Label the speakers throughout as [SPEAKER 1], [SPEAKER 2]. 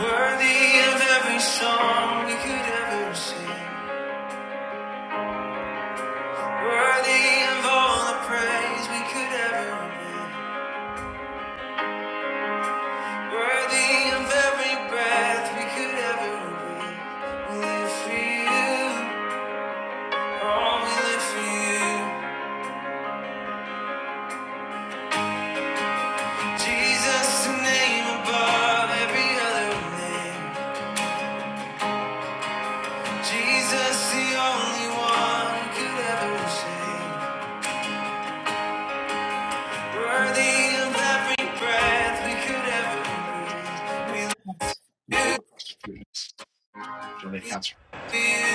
[SPEAKER 1] Worthy of every song we could ever sing. Worthy of all the praise we could ever give. Worthy of every breath we could ever breathe. We live for you. Oh, we live for you. Jesus, the name above every other name. Jesus, the only one who could ever sing. Worthy of every breath we could ever breathe.
[SPEAKER 2] Your favorite prostitution.
[SPEAKER 1] Thank you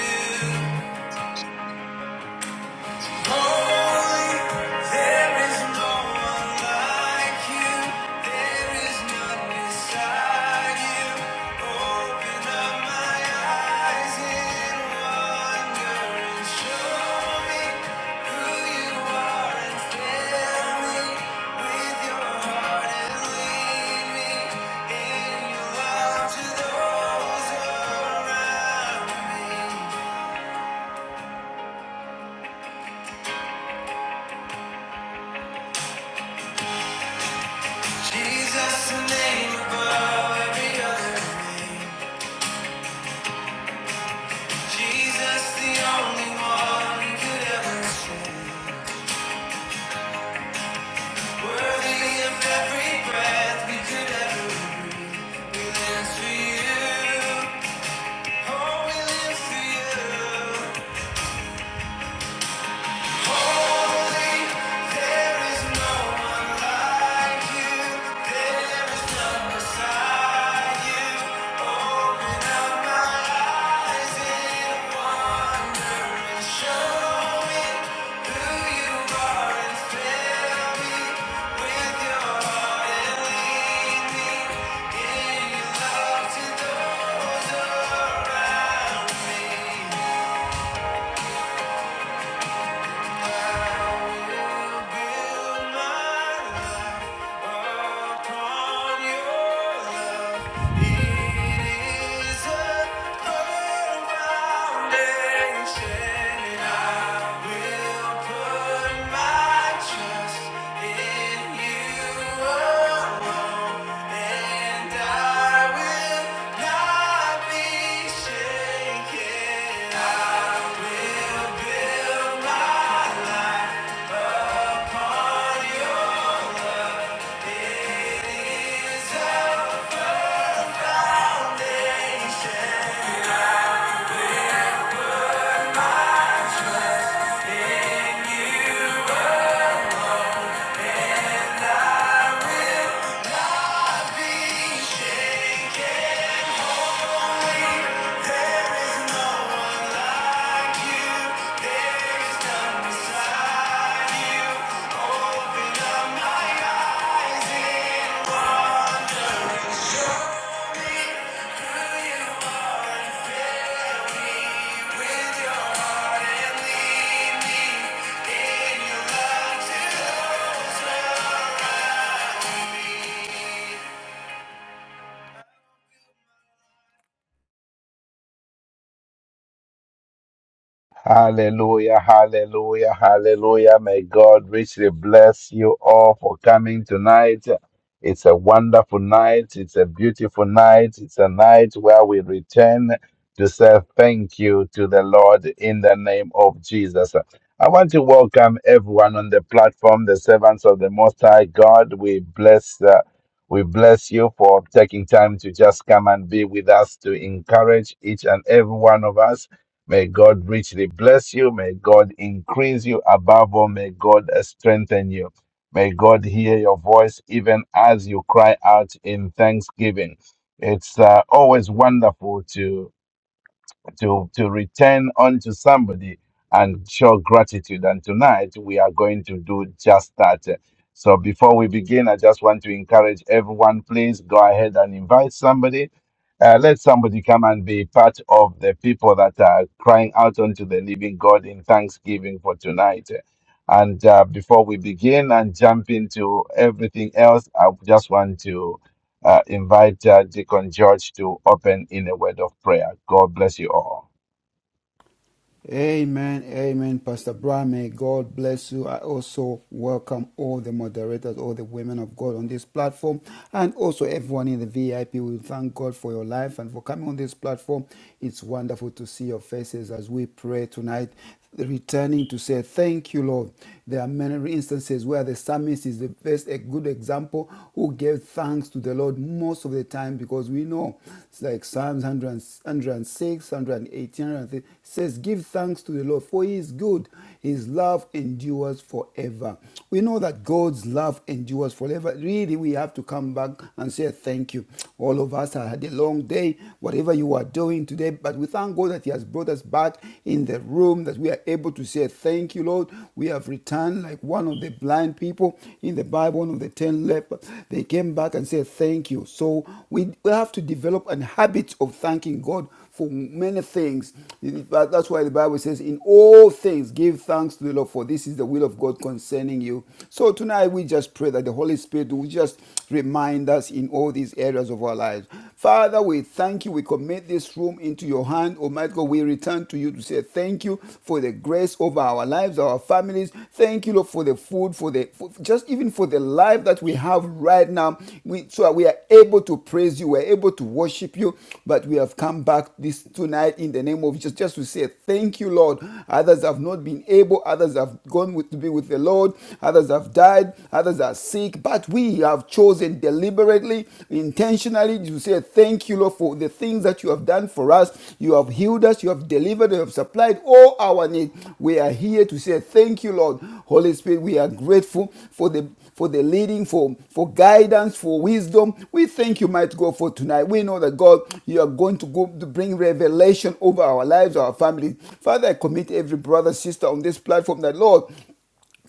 [SPEAKER 1] Jesus, the name above every other name. Jesus, the only one could ever share. Worthy of every breath we could ever breathe. We live for you. Oh, we live for you. Holy, there is no one like you. There is none beside you. Open up my eyes and Trust in you. And I will not be shaken. I build my heart and lead me in your love till all
[SPEAKER 3] Hallelujah, hallelujah, hallelujah. May God richly bless you all for coming tonight. It's a wonderful night. It's a beautiful night. It's a night where we return to say thank you to the Lord in the name of Jesus. I want to welcome everyone on the platform, the servants of the Most High God. We bless, uh, we bless you for taking time to just come and be with us to encourage each and every one of us. May God richly bless you. May God increase you. Above all, may God strengthen you. May God hear your voice even as you cry out in thanksgiving. It's uh, always wonderful to to to return unto somebody and show gratitude. And tonight we are going to do just that. So before we begin, I just want to encourage everyone. Please go ahead and invite somebody. Uh, let somebody come and be part of the people that are crying out unto the living God in thanksgiving for tonight. And uh, before we begin and jump into everything else, I just want to uh, invite uh, Deacon George to open in a word of prayer. God bless you all.
[SPEAKER 4] Amen, amen, Pastor Brian. May God bless you. I also welcome all the moderators, all the women of God on this platform, and also everyone in the VIP. We thank God for your life and for coming on this platform. It's wonderful to see your faces as we pray tonight returning to say thank you lord there are many instances where the psalmist is the best a good example who gave thanks to the lord most of the time because we know it's like psalms 100 106 118 says give thanks to the lord for he is good his love endures forever we know that god's love endures forever really we have to come back and say thank you all of us had a long day whatever you are doing today today, but we thank God that He has brought us back in the room, that we are able to say, Thank you, Lord. We have returned like one of the blind people in the Bible, one of the ten lepers. They came back and said, Thank you. So we we have to develop a habit of thanking God for many things. But That's why the Bible says, In all things, give thanks to the Lord, for this is the will of God concerning you. So tonight we just pray that the Holy Spirit will just remind us in all these areas of of our lives. Father, we thank you. We commit this room into your hand. Almighty God, we return to you to say thank you for the grace over our lives, our families. Thank you, Lord, for the food, for the for, just even for the life that we have right now. We so that we are able to praise you, we're able to worship you. But we have come back this tonight in the name of Jesus just to say thank you, Lord. Others have not been able, others have gone with, to be with the Lord, others have died, others are sick week, but we have chosen deliberately, intentionally to say thank you, Lord, for the things that you have done for us. You have healed us, you have delivered, you have supplied all our needs. We are here to say thank you, Lord. Holy Spirit, we are grateful for the for the leading, for, for guidance, for wisdom. We thank you, mighty God, for tonight. We know that God, you are going to go to bring revelation over our lives, our families. Father, I commit every brother, sister on this platform that Lord,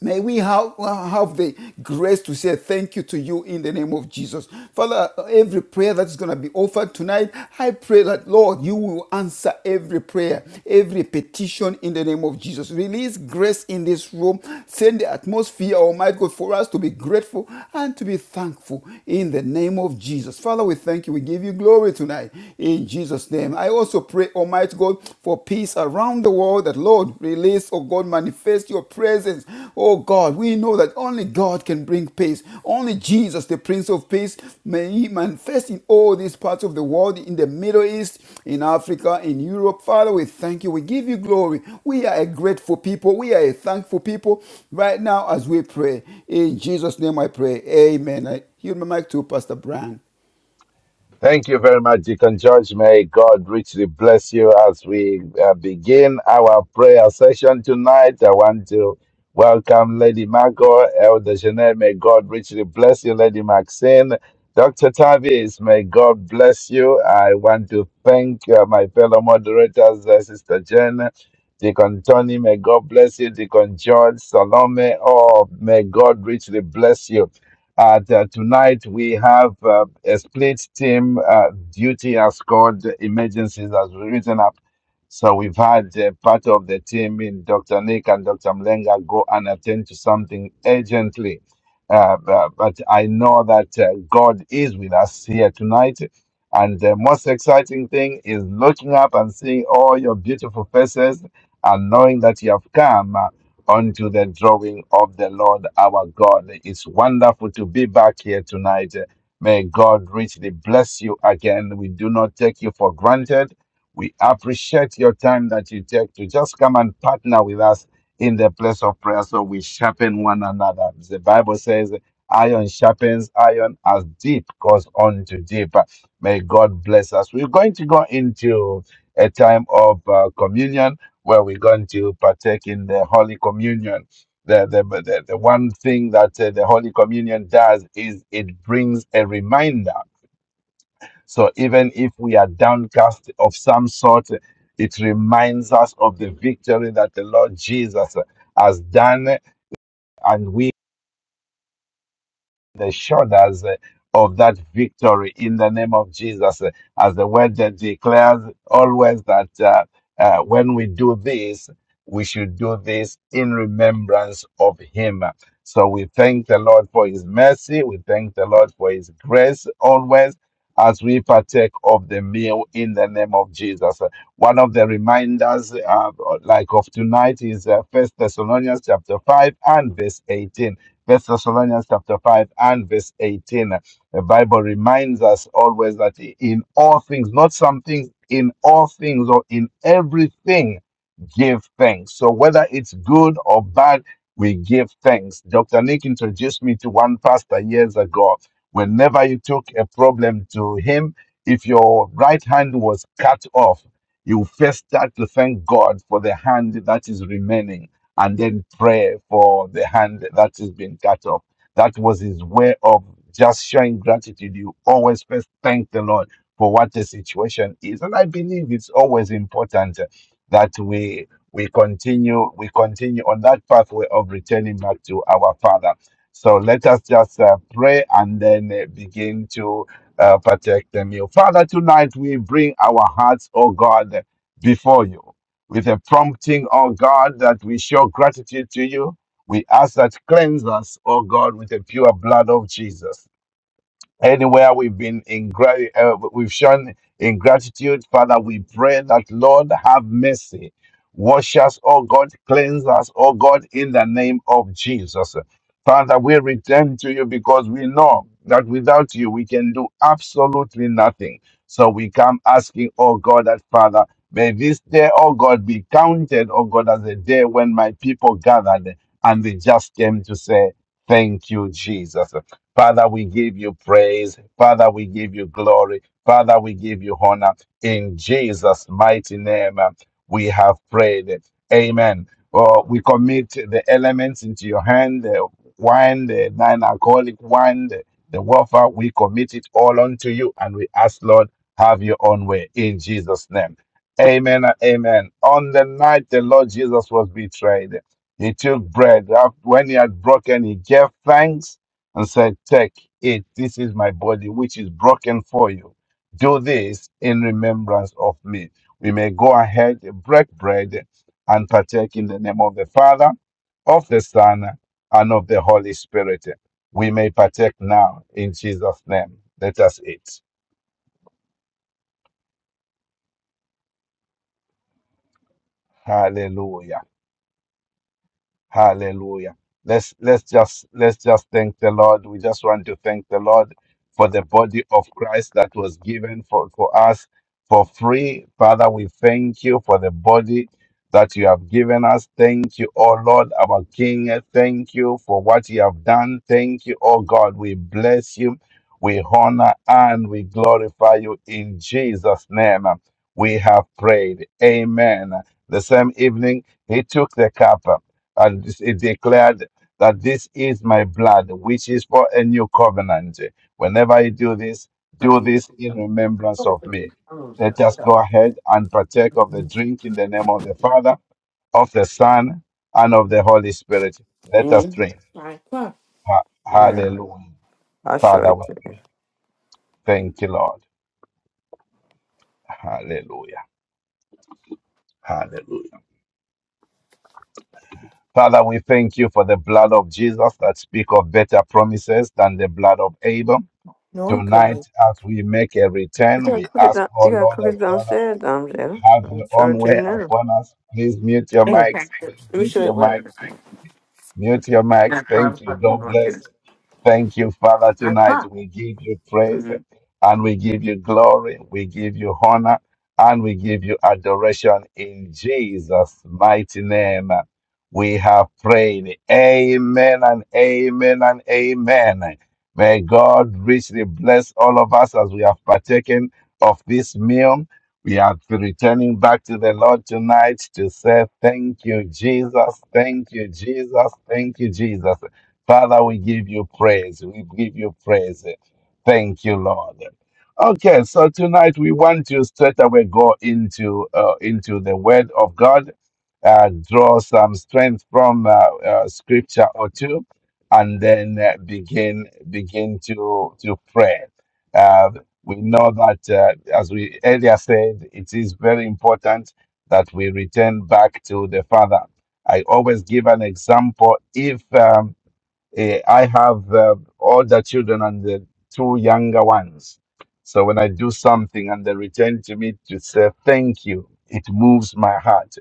[SPEAKER 4] May we have, have the grace to say thank you to you in the name of Jesus. Father, every prayer that's going to be offered tonight, I pray that, Lord, you will answer every prayer, every petition in the name of Jesus. Release grace in this room. Send the atmosphere, Almighty God, for us to be grateful and to be thankful in the name of Jesus. Father, we thank you. We give you glory tonight in Jesus' name. I also pray, Almighty God, for peace around the world that Lord release, oh God, manifest your presence. Oh God, we know that only God can bring peace. Only Jesus, the Prince of Peace, may He manifest in all these parts of the world, in the Middle East, in Africa, in Europe. Father, we thank you. We give you glory. We are a grateful people. We are a thankful people right now as we pray. In Jesus' name I pray. Amen. I yield my mic to Pastor Brian.
[SPEAKER 3] Thank you very much, Deacon George. May God richly bless you as we uh, begin our prayer session tonight. I want to welcome Lady Margot, Elder Jeanette. May God richly bless you, Lady Maxine. Dr. Tavis, may God bless you. I want to thank uh, my fellow moderators, uh, Sister Jen, Deacon Tony, may God bless you, Deacon George, Salome. Oh, may God richly bless you. And uh, tonight we have uh, a split team. Uh, duty has called emergencies has written up. So we've had uh, part of the team in Dr. Nick and Dr. Mlenga go and attend to something urgently. Uh, bu- but I know that uh, God is with us here tonight. And the most exciting thing is looking up and seeing all your beautiful faces and knowing that you have come. uh, unto the drawing of the Lord our God. It's wonderful to be back here tonight. May God richly bless you again. We do not take you for granted. We appreciate your time that you take to just come and partner with us in the place of prayer so we sharpen one another. The Bible says, Iron sharpens iron as deep goes on to deeper. May God bless us. We're going to go into a time of uh, communion where we're going to partake in the Holy Communion. The, the, the, the one thing that uh, the Holy Communion does is it brings a reminder. So even if we are downcast of some sort, it reminds us of the victory that the Lord Jesus has done, and we the shoulders uh, of that victory in the name of Jesus. uh, As the word that declares always that uh, uh, when we do this, we should do this in remembrance of Him. So we thank the Lord for His mercy. We thank the Lord for His grace always as we partake of the meal in the name of Jesus. Uh, One of the reminders, uh, like of tonight, is uh, First Thessalonians chapter five and verse 18 First Thessalonians chapter 5 and verse 18. The Bible reminds us always that in all things, not some things, in all things or in everything, give thanks. So whether it's good or bad, we give thanks. Dr. Nick introduced me to one pastor years ago. Whenever you took a problem to him, if your right hand was cut off, you first start to thank God for the hand that is remaining and then pray for the hand that has been cut off. That was his way of just showing gratitude. You always first thank the Lord for what the situation is. And I believe it's always important uh, that we we continue we continue on that pathway of returning back to our Father. So let us just uh, pray and then uh, begin to uh, partake the meal. Father, tonight we bring our hearts, oh God, before you with a prompting, O God, that we show gratitude to you. We ask that cleanse us, O God, with the pure blood of Jesus. Anywhere we've been in gra- uh, we've shown ingratitude, Father, we pray that Lord have mercy. Wash us, oh God, cleanse us, oh God, in the name of Jesus. Father, we return to you because we know that without you we can do absolutely nothing. So we come asking, oh God, that Father, may this day, oh God, be counted, oh God, as a day when my people gathered and they just came to say, Thank you, Jesus. Father, we give you praise. Father, we give you glory. Father, we give you honor. In Jesus' mighty name, uh, we have prayed. Amen. Oh, we commit the elements into your hand the wine, the non alcoholic wine, the, the wafer. We commit it all unto you and we ask, Lord, have your own way in Jesus' name. Amen. and Amen. On the night the Lord Jesus was betrayed, he took bread. When he had broken, he gave thanks and said, Take it, this is my body, which is broken for you. Do this in remembrance of me. We may go ahead, break bread, and partake in the name of the Father, of the Son, and of the Holy Spirit. We may partake now in Jesus' name. Let us eat. Hallelujah. Hallelujah. Let's let's just let's just thank the Lord. We just want to thank the Lord for the body of Christ that was given for, for us for free. Father, we thank you for the body that you have given us. Thank you, oh Lord, our King. Thank you for what you have done. Thank you, oh God. We bless you. We honor and we glorify you in Jesus' name. We have prayed. Amen. The same evening, he took the cup and this- it declared that this is my blood, which is for a new covenant. Whenever you do this, do this
[SPEAKER 5] Mm-hmm.
[SPEAKER 3] in remembrance of me. Let us go ahead and partake of the drink in the name of the Father, of the Son, and of the Holy Spirit. Let us drink.
[SPEAKER 5] Nine o'clock.
[SPEAKER 3] Ha-
[SPEAKER 5] Yeah,
[SPEAKER 3] hallelujah.
[SPEAKER 5] I'll show
[SPEAKER 3] Father,
[SPEAKER 5] it
[SPEAKER 3] we
[SPEAKER 5] to you.
[SPEAKER 3] thank you, Lord. Hallelujah. Hallelujah. Father, we thank you for the blood of Jesus that speak of better promises than the blood of Abel.
[SPEAKER 5] No one
[SPEAKER 3] Tonight, as we make a
[SPEAKER 5] You
[SPEAKER 3] return,
[SPEAKER 5] gotta
[SPEAKER 3] we
[SPEAKER 5] cook it
[SPEAKER 3] ask,
[SPEAKER 5] down.
[SPEAKER 3] oh
[SPEAKER 5] You gotta
[SPEAKER 3] Lord,
[SPEAKER 5] cook
[SPEAKER 3] as
[SPEAKER 5] it
[SPEAKER 3] Father,
[SPEAKER 5] downstairs, Domjada.
[SPEAKER 3] have
[SPEAKER 5] I'll
[SPEAKER 3] your
[SPEAKER 5] show
[SPEAKER 3] own
[SPEAKER 5] it to you
[SPEAKER 3] way
[SPEAKER 5] now.
[SPEAKER 3] upon us. Please mute your
[SPEAKER 5] It's Mm.
[SPEAKER 3] mics. Please
[SPEAKER 5] Let me
[SPEAKER 3] mute
[SPEAKER 5] show you
[SPEAKER 3] your
[SPEAKER 5] what
[SPEAKER 3] mics.
[SPEAKER 5] it is.
[SPEAKER 3] Mute your mics.
[SPEAKER 5] At five
[SPEAKER 3] Thank you.
[SPEAKER 5] o'clock, you're
[SPEAKER 3] God
[SPEAKER 5] gonna get
[SPEAKER 3] bless.
[SPEAKER 5] it.
[SPEAKER 3] Thank you, Father,
[SPEAKER 5] Nine
[SPEAKER 3] tonight.
[SPEAKER 5] o'clock.
[SPEAKER 3] We give you praise and we give you glory. We give you honor and we give you adoration in Jesus' mighty name. We have prayed. Amen and amen and amen. May God richly bless all of us as we have partaken of this meal. We are returning back to the Lord tonight to say, Thank you, Jesus. Thank you, Jesus. Thank you, Jesus. Father, we give you praise. We give you praise. Thank you, Lord. Okay, so tonight we want to straight away go into uh, into the Word of God, uh, draw some strength from uh, uh, Scripture or two, and then uh, begin begin to to pray Uh, we know that, uh, as we earlier said, it is very important that we return back to the Father. I always give an example. If um, eh, I have uh, older children and the two younger ones, so when I do something and they return to me to say thank you, it moves my heart.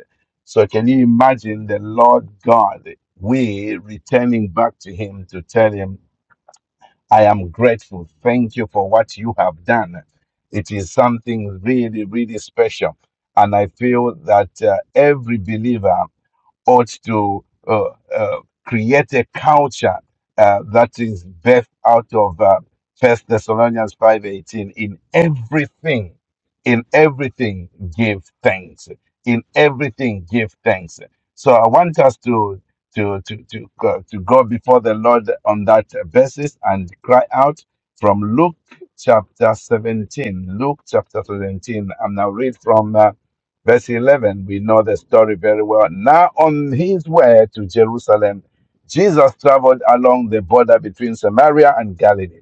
[SPEAKER 3] So can you imagine the Lord God? We returning back to Him to tell Him I am grateful. Thank you for what you have done. It is something really, really special. And I feel that uh, every believer ought to uh, uh, create a culture uh, that is birthed out of uh, 1 Thessalonians 5.18. In everything, in everything, give thanks. In everything, give thanks. So I want us to to to to go, to go before the Lord on that basis and cry out from Luke chapter 17. Luke chapter 17. I'm now read from. Uh, Verse 11, we know the story very well. Now, on his way to Jerusalem, Jesus traveled along the border between Samaria and Galilee.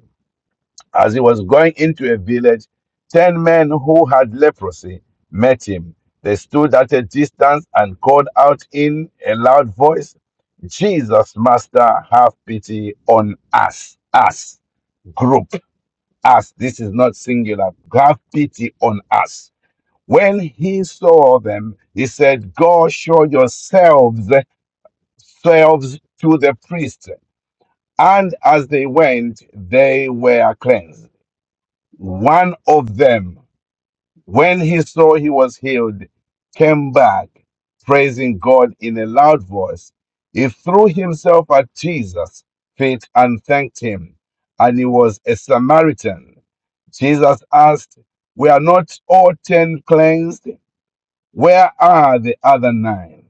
[SPEAKER 3] As he was going into a village, ten men who had leprosy met him. They stood at a distance and called out in a loud voice, Jesus, Master, have pity on us. Us, group, us. This is not singular. Have pity on us when he saw them, he said, "Go show yourselves selves to the priest. And as they went, they were cleansed. One of them, when he saw he was healed, came back, praising God in a loud voice. He threw himself at Jesus' feet and thanked him. And he was a Samaritan. Jesus asked, Were not all ten cleansed? Where are the other nine?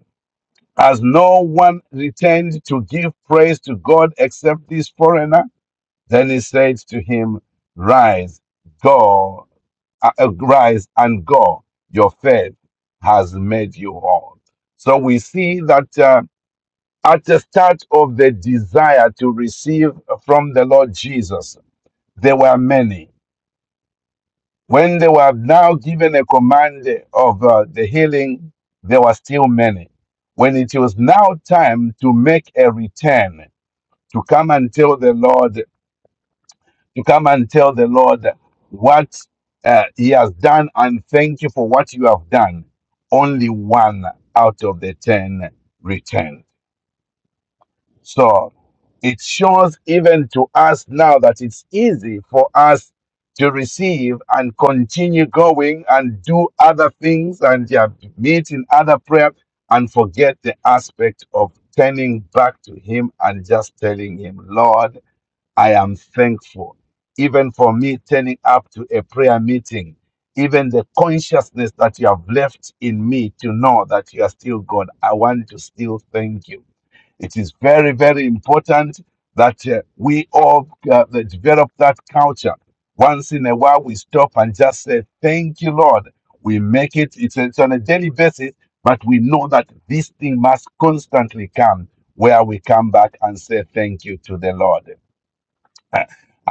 [SPEAKER 3] Has no one returned to give praise to God except this foreigner? Then he said to him, Rise, go, uh, uh, rise and go. Your faith has made you whole. So we see that uh, at the start of the desire to receive from the Lord Jesus, there were many When they were now given a command of uh, the healing, there were still many. When it was now time to make a return, to come and tell the Lord, to come and tell the Lord what uh, he has done and thank you for what you have done, only one out of the ten returned. So it shows even to us now that it's easy for us to receive and continue going and do other things and yeah, meet in other prayer and forget the aspect of turning back to Him and just telling Him, Lord, I am thankful. Even for me turning up to a prayer meeting, even the consciousness that you have left in me to know that you are still God, I want to still thank you it is very, very important that uh, we all uh, that develop that culture. Once in a while, we stop and just say, Thank you, Lord. We make it, it's, it's on a daily basis, but we know that this thing must constantly come where we come back and say thank you to the Lord.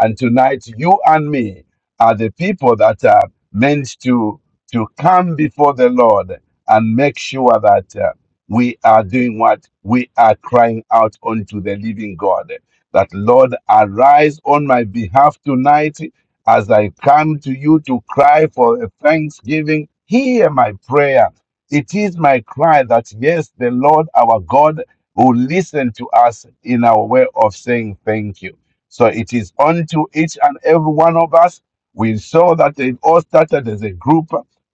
[SPEAKER 3] And tonight, you and me are the people that are meant to, to come before the Lord and make sure that uh, we are doing what we are crying out unto the living God. That Lord, arise on my behalf tonight as I come to you to cry for a thanksgiving. Hear my prayer. It is my cry that yes, the Lord our God will listen to us in our way of saying thank you. So it is unto each and every one of us. We saw that it all started as a group.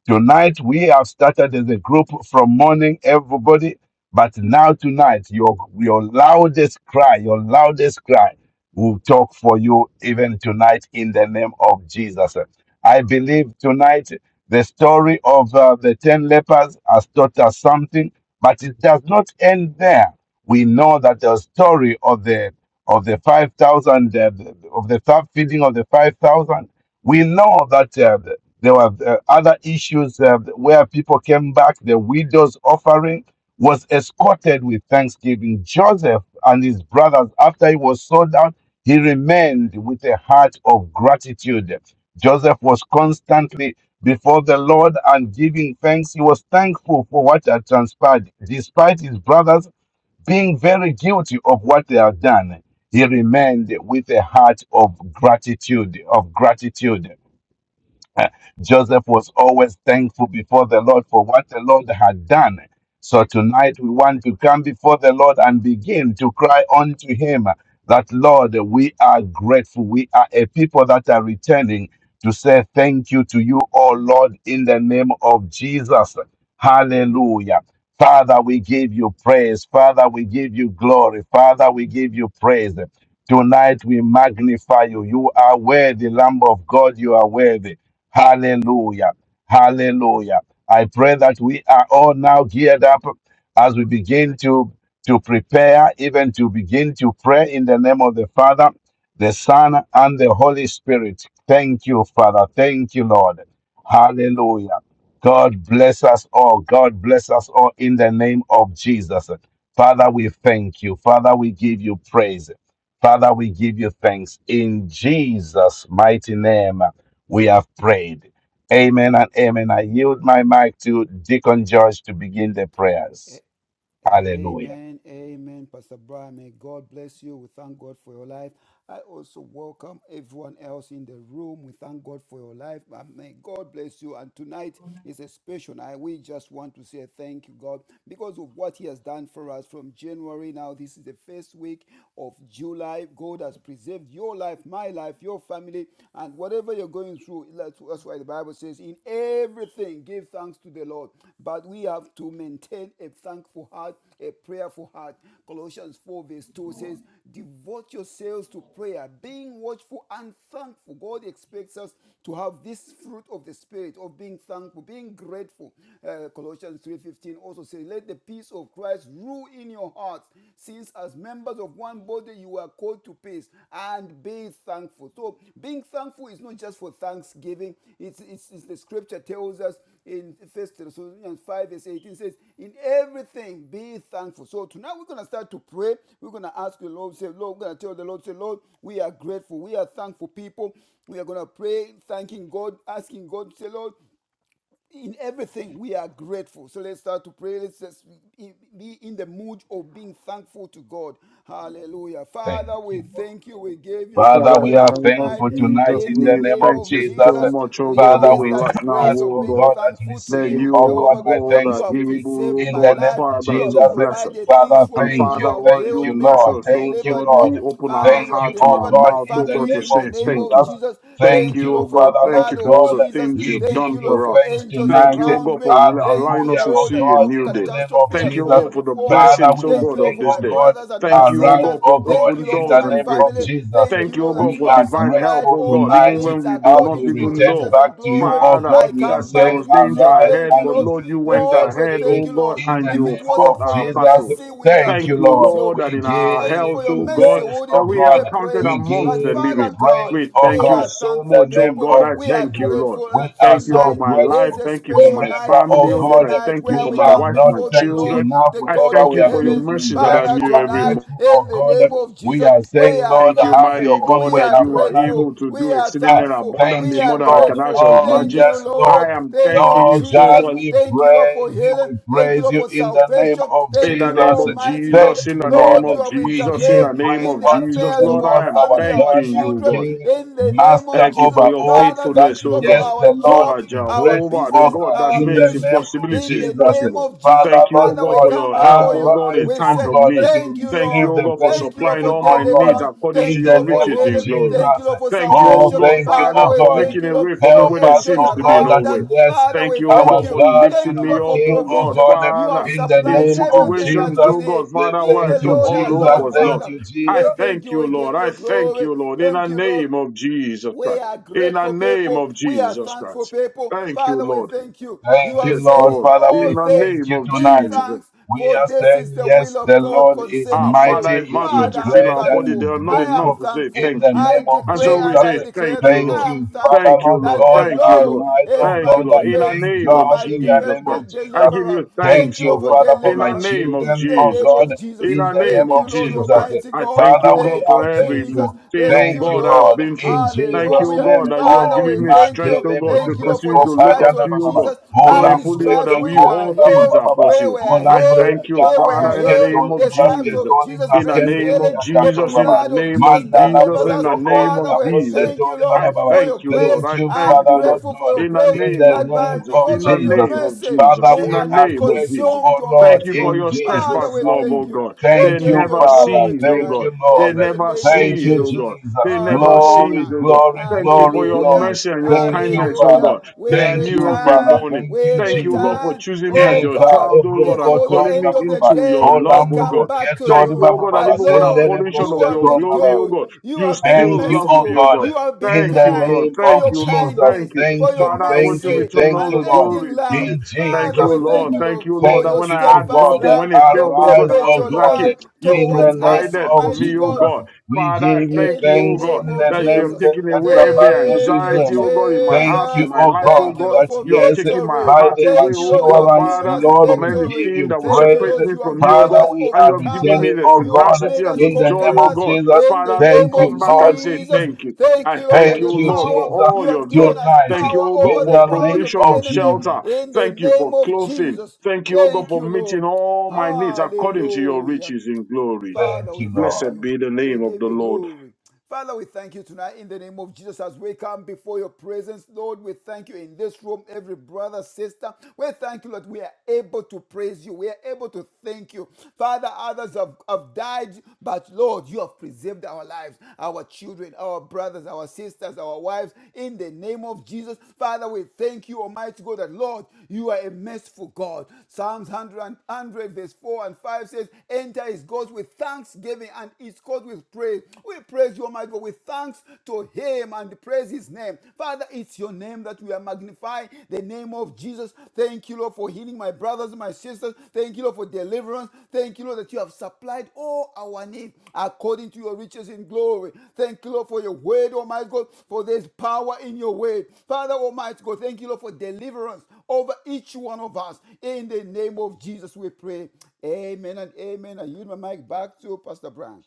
[SPEAKER 3] Tonight we have started as a group from morning, everybody. But now tonight, your your loudest cry, your loudest cry will talk for you even tonight in the name of Jesus. I believe tonight the story of uh, the ten lepers has taught us something, but it does not end there. We know that the story of the of the 5,000, uh, of the third feeding of the 5,000. We know that uh, there were uh, other issues uh, where people came back. The widow's offering was escorted with thanksgiving. Joseph and his brothers, after he was sold out, he remained with a heart of gratitude. Joseph was constantly before the Lord and giving thanks. He was thankful for what had transpired. Despite his brothers being very guilty of what they have done, he remained with a heart of gratitude, of gratitude Joseph was always thankful before the Lord for what the Lord had done. So tonight we want to come before the Lord and begin to cry unto Him that, Lord, we are grateful. We are a people that are returning to say thank you to you, O Lord, in the name of Jesus. Hallelujah. Father, we give you praise. Father, we give you glory. Father, we give you praise. Tonight we magnify you. You are worthy, Lamb of God. You are worthy. Hallelujah. Hallelujah. I pray that we are all now geared up as we begin to, to prepare, even to begin to pray in the name of the Father, the Son, and the Holy Spirit. Thank you, Father. Thank you, Lord. Hallelujah. God bless us all. God bless us all in the name of Jesus. Father, we thank you. Father, we give you praise. Father, we give you thanks in Jesus' mighty name. We have prayed. Amen and amen. I yield my mic to Deacon George to begin the prayers. Hallelujah.
[SPEAKER 4] Amen, amen, Pastor Brian. May God bless you. We thank God for your life. I also welcome everyone else in the room. We thank God for your life. And may God bless you. And tonight is a special night. We just want to say thank you, God, because of what He has done for us from January. Now, this is the first week of July. God has preserved your life, my life, your family, and whatever you're going through true. That's, why the Bible says, in everything, give thanks to the Lord. But we have to maintain a thankful heart, a prayerful heart. Colossians 4, verse 2 says, devote yourselves to prayer, being watchful and thankful. God expects us to have this fruit of the Spirit, of being thankful, being grateful. Uh, Colossians 3.15 also says, let the peace of Christ rule in your hearts, since as members of one body, you are called to peace and be thankful. So being thankful is not just for thanksgiving. It's, it's, it's the scripture tells us in First Thessalonians 5 verse 18 says, in everything be thankful. So tonight we're going to start to pray. We're going to ask the Lord, say, Lord, we're going to tell the Lord, say, Lord, we are grateful. We are thankful people. We are going to pray, thanking God, asking God, say, Lord, in everything we are grateful so let's start to pray let's just be in the mood of being thankful to god hallelujah father
[SPEAKER 3] Thank
[SPEAKER 4] we
[SPEAKER 3] you. Lord.
[SPEAKER 4] thank you we give you
[SPEAKER 3] Father,
[SPEAKER 6] Father, in
[SPEAKER 3] we
[SPEAKER 4] glory
[SPEAKER 3] are
[SPEAKER 6] the name of
[SPEAKER 4] tonight
[SPEAKER 3] thankful tonight
[SPEAKER 6] Jesus,
[SPEAKER 4] in
[SPEAKER 3] in
[SPEAKER 4] the
[SPEAKER 3] the
[SPEAKER 6] we
[SPEAKER 3] name
[SPEAKER 4] name
[SPEAKER 3] of
[SPEAKER 6] thank
[SPEAKER 4] of
[SPEAKER 6] you
[SPEAKER 3] Jesus.
[SPEAKER 6] so
[SPEAKER 4] jesus
[SPEAKER 6] much, oh God,
[SPEAKER 3] Father,
[SPEAKER 6] even
[SPEAKER 4] release
[SPEAKER 3] we
[SPEAKER 4] that
[SPEAKER 6] right now,
[SPEAKER 4] grace
[SPEAKER 3] ask,
[SPEAKER 4] of
[SPEAKER 6] oh
[SPEAKER 3] oh
[SPEAKER 4] being
[SPEAKER 3] God,
[SPEAKER 6] God,
[SPEAKER 3] that you
[SPEAKER 4] thankful to
[SPEAKER 6] that
[SPEAKER 3] receive,
[SPEAKER 4] you
[SPEAKER 6] you,
[SPEAKER 3] oh God,
[SPEAKER 6] oh
[SPEAKER 4] jehovah
[SPEAKER 3] my
[SPEAKER 4] god
[SPEAKER 6] God, are
[SPEAKER 4] you have
[SPEAKER 3] thanksgiving
[SPEAKER 6] able, oh
[SPEAKER 4] preserved
[SPEAKER 3] in
[SPEAKER 4] my
[SPEAKER 3] the
[SPEAKER 6] God,
[SPEAKER 3] name
[SPEAKER 4] life
[SPEAKER 3] of
[SPEAKER 6] Father,
[SPEAKER 4] you
[SPEAKER 6] to
[SPEAKER 4] have
[SPEAKER 3] Jesus.
[SPEAKER 6] bless us.
[SPEAKER 4] provided things
[SPEAKER 3] Father,
[SPEAKER 4] for
[SPEAKER 6] And
[SPEAKER 4] me
[SPEAKER 3] thank
[SPEAKER 4] you
[SPEAKER 6] Father,
[SPEAKER 3] you.
[SPEAKER 4] have
[SPEAKER 6] while
[SPEAKER 3] Thank
[SPEAKER 6] you
[SPEAKER 4] healed
[SPEAKER 3] you,
[SPEAKER 4] me you
[SPEAKER 6] bless
[SPEAKER 3] Lord.
[SPEAKER 4] have
[SPEAKER 6] us, oh
[SPEAKER 3] Thank you,
[SPEAKER 6] God,
[SPEAKER 4] delivered me
[SPEAKER 6] we
[SPEAKER 3] Lord.
[SPEAKER 6] open our
[SPEAKER 4] father you
[SPEAKER 3] Thank you,
[SPEAKER 4] have
[SPEAKER 6] heart and
[SPEAKER 3] oh
[SPEAKER 6] our
[SPEAKER 4] delivered
[SPEAKER 3] God,
[SPEAKER 4] my
[SPEAKER 6] mouth,
[SPEAKER 3] in
[SPEAKER 6] oh
[SPEAKER 3] the
[SPEAKER 6] God,
[SPEAKER 4] family
[SPEAKER 6] to
[SPEAKER 3] name
[SPEAKER 4] in
[SPEAKER 3] of
[SPEAKER 4] the
[SPEAKER 6] say
[SPEAKER 4] name
[SPEAKER 6] thank
[SPEAKER 4] of
[SPEAKER 3] Jesus.
[SPEAKER 6] you.
[SPEAKER 4] jesus
[SPEAKER 6] Thank
[SPEAKER 3] Thank
[SPEAKER 4] thank you
[SPEAKER 6] you,
[SPEAKER 3] you,
[SPEAKER 6] oh
[SPEAKER 4] lord for the
[SPEAKER 6] God.
[SPEAKER 3] Father,
[SPEAKER 6] Thank you
[SPEAKER 4] blood
[SPEAKER 3] Lord
[SPEAKER 6] for
[SPEAKER 4] of
[SPEAKER 6] all
[SPEAKER 3] God.
[SPEAKER 6] the
[SPEAKER 4] jesus
[SPEAKER 6] things
[SPEAKER 3] We
[SPEAKER 6] you've
[SPEAKER 4] Thank
[SPEAKER 3] give
[SPEAKER 4] you,
[SPEAKER 6] done
[SPEAKER 4] Lord,
[SPEAKER 3] you
[SPEAKER 6] for
[SPEAKER 4] for
[SPEAKER 6] us.
[SPEAKER 3] thanks
[SPEAKER 4] angels
[SPEAKER 6] Thank
[SPEAKER 3] tonight.
[SPEAKER 6] you, oh
[SPEAKER 4] around
[SPEAKER 6] God,
[SPEAKER 4] me.
[SPEAKER 6] for
[SPEAKER 4] Thank
[SPEAKER 6] allowing
[SPEAKER 4] you,
[SPEAKER 6] us
[SPEAKER 3] Hallelujah,
[SPEAKER 6] to
[SPEAKER 3] oh
[SPEAKER 4] Lord,
[SPEAKER 6] see
[SPEAKER 4] that
[SPEAKER 6] a
[SPEAKER 3] God,
[SPEAKER 4] no
[SPEAKER 3] in
[SPEAKER 6] new
[SPEAKER 3] the
[SPEAKER 6] day.
[SPEAKER 3] name of
[SPEAKER 4] catastrophe
[SPEAKER 6] Thank
[SPEAKER 4] has
[SPEAKER 6] you, oh
[SPEAKER 3] Jesus.
[SPEAKER 4] fallen
[SPEAKER 6] God, for the
[SPEAKER 4] before me.
[SPEAKER 3] Father,
[SPEAKER 6] blessings,
[SPEAKER 3] we
[SPEAKER 6] oh
[SPEAKER 3] are
[SPEAKER 4] Thank you,
[SPEAKER 6] God,
[SPEAKER 4] Lord,
[SPEAKER 6] of
[SPEAKER 3] saying,
[SPEAKER 4] for
[SPEAKER 6] this
[SPEAKER 4] my
[SPEAKER 3] oh
[SPEAKER 6] day.
[SPEAKER 3] God,
[SPEAKER 4] brothers and my
[SPEAKER 6] Thank you, oh
[SPEAKER 3] arise,
[SPEAKER 4] sisters.
[SPEAKER 6] God,
[SPEAKER 3] oh
[SPEAKER 6] for
[SPEAKER 3] God,
[SPEAKER 4] Thank you,
[SPEAKER 6] open
[SPEAKER 4] Lord,
[SPEAKER 3] in
[SPEAKER 4] for
[SPEAKER 3] the
[SPEAKER 6] doors
[SPEAKER 4] my
[SPEAKER 6] and
[SPEAKER 3] name of
[SPEAKER 4] family.
[SPEAKER 6] breakthrough.
[SPEAKER 3] Jesus.
[SPEAKER 4] Thank you,
[SPEAKER 6] Thank you, O
[SPEAKER 4] Lord, that
[SPEAKER 6] God,
[SPEAKER 3] We
[SPEAKER 6] for
[SPEAKER 4] you have
[SPEAKER 3] are
[SPEAKER 6] divine
[SPEAKER 4] supplied
[SPEAKER 6] help,
[SPEAKER 3] grateful
[SPEAKER 6] O
[SPEAKER 4] all
[SPEAKER 6] God,
[SPEAKER 4] my
[SPEAKER 6] even
[SPEAKER 3] tonight
[SPEAKER 4] needs
[SPEAKER 6] when we do
[SPEAKER 3] as
[SPEAKER 6] not
[SPEAKER 4] according
[SPEAKER 3] we
[SPEAKER 4] to your
[SPEAKER 6] even
[SPEAKER 3] return
[SPEAKER 4] riches
[SPEAKER 6] know,
[SPEAKER 4] and
[SPEAKER 3] back to you,
[SPEAKER 4] glory.
[SPEAKER 3] oh
[SPEAKER 6] Father,
[SPEAKER 3] God.
[SPEAKER 4] I
[SPEAKER 3] We are
[SPEAKER 6] that
[SPEAKER 4] come
[SPEAKER 6] there
[SPEAKER 4] back to
[SPEAKER 3] saying,
[SPEAKER 6] was
[SPEAKER 4] you,
[SPEAKER 6] danger
[SPEAKER 4] say
[SPEAKER 3] arise
[SPEAKER 4] thank
[SPEAKER 6] ahead,
[SPEAKER 4] you,
[SPEAKER 3] and
[SPEAKER 6] but
[SPEAKER 4] Lord.
[SPEAKER 6] Lord, you
[SPEAKER 3] receive the
[SPEAKER 6] went
[SPEAKER 4] Lord, we
[SPEAKER 6] ahead, O
[SPEAKER 4] thank
[SPEAKER 3] thanksgiving
[SPEAKER 4] you,
[SPEAKER 6] God,
[SPEAKER 4] Lord.
[SPEAKER 3] in
[SPEAKER 6] and
[SPEAKER 3] the
[SPEAKER 4] If
[SPEAKER 6] you
[SPEAKER 4] it
[SPEAKER 3] name
[SPEAKER 6] fought
[SPEAKER 4] wasn't
[SPEAKER 3] of
[SPEAKER 4] for
[SPEAKER 6] our
[SPEAKER 4] your
[SPEAKER 3] Jesus.
[SPEAKER 6] battles.
[SPEAKER 4] mercy, we would have
[SPEAKER 3] Thank you,
[SPEAKER 6] Thank
[SPEAKER 4] been
[SPEAKER 6] you,
[SPEAKER 3] Lord.
[SPEAKER 6] Lord,
[SPEAKER 4] consumed.
[SPEAKER 6] that
[SPEAKER 3] We
[SPEAKER 6] in
[SPEAKER 4] If it
[SPEAKER 6] our
[SPEAKER 4] wasn't
[SPEAKER 3] give
[SPEAKER 4] for
[SPEAKER 6] health,
[SPEAKER 4] your
[SPEAKER 6] O
[SPEAKER 3] you
[SPEAKER 4] mercy,
[SPEAKER 6] God,
[SPEAKER 4] we
[SPEAKER 3] thanks,
[SPEAKER 6] that
[SPEAKER 4] wouldn't
[SPEAKER 3] oh
[SPEAKER 4] be
[SPEAKER 6] we are
[SPEAKER 4] here
[SPEAKER 3] God.
[SPEAKER 6] counted
[SPEAKER 4] praying.
[SPEAKER 3] We
[SPEAKER 6] amongst
[SPEAKER 4] But
[SPEAKER 6] the
[SPEAKER 3] give you
[SPEAKER 4] Father
[SPEAKER 6] living.
[SPEAKER 4] God,
[SPEAKER 3] praise,
[SPEAKER 6] We
[SPEAKER 3] oh
[SPEAKER 4] we
[SPEAKER 6] thank you
[SPEAKER 4] are
[SPEAKER 3] God, in
[SPEAKER 6] so
[SPEAKER 4] thankful
[SPEAKER 6] much,
[SPEAKER 3] the
[SPEAKER 6] O
[SPEAKER 3] name
[SPEAKER 4] people.
[SPEAKER 6] God. I
[SPEAKER 3] of
[SPEAKER 4] We are
[SPEAKER 6] thank
[SPEAKER 3] Jesus.
[SPEAKER 6] you, Lord.
[SPEAKER 4] grateful
[SPEAKER 3] We
[SPEAKER 4] that
[SPEAKER 3] are
[SPEAKER 6] Thank you
[SPEAKER 3] so
[SPEAKER 6] for
[SPEAKER 4] tonight
[SPEAKER 6] my life.
[SPEAKER 4] is
[SPEAKER 3] grateful.
[SPEAKER 4] a
[SPEAKER 6] Thank you for
[SPEAKER 4] special
[SPEAKER 6] my
[SPEAKER 4] night.
[SPEAKER 3] Wherever,
[SPEAKER 6] family,
[SPEAKER 3] oh
[SPEAKER 6] O
[SPEAKER 4] Is a
[SPEAKER 6] God.
[SPEAKER 3] God,
[SPEAKER 6] I
[SPEAKER 4] night
[SPEAKER 6] thank you
[SPEAKER 4] where
[SPEAKER 6] for
[SPEAKER 3] we
[SPEAKER 4] we
[SPEAKER 6] my
[SPEAKER 3] have
[SPEAKER 4] come
[SPEAKER 6] wife,
[SPEAKER 3] not
[SPEAKER 6] my
[SPEAKER 4] before the
[SPEAKER 3] thanked
[SPEAKER 4] Lord,
[SPEAKER 6] children.
[SPEAKER 3] enough,
[SPEAKER 4] the
[SPEAKER 6] I
[SPEAKER 4] God
[SPEAKER 3] wherever
[SPEAKER 6] thank
[SPEAKER 3] we
[SPEAKER 4] of
[SPEAKER 6] you
[SPEAKER 3] have
[SPEAKER 6] for your
[SPEAKER 3] been
[SPEAKER 4] heavens.
[SPEAKER 6] mercy that I
[SPEAKER 4] Father,
[SPEAKER 3] ungrateful
[SPEAKER 6] knew
[SPEAKER 3] and
[SPEAKER 6] every morning.
[SPEAKER 4] tonight,
[SPEAKER 3] grateful,
[SPEAKER 4] in
[SPEAKER 3] oh
[SPEAKER 4] the name
[SPEAKER 3] God,
[SPEAKER 4] of
[SPEAKER 3] we
[SPEAKER 4] Jesus,
[SPEAKER 3] are
[SPEAKER 4] we
[SPEAKER 3] saying,
[SPEAKER 4] are
[SPEAKER 3] Lord,
[SPEAKER 6] Thank you,
[SPEAKER 3] have
[SPEAKER 4] thankful.
[SPEAKER 6] mighty
[SPEAKER 3] your own
[SPEAKER 6] God,
[SPEAKER 4] We
[SPEAKER 3] way
[SPEAKER 4] are
[SPEAKER 6] that you
[SPEAKER 3] upon
[SPEAKER 6] are
[SPEAKER 3] us.
[SPEAKER 6] able
[SPEAKER 4] grateful.
[SPEAKER 6] to
[SPEAKER 4] We
[SPEAKER 6] do
[SPEAKER 4] are
[SPEAKER 3] Ah,
[SPEAKER 6] exceedingly
[SPEAKER 4] thankful.
[SPEAKER 3] Thank
[SPEAKER 4] We
[SPEAKER 6] abundantly
[SPEAKER 4] are
[SPEAKER 6] more
[SPEAKER 3] you,
[SPEAKER 6] than I
[SPEAKER 3] Lord.
[SPEAKER 6] can ask
[SPEAKER 4] grateful.
[SPEAKER 6] or
[SPEAKER 3] Oh,
[SPEAKER 4] Thank
[SPEAKER 6] imagine.
[SPEAKER 4] you,
[SPEAKER 3] yes,
[SPEAKER 6] I
[SPEAKER 4] Lord.
[SPEAKER 3] Lord.
[SPEAKER 6] am
[SPEAKER 4] Thank
[SPEAKER 6] thanking
[SPEAKER 4] you,
[SPEAKER 6] you
[SPEAKER 3] Oh,
[SPEAKER 6] so
[SPEAKER 3] God,
[SPEAKER 4] Jesus.
[SPEAKER 6] much
[SPEAKER 3] we
[SPEAKER 4] Thank you, Lord, for
[SPEAKER 3] praise you.
[SPEAKER 4] healing.
[SPEAKER 3] We
[SPEAKER 4] Thank you,
[SPEAKER 3] praise
[SPEAKER 4] Lord,
[SPEAKER 3] you
[SPEAKER 4] for
[SPEAKER 3] in the name
[SPEAKER 4] salvation.
[SPEAKER 3] of
[SPEAKER 6] in
[SPEAKER 4] Thank
[SPEAKER 6] the
[SPEAKER 4] you,
[SPEAKER 6] name
[SPEAKER 3] Jesus.
[SPEAKER 4] Lord
[SPEAKER 6] of
[SPEAKER 4] Almighty
[SPEAKER 3] Thank
[SPEAKER 4] God.
[SPEAKER 6] Jesus, in the
[SPEAKER 3] you,
[SPEAKER 6] name
[SPEAKER 3] Lord.
[SPEAKER 4] Lord, you
[SPEAKER 6] of
[SPEAKER 4] have
[SPEAKER 3] We
[SPEAKER 6] Jesus, in
[SPEAKER 3] give
[SPEAKER 6] the
[SPEAKER 4] intervened
[SPEAKER 6] name
[SPEAKER 3] praise
[SPEAKER 4] in
[SPEAKER 6] of
[SPEAKER 4] the
[SPEAKER 3] unto
[SPEAKER 6] Jesus.
[SPEAKER 4] affairs
[SPEAKER 3] the
[SPEAKER 4] of
[SPEAKER 6] Lord,
[SPEAKER 3] Lord
[SPEAKER 4] our
[SPEAKER 6] I am
[SPEAKER 4] family,
[SPEAKER 3] our
[SPEAKER 4] our
[SPEAKER 3] God
[SPEAKER 6] thanking
[SPEAKER 3] and
[SPEAKER 6] you,
[SPEAKER 4] children,
[SPEAKER 6] God.
[SPEAKER 3] King,
[SPEAKER 4] in the name
[SPEAKER 3] Master
[SPEAKER 4] of
[SPEAKER 6] Thank you
[SPEAKER 4] Jesus.
[SPEAKER 3] over
[SPEAKER 6] for your
[SPEAKER 3] all.
[SPEAKER 4] Father,
[SPEAKER 3] That
[SPEAKER 4] thank
[SPEAKER 6] faithfulness,
[SPEAKER 4] you,
[SPEAKER 6] O
[SPEAKER 4] Lord, for
[SPEAKER 3] yes,
[SPEAKER 6] God.
[SPEAKER 4] our
[SPEAKER 3] the
[SPEAKER 6] You
[SPEAKER 3] Lord
[SPEAKER 6] are
[SPEAKER 4] jobs,
[SPEAKER 3] is
[SPEAKER 4] our
[SPEAKER 3] grateful,
[SPEAKER 6] Jehovah, the
[SPEAKER 3] oh
[SPEAKER 4] business,
[SPEAKER 6] God
[SPEAKER 3] God,
[SPEAKER 6] that
[SPEAKER 4] our
[SPEAKER 3] in the
[SPEAKER 6] makes
[SPEAKER 3] name
[SPEAKER 4] ministry,
[SPEAKER 3] of
[SPEAKER 4] in
[SPEAKER 6] impossibilities
[SPEAKER 4] the
[SPEAKER 3] Jesus.
[SPEAKER 4] name
[SPEAKER 6] possible.
[SPEAKER 4] of Jesus.
[SPEAKER 3] Father,
[SPEAKER 6] Thank you,
[SPEAKER 3] Lord
[SPEAKER 6] O
[SPEAKER 4] Father,
[SPEAKER 6] God,
[SPEAKER 4] we
[SPEAKER 3] God,
[SPEAKER 6] for
[SPEAKER 4] come
[SPEAKER 6] your help,
[SPEAKER 4] before
[SPEAKER 6] O
[SPEAKER 4] you.
[SPEAKER 6] God,
[SPEAKER 3] arise,
[SPEAKER 6] in
[SPEAKER 4] We
[SPEAKER 6] times
[SPEAKER 3] oh
[SPEAKER 4] say,
[SPEAKER 6] of
[SPEAKER 3] God, that
[SPEAKER 6] need.
[SPEAKER 3] you
[SPEAKER 4] Thank you,
[SPEAKER 6] Thank you,
[SPEAKER 3] receive
[SPEAKER 4] Lord.
[SPEAKER 6] O
[SPEAKER 3] the
[SPEAKER 6] God, for
[SPEAKER 4] Thank you, Lord,
[SPEAKER 6] supplying
[SPEAKER 4] for
[SPEAKER 3] thanksgiving,
[SPEAKER 6] all my
[SPEAKER 3] oh
[SPEAKER 6] needs
[SPEAKER 3] God,
[SPEAKER 4] deliverance.
[SPEAKER 6] according
[SPEAKER 3] in
[SPEAKER 6] to
[SPEAKER 4] Thank you,
[SPEAKER 3] the
[SPEAKER 6] your
[SPEAKER 4] Lord,
[SPEAKER 3] name
[SPEAKER 4] for
[SPEAKER 6] riches
[SPEAKER 3] of
[SPEAKER 6] in
[SPEAKER 4] healing.
[SPEAKER 3] Jesus.
[SPEAKER 6] glory.
[SPEAKER 4] Thank you, Lord, for
[SPEAKER 6] Thank you, O
[SPEAKER 3] Oh,
[SPEAKER 4] salvation.
[SPEAKER 6] God,
[SPEAKER 3] thank you,
[SPEAKER 4] Father,
[SPEAKER 3] oh
[SPEAKER 6] Father,
[SPEAKER 4] we
[SPEAKER 6] for
[SPEAKER 3] God.
[SPEAKER 4] thank
[SPEAKER 6] making
[SPEAKER 4] you,
[SPEAKER 6] a
[SPEAKER 4] Lord,
[SPEAKER 6] way for me
[SPEAKER 4] for
[SPEAKER 6] where
[SPEAKER 3] Help
[SPEAKER 6] there
[SPEAKER 3] us,
[SPEAKER 4] angels
[SPEAKER 6] seems
[SPEAKER 3] oh
[SPEAKER 6] to be
[SPEAKER 3] God,
[SPEAKER 6] no
[SPEAKER 3] that
[SPEAKER 4] around
[SPEAKER 6] way.
[SPEAKER 4] us.
[SPEAKER 3] yes,
[SPEAKER 4] Father,
[SPEAKER 6] Thank
[SPEAKER 4] we
[SPEAKER 6] you, O
[SPEAKER 3] our
[SPEAKER 4] thank
[SPEAKER 6] God,
[SPEAKER 4] you.
[SPEAKER 6] for
[SPEAKER 3] God and
[SPEAKER 6] lifting
[SPEAKER 4] Thank you,
[SPEAKER 6] me
[SPEAKER 3] our
[SPEAKER 4] Lord, for
[SPEAKER 6] up,
[SPEAKER 3] King,
[SPEAKER 6] O
[SPEAKER 3] oh
[SPEAKER 6] God,
[SPEAKER 4] provision.
[SPEAKER 3] God,
[SPEAKER 4] You have
[SPEAKER 6] Father,
[SPEAKER 3] in the
[SPEAKER 6] in
[SPEAKER 4] supplied
[SPEAKER 3] name of
[SPEAKER 4] everything that
[SPEAKER 6] situations,
[SPEAKER 4] we
[SPEAKER 3] Jesus.
[SPEAKER 6] O
[SPEAKER 4] need
[SPEAKER 6] God,
[SPEAKER 3] We
[SPEAKER 6] Father,
[SPEAKER 4] in
[SPEAKER 6] where I
[SPEAKER 4] the
[SPEAKER 3] Thank you,
[SPEAKER 6] thought
[SPEAKER 4] Lord
[SPEAKER 6] all
[SPEAKER 3] Jesus.
[SPEAKER 6] hope
[SPEAKER 4] alone,
[SPEAKER 6] was lost.
[SPEAKER 3] Thank
[SPEAKER 4] Father.
[SPEAKER 3] you, Jesus.
[SPEAKER 6] I
[SPEAKER 4] We thank
[SPEAKER 6] thank
[SPEAKER 4] you.
[SPEAKER 6] you,
[SPEAKER 4] We
[SPEAKER 6] Lord.
[SPEAKER 4] give
[SPEAKER 6] I
[SPEAKER 4] you
[SPEAKER 6] thank
[SPEAKER 4] glory.
[SPEAKER 6] you, Lord, in the
[SPEAKER 4] Thank you, Lord.
[SPEAKER 6] name of Jesus
[SPEAKER 4] We
[SPEAKER 6] Christ.
[SPEAKER 4] are
[SPEAKER 6] In the
[SPEAKER 4] grateful
[SPEAKER 6] name
[SPEAKER 4] people.
[SPEAKER 6] of
[SPEAKER 4] We are
[SPEAKER 6] Jesus
[SPEAKER 4] thankful
[SPEAKER 6] Christ.
[SPEAKER 4] people.
[SPEAKER 6] Thank
[SPEAKER 4] Father,
[SPEAKER 6] you,
[SPEAKER 4] we
[SPEAKER 6] Lord.
[SPEAKER 4] thank you. You
[SPEAKER 3] Thank
[SPEAKER 4] have
[SPEAKER 3] you,
[SPEAKER 6] Yes,
[SPEAKER 4] said
[SPEAKER 3] Lord.
[SPEAKER 4] in
[SPEAKER 6] Lord.
[SPEAKER 3] Father,
[SPEAKER 4] all
[SPEAKER 6] In
[SPEAKER 3] we
[SPEAKER 6] the
[SPEAKER 4] things,
[SPEAKER 3] thank
[SPEAKER 6] name
[SPEAKER 3] you
[SPEAKER 6] of
[SPEAKER 4] give
[SPEAKER 3] tonight.
[SPEAKER 6] Jesus.
[SPEAKER 4] thanks,
[SPEAKER 3] We
[SPEAKER 4] for
[SPEAKER 3] are
[SPEAKER 4] this
[SPEAKER 3] saying,
[SPEAKER 4] is the
[SPEAKER 3] yes,
[SPEAKER 4] will of
[SPEAKER 3] the
[SPEAKER 4] God
[SPEAKER 3] Lord is
[SPEAKER 6] Ah,
[SPEAKER 4] concerning you.
[SPEAKER 6] Father,
[SPEAKER 3] mighty,
[SPEAKER 6] if
[SPEAKER 3] He
[SPEAKER 6] mouth were
[SPEAKER 3] is
[SPEAKER 4] Father,
[SPEAKER 6] to
[SPEAKER 4] I'm
[SPEAKER 6] fill
[SPEAKER 3] great
[SPEAKER 6] our body,
[SPEAKER 4] thankful.
[SPEAKER 6] there
[SPEAKER 3] and
[SPEAKER 6] are not
[SPEAKER 4] I am
[SPEAKER 6] enough
[SPEAKER 3] grateful
[SPEAKER 6] to say
[SPEAKER 3] in
[SPEAKER 4] thankful.
[SPEAKER 6] thank
[SPEAKER 3] the
[SPEAKER 6] you.
[SPEAKER 4] I
[SPEAKER 3] name of
[SPEAKER 6] And so
[SPEAKER 4] decree
[SPEAKER 3] Jesus.
[SPEAKER 6] we
[SPEAKER 4] and
[SPEAKER 6] say,
[SPEAKER 4] I
[SPEAKER 6] Thank
[SPEAKER 4] declare that
[SPEAKER 6] you,
[SPEAKER 3] Thank
[SPEAKER 6] Lord.
[SPEAKER 4] I
[SPEAKER 3] you,
[SPEAKER 4] am
[SPEAKER 3] Father,
[SPEAKER 4] thankful
[SPEAKER 6] Thank you,
[SPEAKER 3] Lord
[SPEAKER 6] Lord.
[SPEAKER 4] that the
[SPEAKER 3] God,
[SPEAKER 6] Thank you,
[SPEAKER 4] Lord
[SPEAKER 6] Lord.
[SPEAKER 3] arise, oh
[SPEAKER 4] is
[SPEAKER 6] Thank
[SPEAKER 4] my
[SPEAKER 6] you,
[SPEAKER 3] God,
[SPEAKER 6] Lord.
[SPEAKER 3] and
[SPEAKER 6] In the
[SPEAKER 4] defense,
[SPEAKER 3] thank
[SPEAKER 6] name
[SPEAKER 4] is
[SPEAKER 6] of
[SPEAKER 3] God
[SPEAKER 4] my
[SPEAKER 3] in
[SPEAKER 4] deve-
[SPEAKER 3] the
[SPEAKER 6] Jesus
[SPEAKER 3] name
[SPEAKER 4] de-
[SPEAKER 3] of
[SPEAKER 6] Christ. I give
[SPEAKER 3] Jesus.
[SPEAKER 4] deliverer.
[SPEAKER 6] you
[SPEAKER 4] Thank
[SPEAKER 3] Thank
[SPEAKER 6] thanks,
[SPEAKER 4] you,
[SPEAKER 6] O
[SPEAKER 4] Lord,
[SPEAKER 3] you,
[SPEAKER 4] for
[SPEAKER 6] God.
[SPEAKER 3] Father, for
[SPEAKER 6] In
[SPEAKER 3] my
[SPEAKER 6] the
[SPEAKER 4] deliverance
[SPEAKER 6] name of
[SPEAKER 4] in
[SPEAKER 3] children,
[SPEAKER 4] the
[SPEAKER 3] oh
[SPEAKER 6] Jesus
[SPEAKER 4] name
[SPEAKER 3] God,
[SPEAKER 6] Christ.
[SPEAKER 4] of Jesus.
[SPEAKER 6] In
[SPEAKER 3] in
[SPEAKER 6] the
[SPEAKER 3] the
[SPEAKER 6] name
[SPEAKER 4] Thank
[SPEAKER 3] name
[SPEAKER 4] you,
[SPEAKER 6] of
[SPEAKER 3] of
[SPEAKER 4] Lord
[SPEAKER 6] Jesus
[SPEAKER 3] Jesus.
[SPEAKER 6] Christ.
[SPEAKER 4] Almighty
[SPEAKER 6] I
[SPEAKER 4] God.
[SPEAKER 6] thank you, O
[SPEAKER 3] Father,
[SPEAKER 6] God,
[SPEAKER 3] we
[SPEAKER 4] Thank
[SPEAKER 6] for
[SPEAKER 3] are
[SPEAKER 4] you, Jesus.
[SPEAKER 3] thankful.
[SPEAKER 6] everything,
[SPEAKER 4] Thank
[SPEAKER 6] O
[SPEAKER 4] you,
[SPEAKER 3] Thank you,
[SPEAKER 6] God,
[SPEAKER 4] Lord.
[SPEAKER 6] I have
[SPEAKER 3] Lord,
[SPEAKER 4] Lord.
[SPEAKER 6] been through.
[SPEAKER 3] in
[SPEAKER 6] Thank
[SPEAKER 3] Jesus'
[SPEAKER 6] you, O
[SPEAKER 4] Hallelujah.
[SPEAKER 3] name.
[SPEAKER 6] God, that you have
[SPEAKER 4] Father,
[SPEAKER 3] Oh,
[SPEAKER 4] we
[SPEAKER 6] given me
[SPEAKER 4] thank
[SPEAKER 6] strength,
[SPEAKER 4] you.
[SPEAKER 6] O
[SPEAKER 3] Mantele
[SPEAKER 6] God, to
[SPEAKER 4] Thank you, Lord,
[SPEAKER 3] Bruses
[SPEAKER 4] for
[SPEAKER 6] continue
[SPEAKER 4] the
[SPEAKER 6] to look
[SPEAKER 4] stripes
[SPEAKER 6] up
[SPEAKER 3] Coparia
[SPEAKER 6] to
[SPEAKER 4] of
[SPEAKER 6] you, O
[SPEAKER 3] Baba.
[SPEAKER 6] God.
[SPEAKER 4] Jesus.
[SPEAKER 3] Oh,
[SPEAKER 4] By
[SPEAKER 6] Knowing
[SPEAKER 4] his
[SPEAKER 6] fully
[SPEAKER 3] Lambre
[SPEAKER 6] well
[SPEAKER 4] stripes
[SPEAKER 6] that
[SPEAKER 4] we
[SPEAKER 6] with you
[SPEAKER 3] Cori
[SPEAKER 4] are
[SPEAKER 6] all things
[SPEAKER 4] healed.
[SPEAKER 3] Baba
[SPEAKER 6] are
[SPEAKER 4] We
[SPEAKER 3] Baba.
[SPEAKER 6] possible.
[SPEAKER 3] Oh,
[SPEAKER 4] were
[SPEAKER 6] I
[SPEAKER 4] healed.
[SPEAKER 3] Lambre
[SPEAKER 6] thank
[SPEAKER 4] We
[SPEAKER 6] you,
[SPEAKER 3] Cana
[SPEAKER 4] were
[SPEAKER 6] Father, in the
[SPEAKER 4] healed.
[SPEAKER 6] name
[SPEAKER 3] Brusqueto,
[SPEAKER 6] of
[SPEAKER 4] The stripes
[SPEAKER 6] Jesus.
[SPEAKER 3] Brasqueto,
[SPEAKER 4] of Jesus
[SPEAKER 6] In the
[SPEAKER 4] brings
[SPEAKER 6] name
[SPEAKER 4] healing.
[SPEAKER 6] of
[SPEAKER 3] Brasquenderia
[SPEAKER 4] The
[SPEAKER 3] Cator
[SPEAKER 6] Jesus, in
[SPEAKER 3] Baba.
[SPEAKER 6] the
[SPEAKER 4] blood of
[SPEAKER 6] name
[SPEAKER 4] Jesus
[SPEAKER 6] of
[SPEAKER 3] Mandala
[SPEAKER 6] Jesus,
[SPEAKER 4] delivers
[SPEAKER 6] in
[SPEAKER 4] us.
[SPEAKER 6] the
[SPEAKER 3] Brusco
[SPEAKER 6] name
[SPEAKER 3] Cori
[SPEAKER 4] Father,
[SPEAKER 6] of
[SPEAKER 4] we
[SPEAKER 3] Baba
[SPEAKER 6] Jesus.
[SPEAKER 4] thank you,
[SPEAKER 3] Setori
[SPEAKER 4] Lord,
[SPEAKER 6] I
[SPEAKER 3] Baba
[SPEAKER 4] for
[SPEAKER 3] Baba.
[SPEAKER 6] thank
[SPEAKER 4] your
[SPEAKER 6] you,
[SPEAKER 4] grace.
[SPEAKER 6] Lord.
[SPEAKER 3] Thank
[SPEAKER 6] I
[SPEAKER 3] you,
[SPEAKER 6] thank
[SPEAKER 4] I'm
[SPEAKER 6] you,
[SPEAKER 3] Father,
[SPEAKER 6] Lord.
[SPEAKER 3] Lord
[SPEAKER 4] grateful for your
[SPEAKER 3] God,
[SPEAKER 6] In the
[SPEAKER 4] grace
[SPEAKER 3] in
[SPEAKER 6] name
[SPEAKER 3] the
[SPEAKER 6] of
[SPEAKER 4] that by
[SPEAKER 3] name
[SPEAKER 6] Jesus,
[SPEAKER 3] of
[SPEAKER 6] in
[SPEAKER 4] because
[SPEAKER 6] the
[SPEAKER 4] of your
[SPEAKER 3] Jesus.
[SPEAKER 6] name of
[SPEAKER 4] mercy
[SPEAKER 3] Father,
[SPEAKER 6] Jesus,
[SPEAKER 4] we
[SPEAKER 6] in
[SPEAKER 3] we
[SPEAKER 6] the
[SPEAKER 4] are
[SPEAKER 3] are
[SPEAKER 4] not
[SPEAKER 6] name of
[SPEAKER 3] grateful,
[SPEAKER 6] Jesus.
[SPEAKER 4] consumed,
[SPEAKER 3] oh Lord,
[SPEAKER 6] Thank
[SPEAKER 4] Almighty
[SPEAKER 6] you for
[SPEAKER 4] God.
[SPEAKER 3] in
[SPEAKER 6] your
[SPEAKER 4] Father,
[SPEAKER 3] Jesus'
[SPEAKER 6] steadfast
[SPEAKER 4] we
[SPEAKER 6] love,
[SPEAKER 4] thank
[SPEAKER 3] name.
[SPEAKER 6] oh
[SPEAKER 4] you.
[SPEAKER 6] God.
[SPEAKER 4] We
[SPEAKER 6] They
[SPEAKER 3] Thank
[SPEAKER 4] give
[SPEAKER 3] you,
[SPEAKER 4] you
[SPEAKER 6] never
[SPEAKER 3] Father.
[SPEAKER 4] glory
[SPEAKER 6] cease, oh
[SPEAKER 3] Thank
[SPEAKER 4] tonight
[SPEAKER 3] you,
[SPEAKER 6] God. They
[SPEAKER 3] Lord.
[SPEAKER 4] in the
[SPEAKER 6] never
[SPEAKER 4] name of
[SPEAKER 3] Thank
[SPEAKER 6] cease,
[SPEAKER 3] you,
[SPEAKER 6] oh God.
[SPEAKER 4] Jesus.
[SPEAKER 3] Jesus.
[SPEAKER 6] They never
[SPEAKER 3] Glory,
[SPEAKER 6] cease,
[SPEAKER 4] Hallelujah.
[SPEAKER 6] oh God.
[SPEAKER 3] glory,
[SPEAKER 6] Thank you
[SPEAKER 3] glory,
[SPEAKER 6] for your
[SPEAKER 4] Hallelujah.
[SPEAKER 3] glory.
[SPEAKER 6] mercy and your
[SPEAKER 3] Thank you,
[SPEAKER 6] kindness, oh
[SPEAKER 4] Hallelujah.
[SPEAKER 3] Father.
[SPEAKER 6] God.
[SPEAKER 4] We
[SPEAKER 6] They are
[SPEAKER 3] Thank
[SPEAKER 6] new
[SPEAKER 3] you,
[SPEAKER 6] every
[SPEAKER 3] Father.
[SPEAKER 4] return.
[SPEAKER 6] morning.
[SPEAKER 3] Thank
[SPEAKER 4] We
[SPEAKER 3] you,
[SPEAKER 6] Thank you,
[SPEAKER 3] Jesus.
[SPEAKER 6] Lord, for
[SPEAKER 4] return.
[SPEAKER 6] choosing me as
[SPEAKER 4] Oh
[SPEAKER 6] your
[SPEAKER 4] God,
[SPEAKER 6] child, oh Lord, and
[SPEAKER 4] before the
[SPEAKER 6] calling me
[SPEAKER 4] end of the
[SPEAKER 6] into
[SPEAKER 4] day,
[SPEAKER 6] your
[SPEAKER 4] we
[SPEAKER 6] love, oh
[SPEAKER 4] come
[SPEAKER 6] God.
[SPEAKER 3] Olambro
[SPEAKER 4] back to
[SPEAKER 6] Thank
[SPEAKER 3] ketori
[SPEAKER 6] you,
[SPEAKER 4] you.
[SPEAKER 6] oh
[SPEAKER 3] baba
[SPEAKER 6] God, that
[SPEAKER 3] baba
[SPEAKER 4] That
[SPEAKER 6] even when I've
[SPEAKER 4] Lord,
[SPEAKER 3] sendele
[SPEAKER 6] fallen short
[SPEAKER 4] you
[SPEAKER 6] of
[SPEAKER 3] broske
[SPEAKER 4] have
[SPEAKER 6] your
[SPEAKER 4] been
[SPEAKER 6] glory, oh
[SPEAKER 4] good.
[SPEAKER 6] God,
[SPEAKER 4] You
[SPEAKER 6] you
[SPEAKER 4] have been
[SPEAKER 3] Thank
[SPEAKER 6] still
[SPEAKER 3] you,
[SPEAKER 6] love
[SPEAKER 3] oh
[SPEAKER 6] me,
[SPEAKER 4] merciful.
[SPEAKER 6] oh
[SPEAKER 3] God,
[SPEAKER 6] God.
[SPEAKER 4] You have been
[SPEAKER 3] in
[SPEAKER 6] Thank
[SPEAKER 3] the
[SPEAKER 6] you,
[SPEAKER 4] kind
[SPEAKER 6] Lord.
[SPEAKER 3] name
[SPEAKER 4] for
[SPEAKER 6] Thank
[SPEAKER 3] of
[SPEAKER 4] your
[SPEAKER 6] you, Lord.
[SPEAKER 3] Jesus.
[SPEAKER 4] kindness,
[SPEAKER 6] Thank you.
[SPEAKER 4] for
[SPEAKER 3] Thank you,
[SPEAKER 4] your
[SPEAKER 6] Father, I want
[SPEAKER 3] thank
[SPEAKER 6] to
[SPEAKER 3] you,
[SPEAKER 4] mercy,
[SPEAKER 6] return all
[SPEAKER 3] thank you,
[SPEAKER 4] and
[SPEAKER 6] the
[SPEAKER 3] Lord.
[SPEAKER 4] ending
[SPEAKER 6] glory to
[SPEAKER 4] love.
[SPEAKER 6] you.
[SPEAKER 3] In
[SPEAKER 6] Thank
[SPEAKER 4] Father,
[SPEAKER 6] you,
[SPEAKER 3] Jesus'
[SPEAKER 4] we
[SPEAKER 3] name,
[SPEAKER 4] thank
[SPEAKER 6] Lord.
[SPEAKER 4] you,
[SPEAKER 6] Thank
[SPEAKER 4] Lord,
[SPEAKER 6] you, Lord,
[SPEAKER 4] for
[SPEAKER 6] that
[SPEAKER 4] your
[SPEAKER 3] thank
[SPEAKER 6] when
[SPEAKER 3] you,
[SPEAKER 6] I
[SPEAKER 3] oh
[SPEAKER 6] had
[SPEAKER 4] steadfast
[SPEAKER 3] God.
[SPEAKER 6] nothing, when
[SPEAKER 4] love,
[SPEAKER 6] it
[SPEAKER 4] your
[SPEAKER 6] failed, oh God,
[SPEAKER 3] Arise,
[SPEAKER 6] I
[SPEAKER 3] oh
[SPEAKER 6] was
[SPEAKER 4] perpetual
[SPEAKER 3] God,
[SPEAKER 6] lacking.
[SPEAKER 4] love
[SPEAKER 6] You
[SPEAKER 3] in the
[SPEAKER 4] towards
[SPEAKER 3] name
[SPEAKER 4] us,
[SPEAKER 6] provided for
[SPEAKER 3] of
[SPEAKER 4] Almighty
[SPEAKER 6] me, oh
[SPEAKER 4] God
[SPEAKER 3] Jesus.
[SPEAKER 6] God.
[SPEAKER 3] We
[SPEAKER 6] Father, I
[SPEAKER 3] give you
[SPEAKER 6] thank
[SPEAKER 4] in
[SPEAKER 6] you,
[SPEAKER 4] the
[SPEAKER 6] oh
[SPEAKER 3] thanks
[SPEAKER 6] God,
[SPEAKER 4] name
[SPEAKER 3] in
[SPEAKER 4] of
[SPEAKER 3] the
[SPEAKER 6] that you have
[SPEAKER 3] name
[SPEAKER 4] Jesus.
[SPEAKER 6] taken
[SPEAKER 3] that
[SPEAKER 6] away
[SPEAKER 3] is
[SPEAKER 6] every
[SPEAKER 3] above
[SPEAKER 4] Thank
[SPEAKER 3] every
[SPEAKER 4] you,
[SPEAKER 6] anxiety, oh
[SPEAKER 3] name.
[SPEAKER 6] God, in my
[SPEAKER 3] Thank
[SPEAKER 6] heart, in
[SPEAKER 3] you,
[SPEAKER 4] Jesus.
[SPEAKER 6] my
[SPEAKER 3] oh
[SPEAKER 6] life, oh
[SPEAKER 3] God,
[SPEAKER 4] Thank you,
[SPEAKER 6] God.
[SPEAKER 4] Lord,
[SPEAKER 3] that
[SPEAKER 4] for
[SPEAKER 6] You have
[SPEAKER 3] yes,
[SPEAKER 6] taken my
[SPEAKER 4] victory.
[SPEAKER 3] by
[SPEAKER 6] heart
[SPEAKER 3] the
[SPEAKER 6] away,
[SPEAKER 4] Thank you,
[SPEAKER 6] oh
[SPEAKER 4] Lord, you
[SPEAKER 6] God,
[SPEAKER 4] have
[SPEAKER 3] assurance,
[SPEAKER 4] given
[SPEAKER 6] Father,
[SPEAKER 4] us
[SPEAKER 3] Lord,
[SPEAKER 6] from
[SPEAKER 3] we
[SPEAKER 4] victory.
[SPEAKER 3] give
[SPEAKER 6] anything
[SPEAKER 3] you
[SPEAKER 6] that will
[SPEAKER 4] Thank you,
[SPEAKER 6] separate
[SPEAKER 4] Lord,
[SPEAKER 3] praise.
[SPEAKER 6] me
[SPEAKER 4] you have
[SPEAKER 6] from you, oh
[SPEAKER 4] made
[SPEAKER 3] Father,
[SPEAKER 6] God.
[SPEAKER 4] us
[SPEAKER 3] we
[SPEAKER 6] And you
[SPEAKER 3] are
[SPEAKER 6] have given
[SPEAKER 4] overcomers.
[SPEAKER 6] me
[SPEAKER 3] returning,
[SPEAKER 6] the
[SPEAKER 3] oh
[SPEAKER 4] You have
[SPEAKER 3] God,
[SPEAKER 6] tenacity
[SPEAKER 4] made
[SPEAKER 6] and
[SPEAKER 4] us
[SPEAKER 6] the
[SPEAKER 3] in the
[SPEAKER 6] joy,
[SPEAKER 3] name
[SPEAKER 6] oh
[SPEAKER 3] of
[SPEAKER 4] conquerors
[SPEAKER 6] God,
[SPEAKER 3] Jesus.
[SPEAKER 4] in the
[SPEAKER 6] Father, to
[SPEAKER 4] name
[SPEAKER 3] Thank
[SPEAKER 4] of
[SPEAKER 6] come
[SPEAKER 3] you,
[SPEAKER 6] back
[SPEAKER 3] Lord.
[SPEAKER 6] and say
[SPEAKER 4] Jesus.
[SPEAKER 3] Mm.
[SPEAKER 6] thank you.
[SPEAKER 4] Thank
[SPEAKER 6] I
[SPEAKER 4] you, Lord, for
[SPEAKER 6] thank
[SPEAKER 3] Thank
[SPEAKER 6] you,
[SPEAKER 4] the
[SPEAKER 6] oh
[SPEAKER 3] you,
[SPEAKER 6] Lord, for
[SPEAKER 4] power.
[SPEAKER 3] Jesus.
[SPEAKER 6] all
[SPEAKER 4] You
[SPEAKER 6] you
[SPEAKER 4] have
[SPEAKER 6] have
[SPEAKER 4] given
[SPEAKER 6] done.
[SPEAKER 4] us
[SPEAKER 3] Tonight,
[SPEAKER 6] Thank
[SPEAKER 3] in
[SPEAKER 6] you,
[SPEAKER 4] power
[SPEAKER 6] O God,
[SPEAKER 4] over the
[SPEAKER 6] for
[SPEAKER 3] the
[SPEAKER 4] powers
[SPEAKER 3] name
[SPEAKER 4] of
[SPEAKER 6] provision
[SPEAKER 4] the
[SPEAKER 6] of
[SPEAKER 3] of
[SPEAKER 4] enemy
[SPEAKER 3] Jesus.
[SPEAKER 6] shelter.
[SPEAKER 4] in the
[SPEAKER 6] Thank you
[SPEAKER 4] name
[SPEAKER 6] for
[SPEAKER 4] of
[SPEAKER 6] clothing.
[SPEAKER 4] Jesus.
[SPEAKER 6] Thank you, O God,
[SPEAKER 4] Thank
[SPEAKER 6] for
[SPEAKER 4] you,
[SPEAKER 6] meeting
[SPEAKER 4] Lord.
[SPEAKER 6] all my needs according to your
[SPEAKER 4] Hallelujah.
[SPEAKER 6] riches in glory.
[SPEAKER 4] Father,
[SPEAKER 3] Thank
[SPEAKER 4] we
[SPEAKER 3] you,
[SPEAKER 4] thank
[SPEAKER 3] Lord.
[SPEAKER 6] Blessed
[SPEAKER 4] you.
[SPEAKER 6] be the
[SPEAKER 4] We
[SPEAKER 6] name of
[SPEAKER 4] give
[SPEAKER 6] the
[SPEAKER 4] you
[SPEAKER 6] Lord.
[SPEAKER 4] glory. Father, we thank you tonight in the name of Jesus as we come before your presence. Lord, we thank you in this room, every brother, sister. We thank you, Lord. We are able to praise you. We are able to thank you. Father, others have, have died, but Lord, you have preserved our lives, our children, our brothers, our sisters, our wives lives in the name of Jesus. Father, we thank you, Almighty God, that Lord, you are a merciful God. Psalms 100, verse 4 and 5 says, Enter his courts with thanksgiving and his courts with praise. We praise you, Almighty God, with thanks to him and praise his name. Father, it's your name that we are magnifying, the name of Jesus. Thank you, Lord, for healing including my brothers and my sisters. Thank you, Lord, for deliverance. Thank you, Lord, that you have supplied all our needs according to your riches in glory. Thank you, Lord, for your word, Almighty God, for there's power in your word. Father, Almighty God, thank you, Lord, for deliverance over each one of us. In the name of Jesus, we pray. Amen and amen. I yield my mic back to Pastor Brian.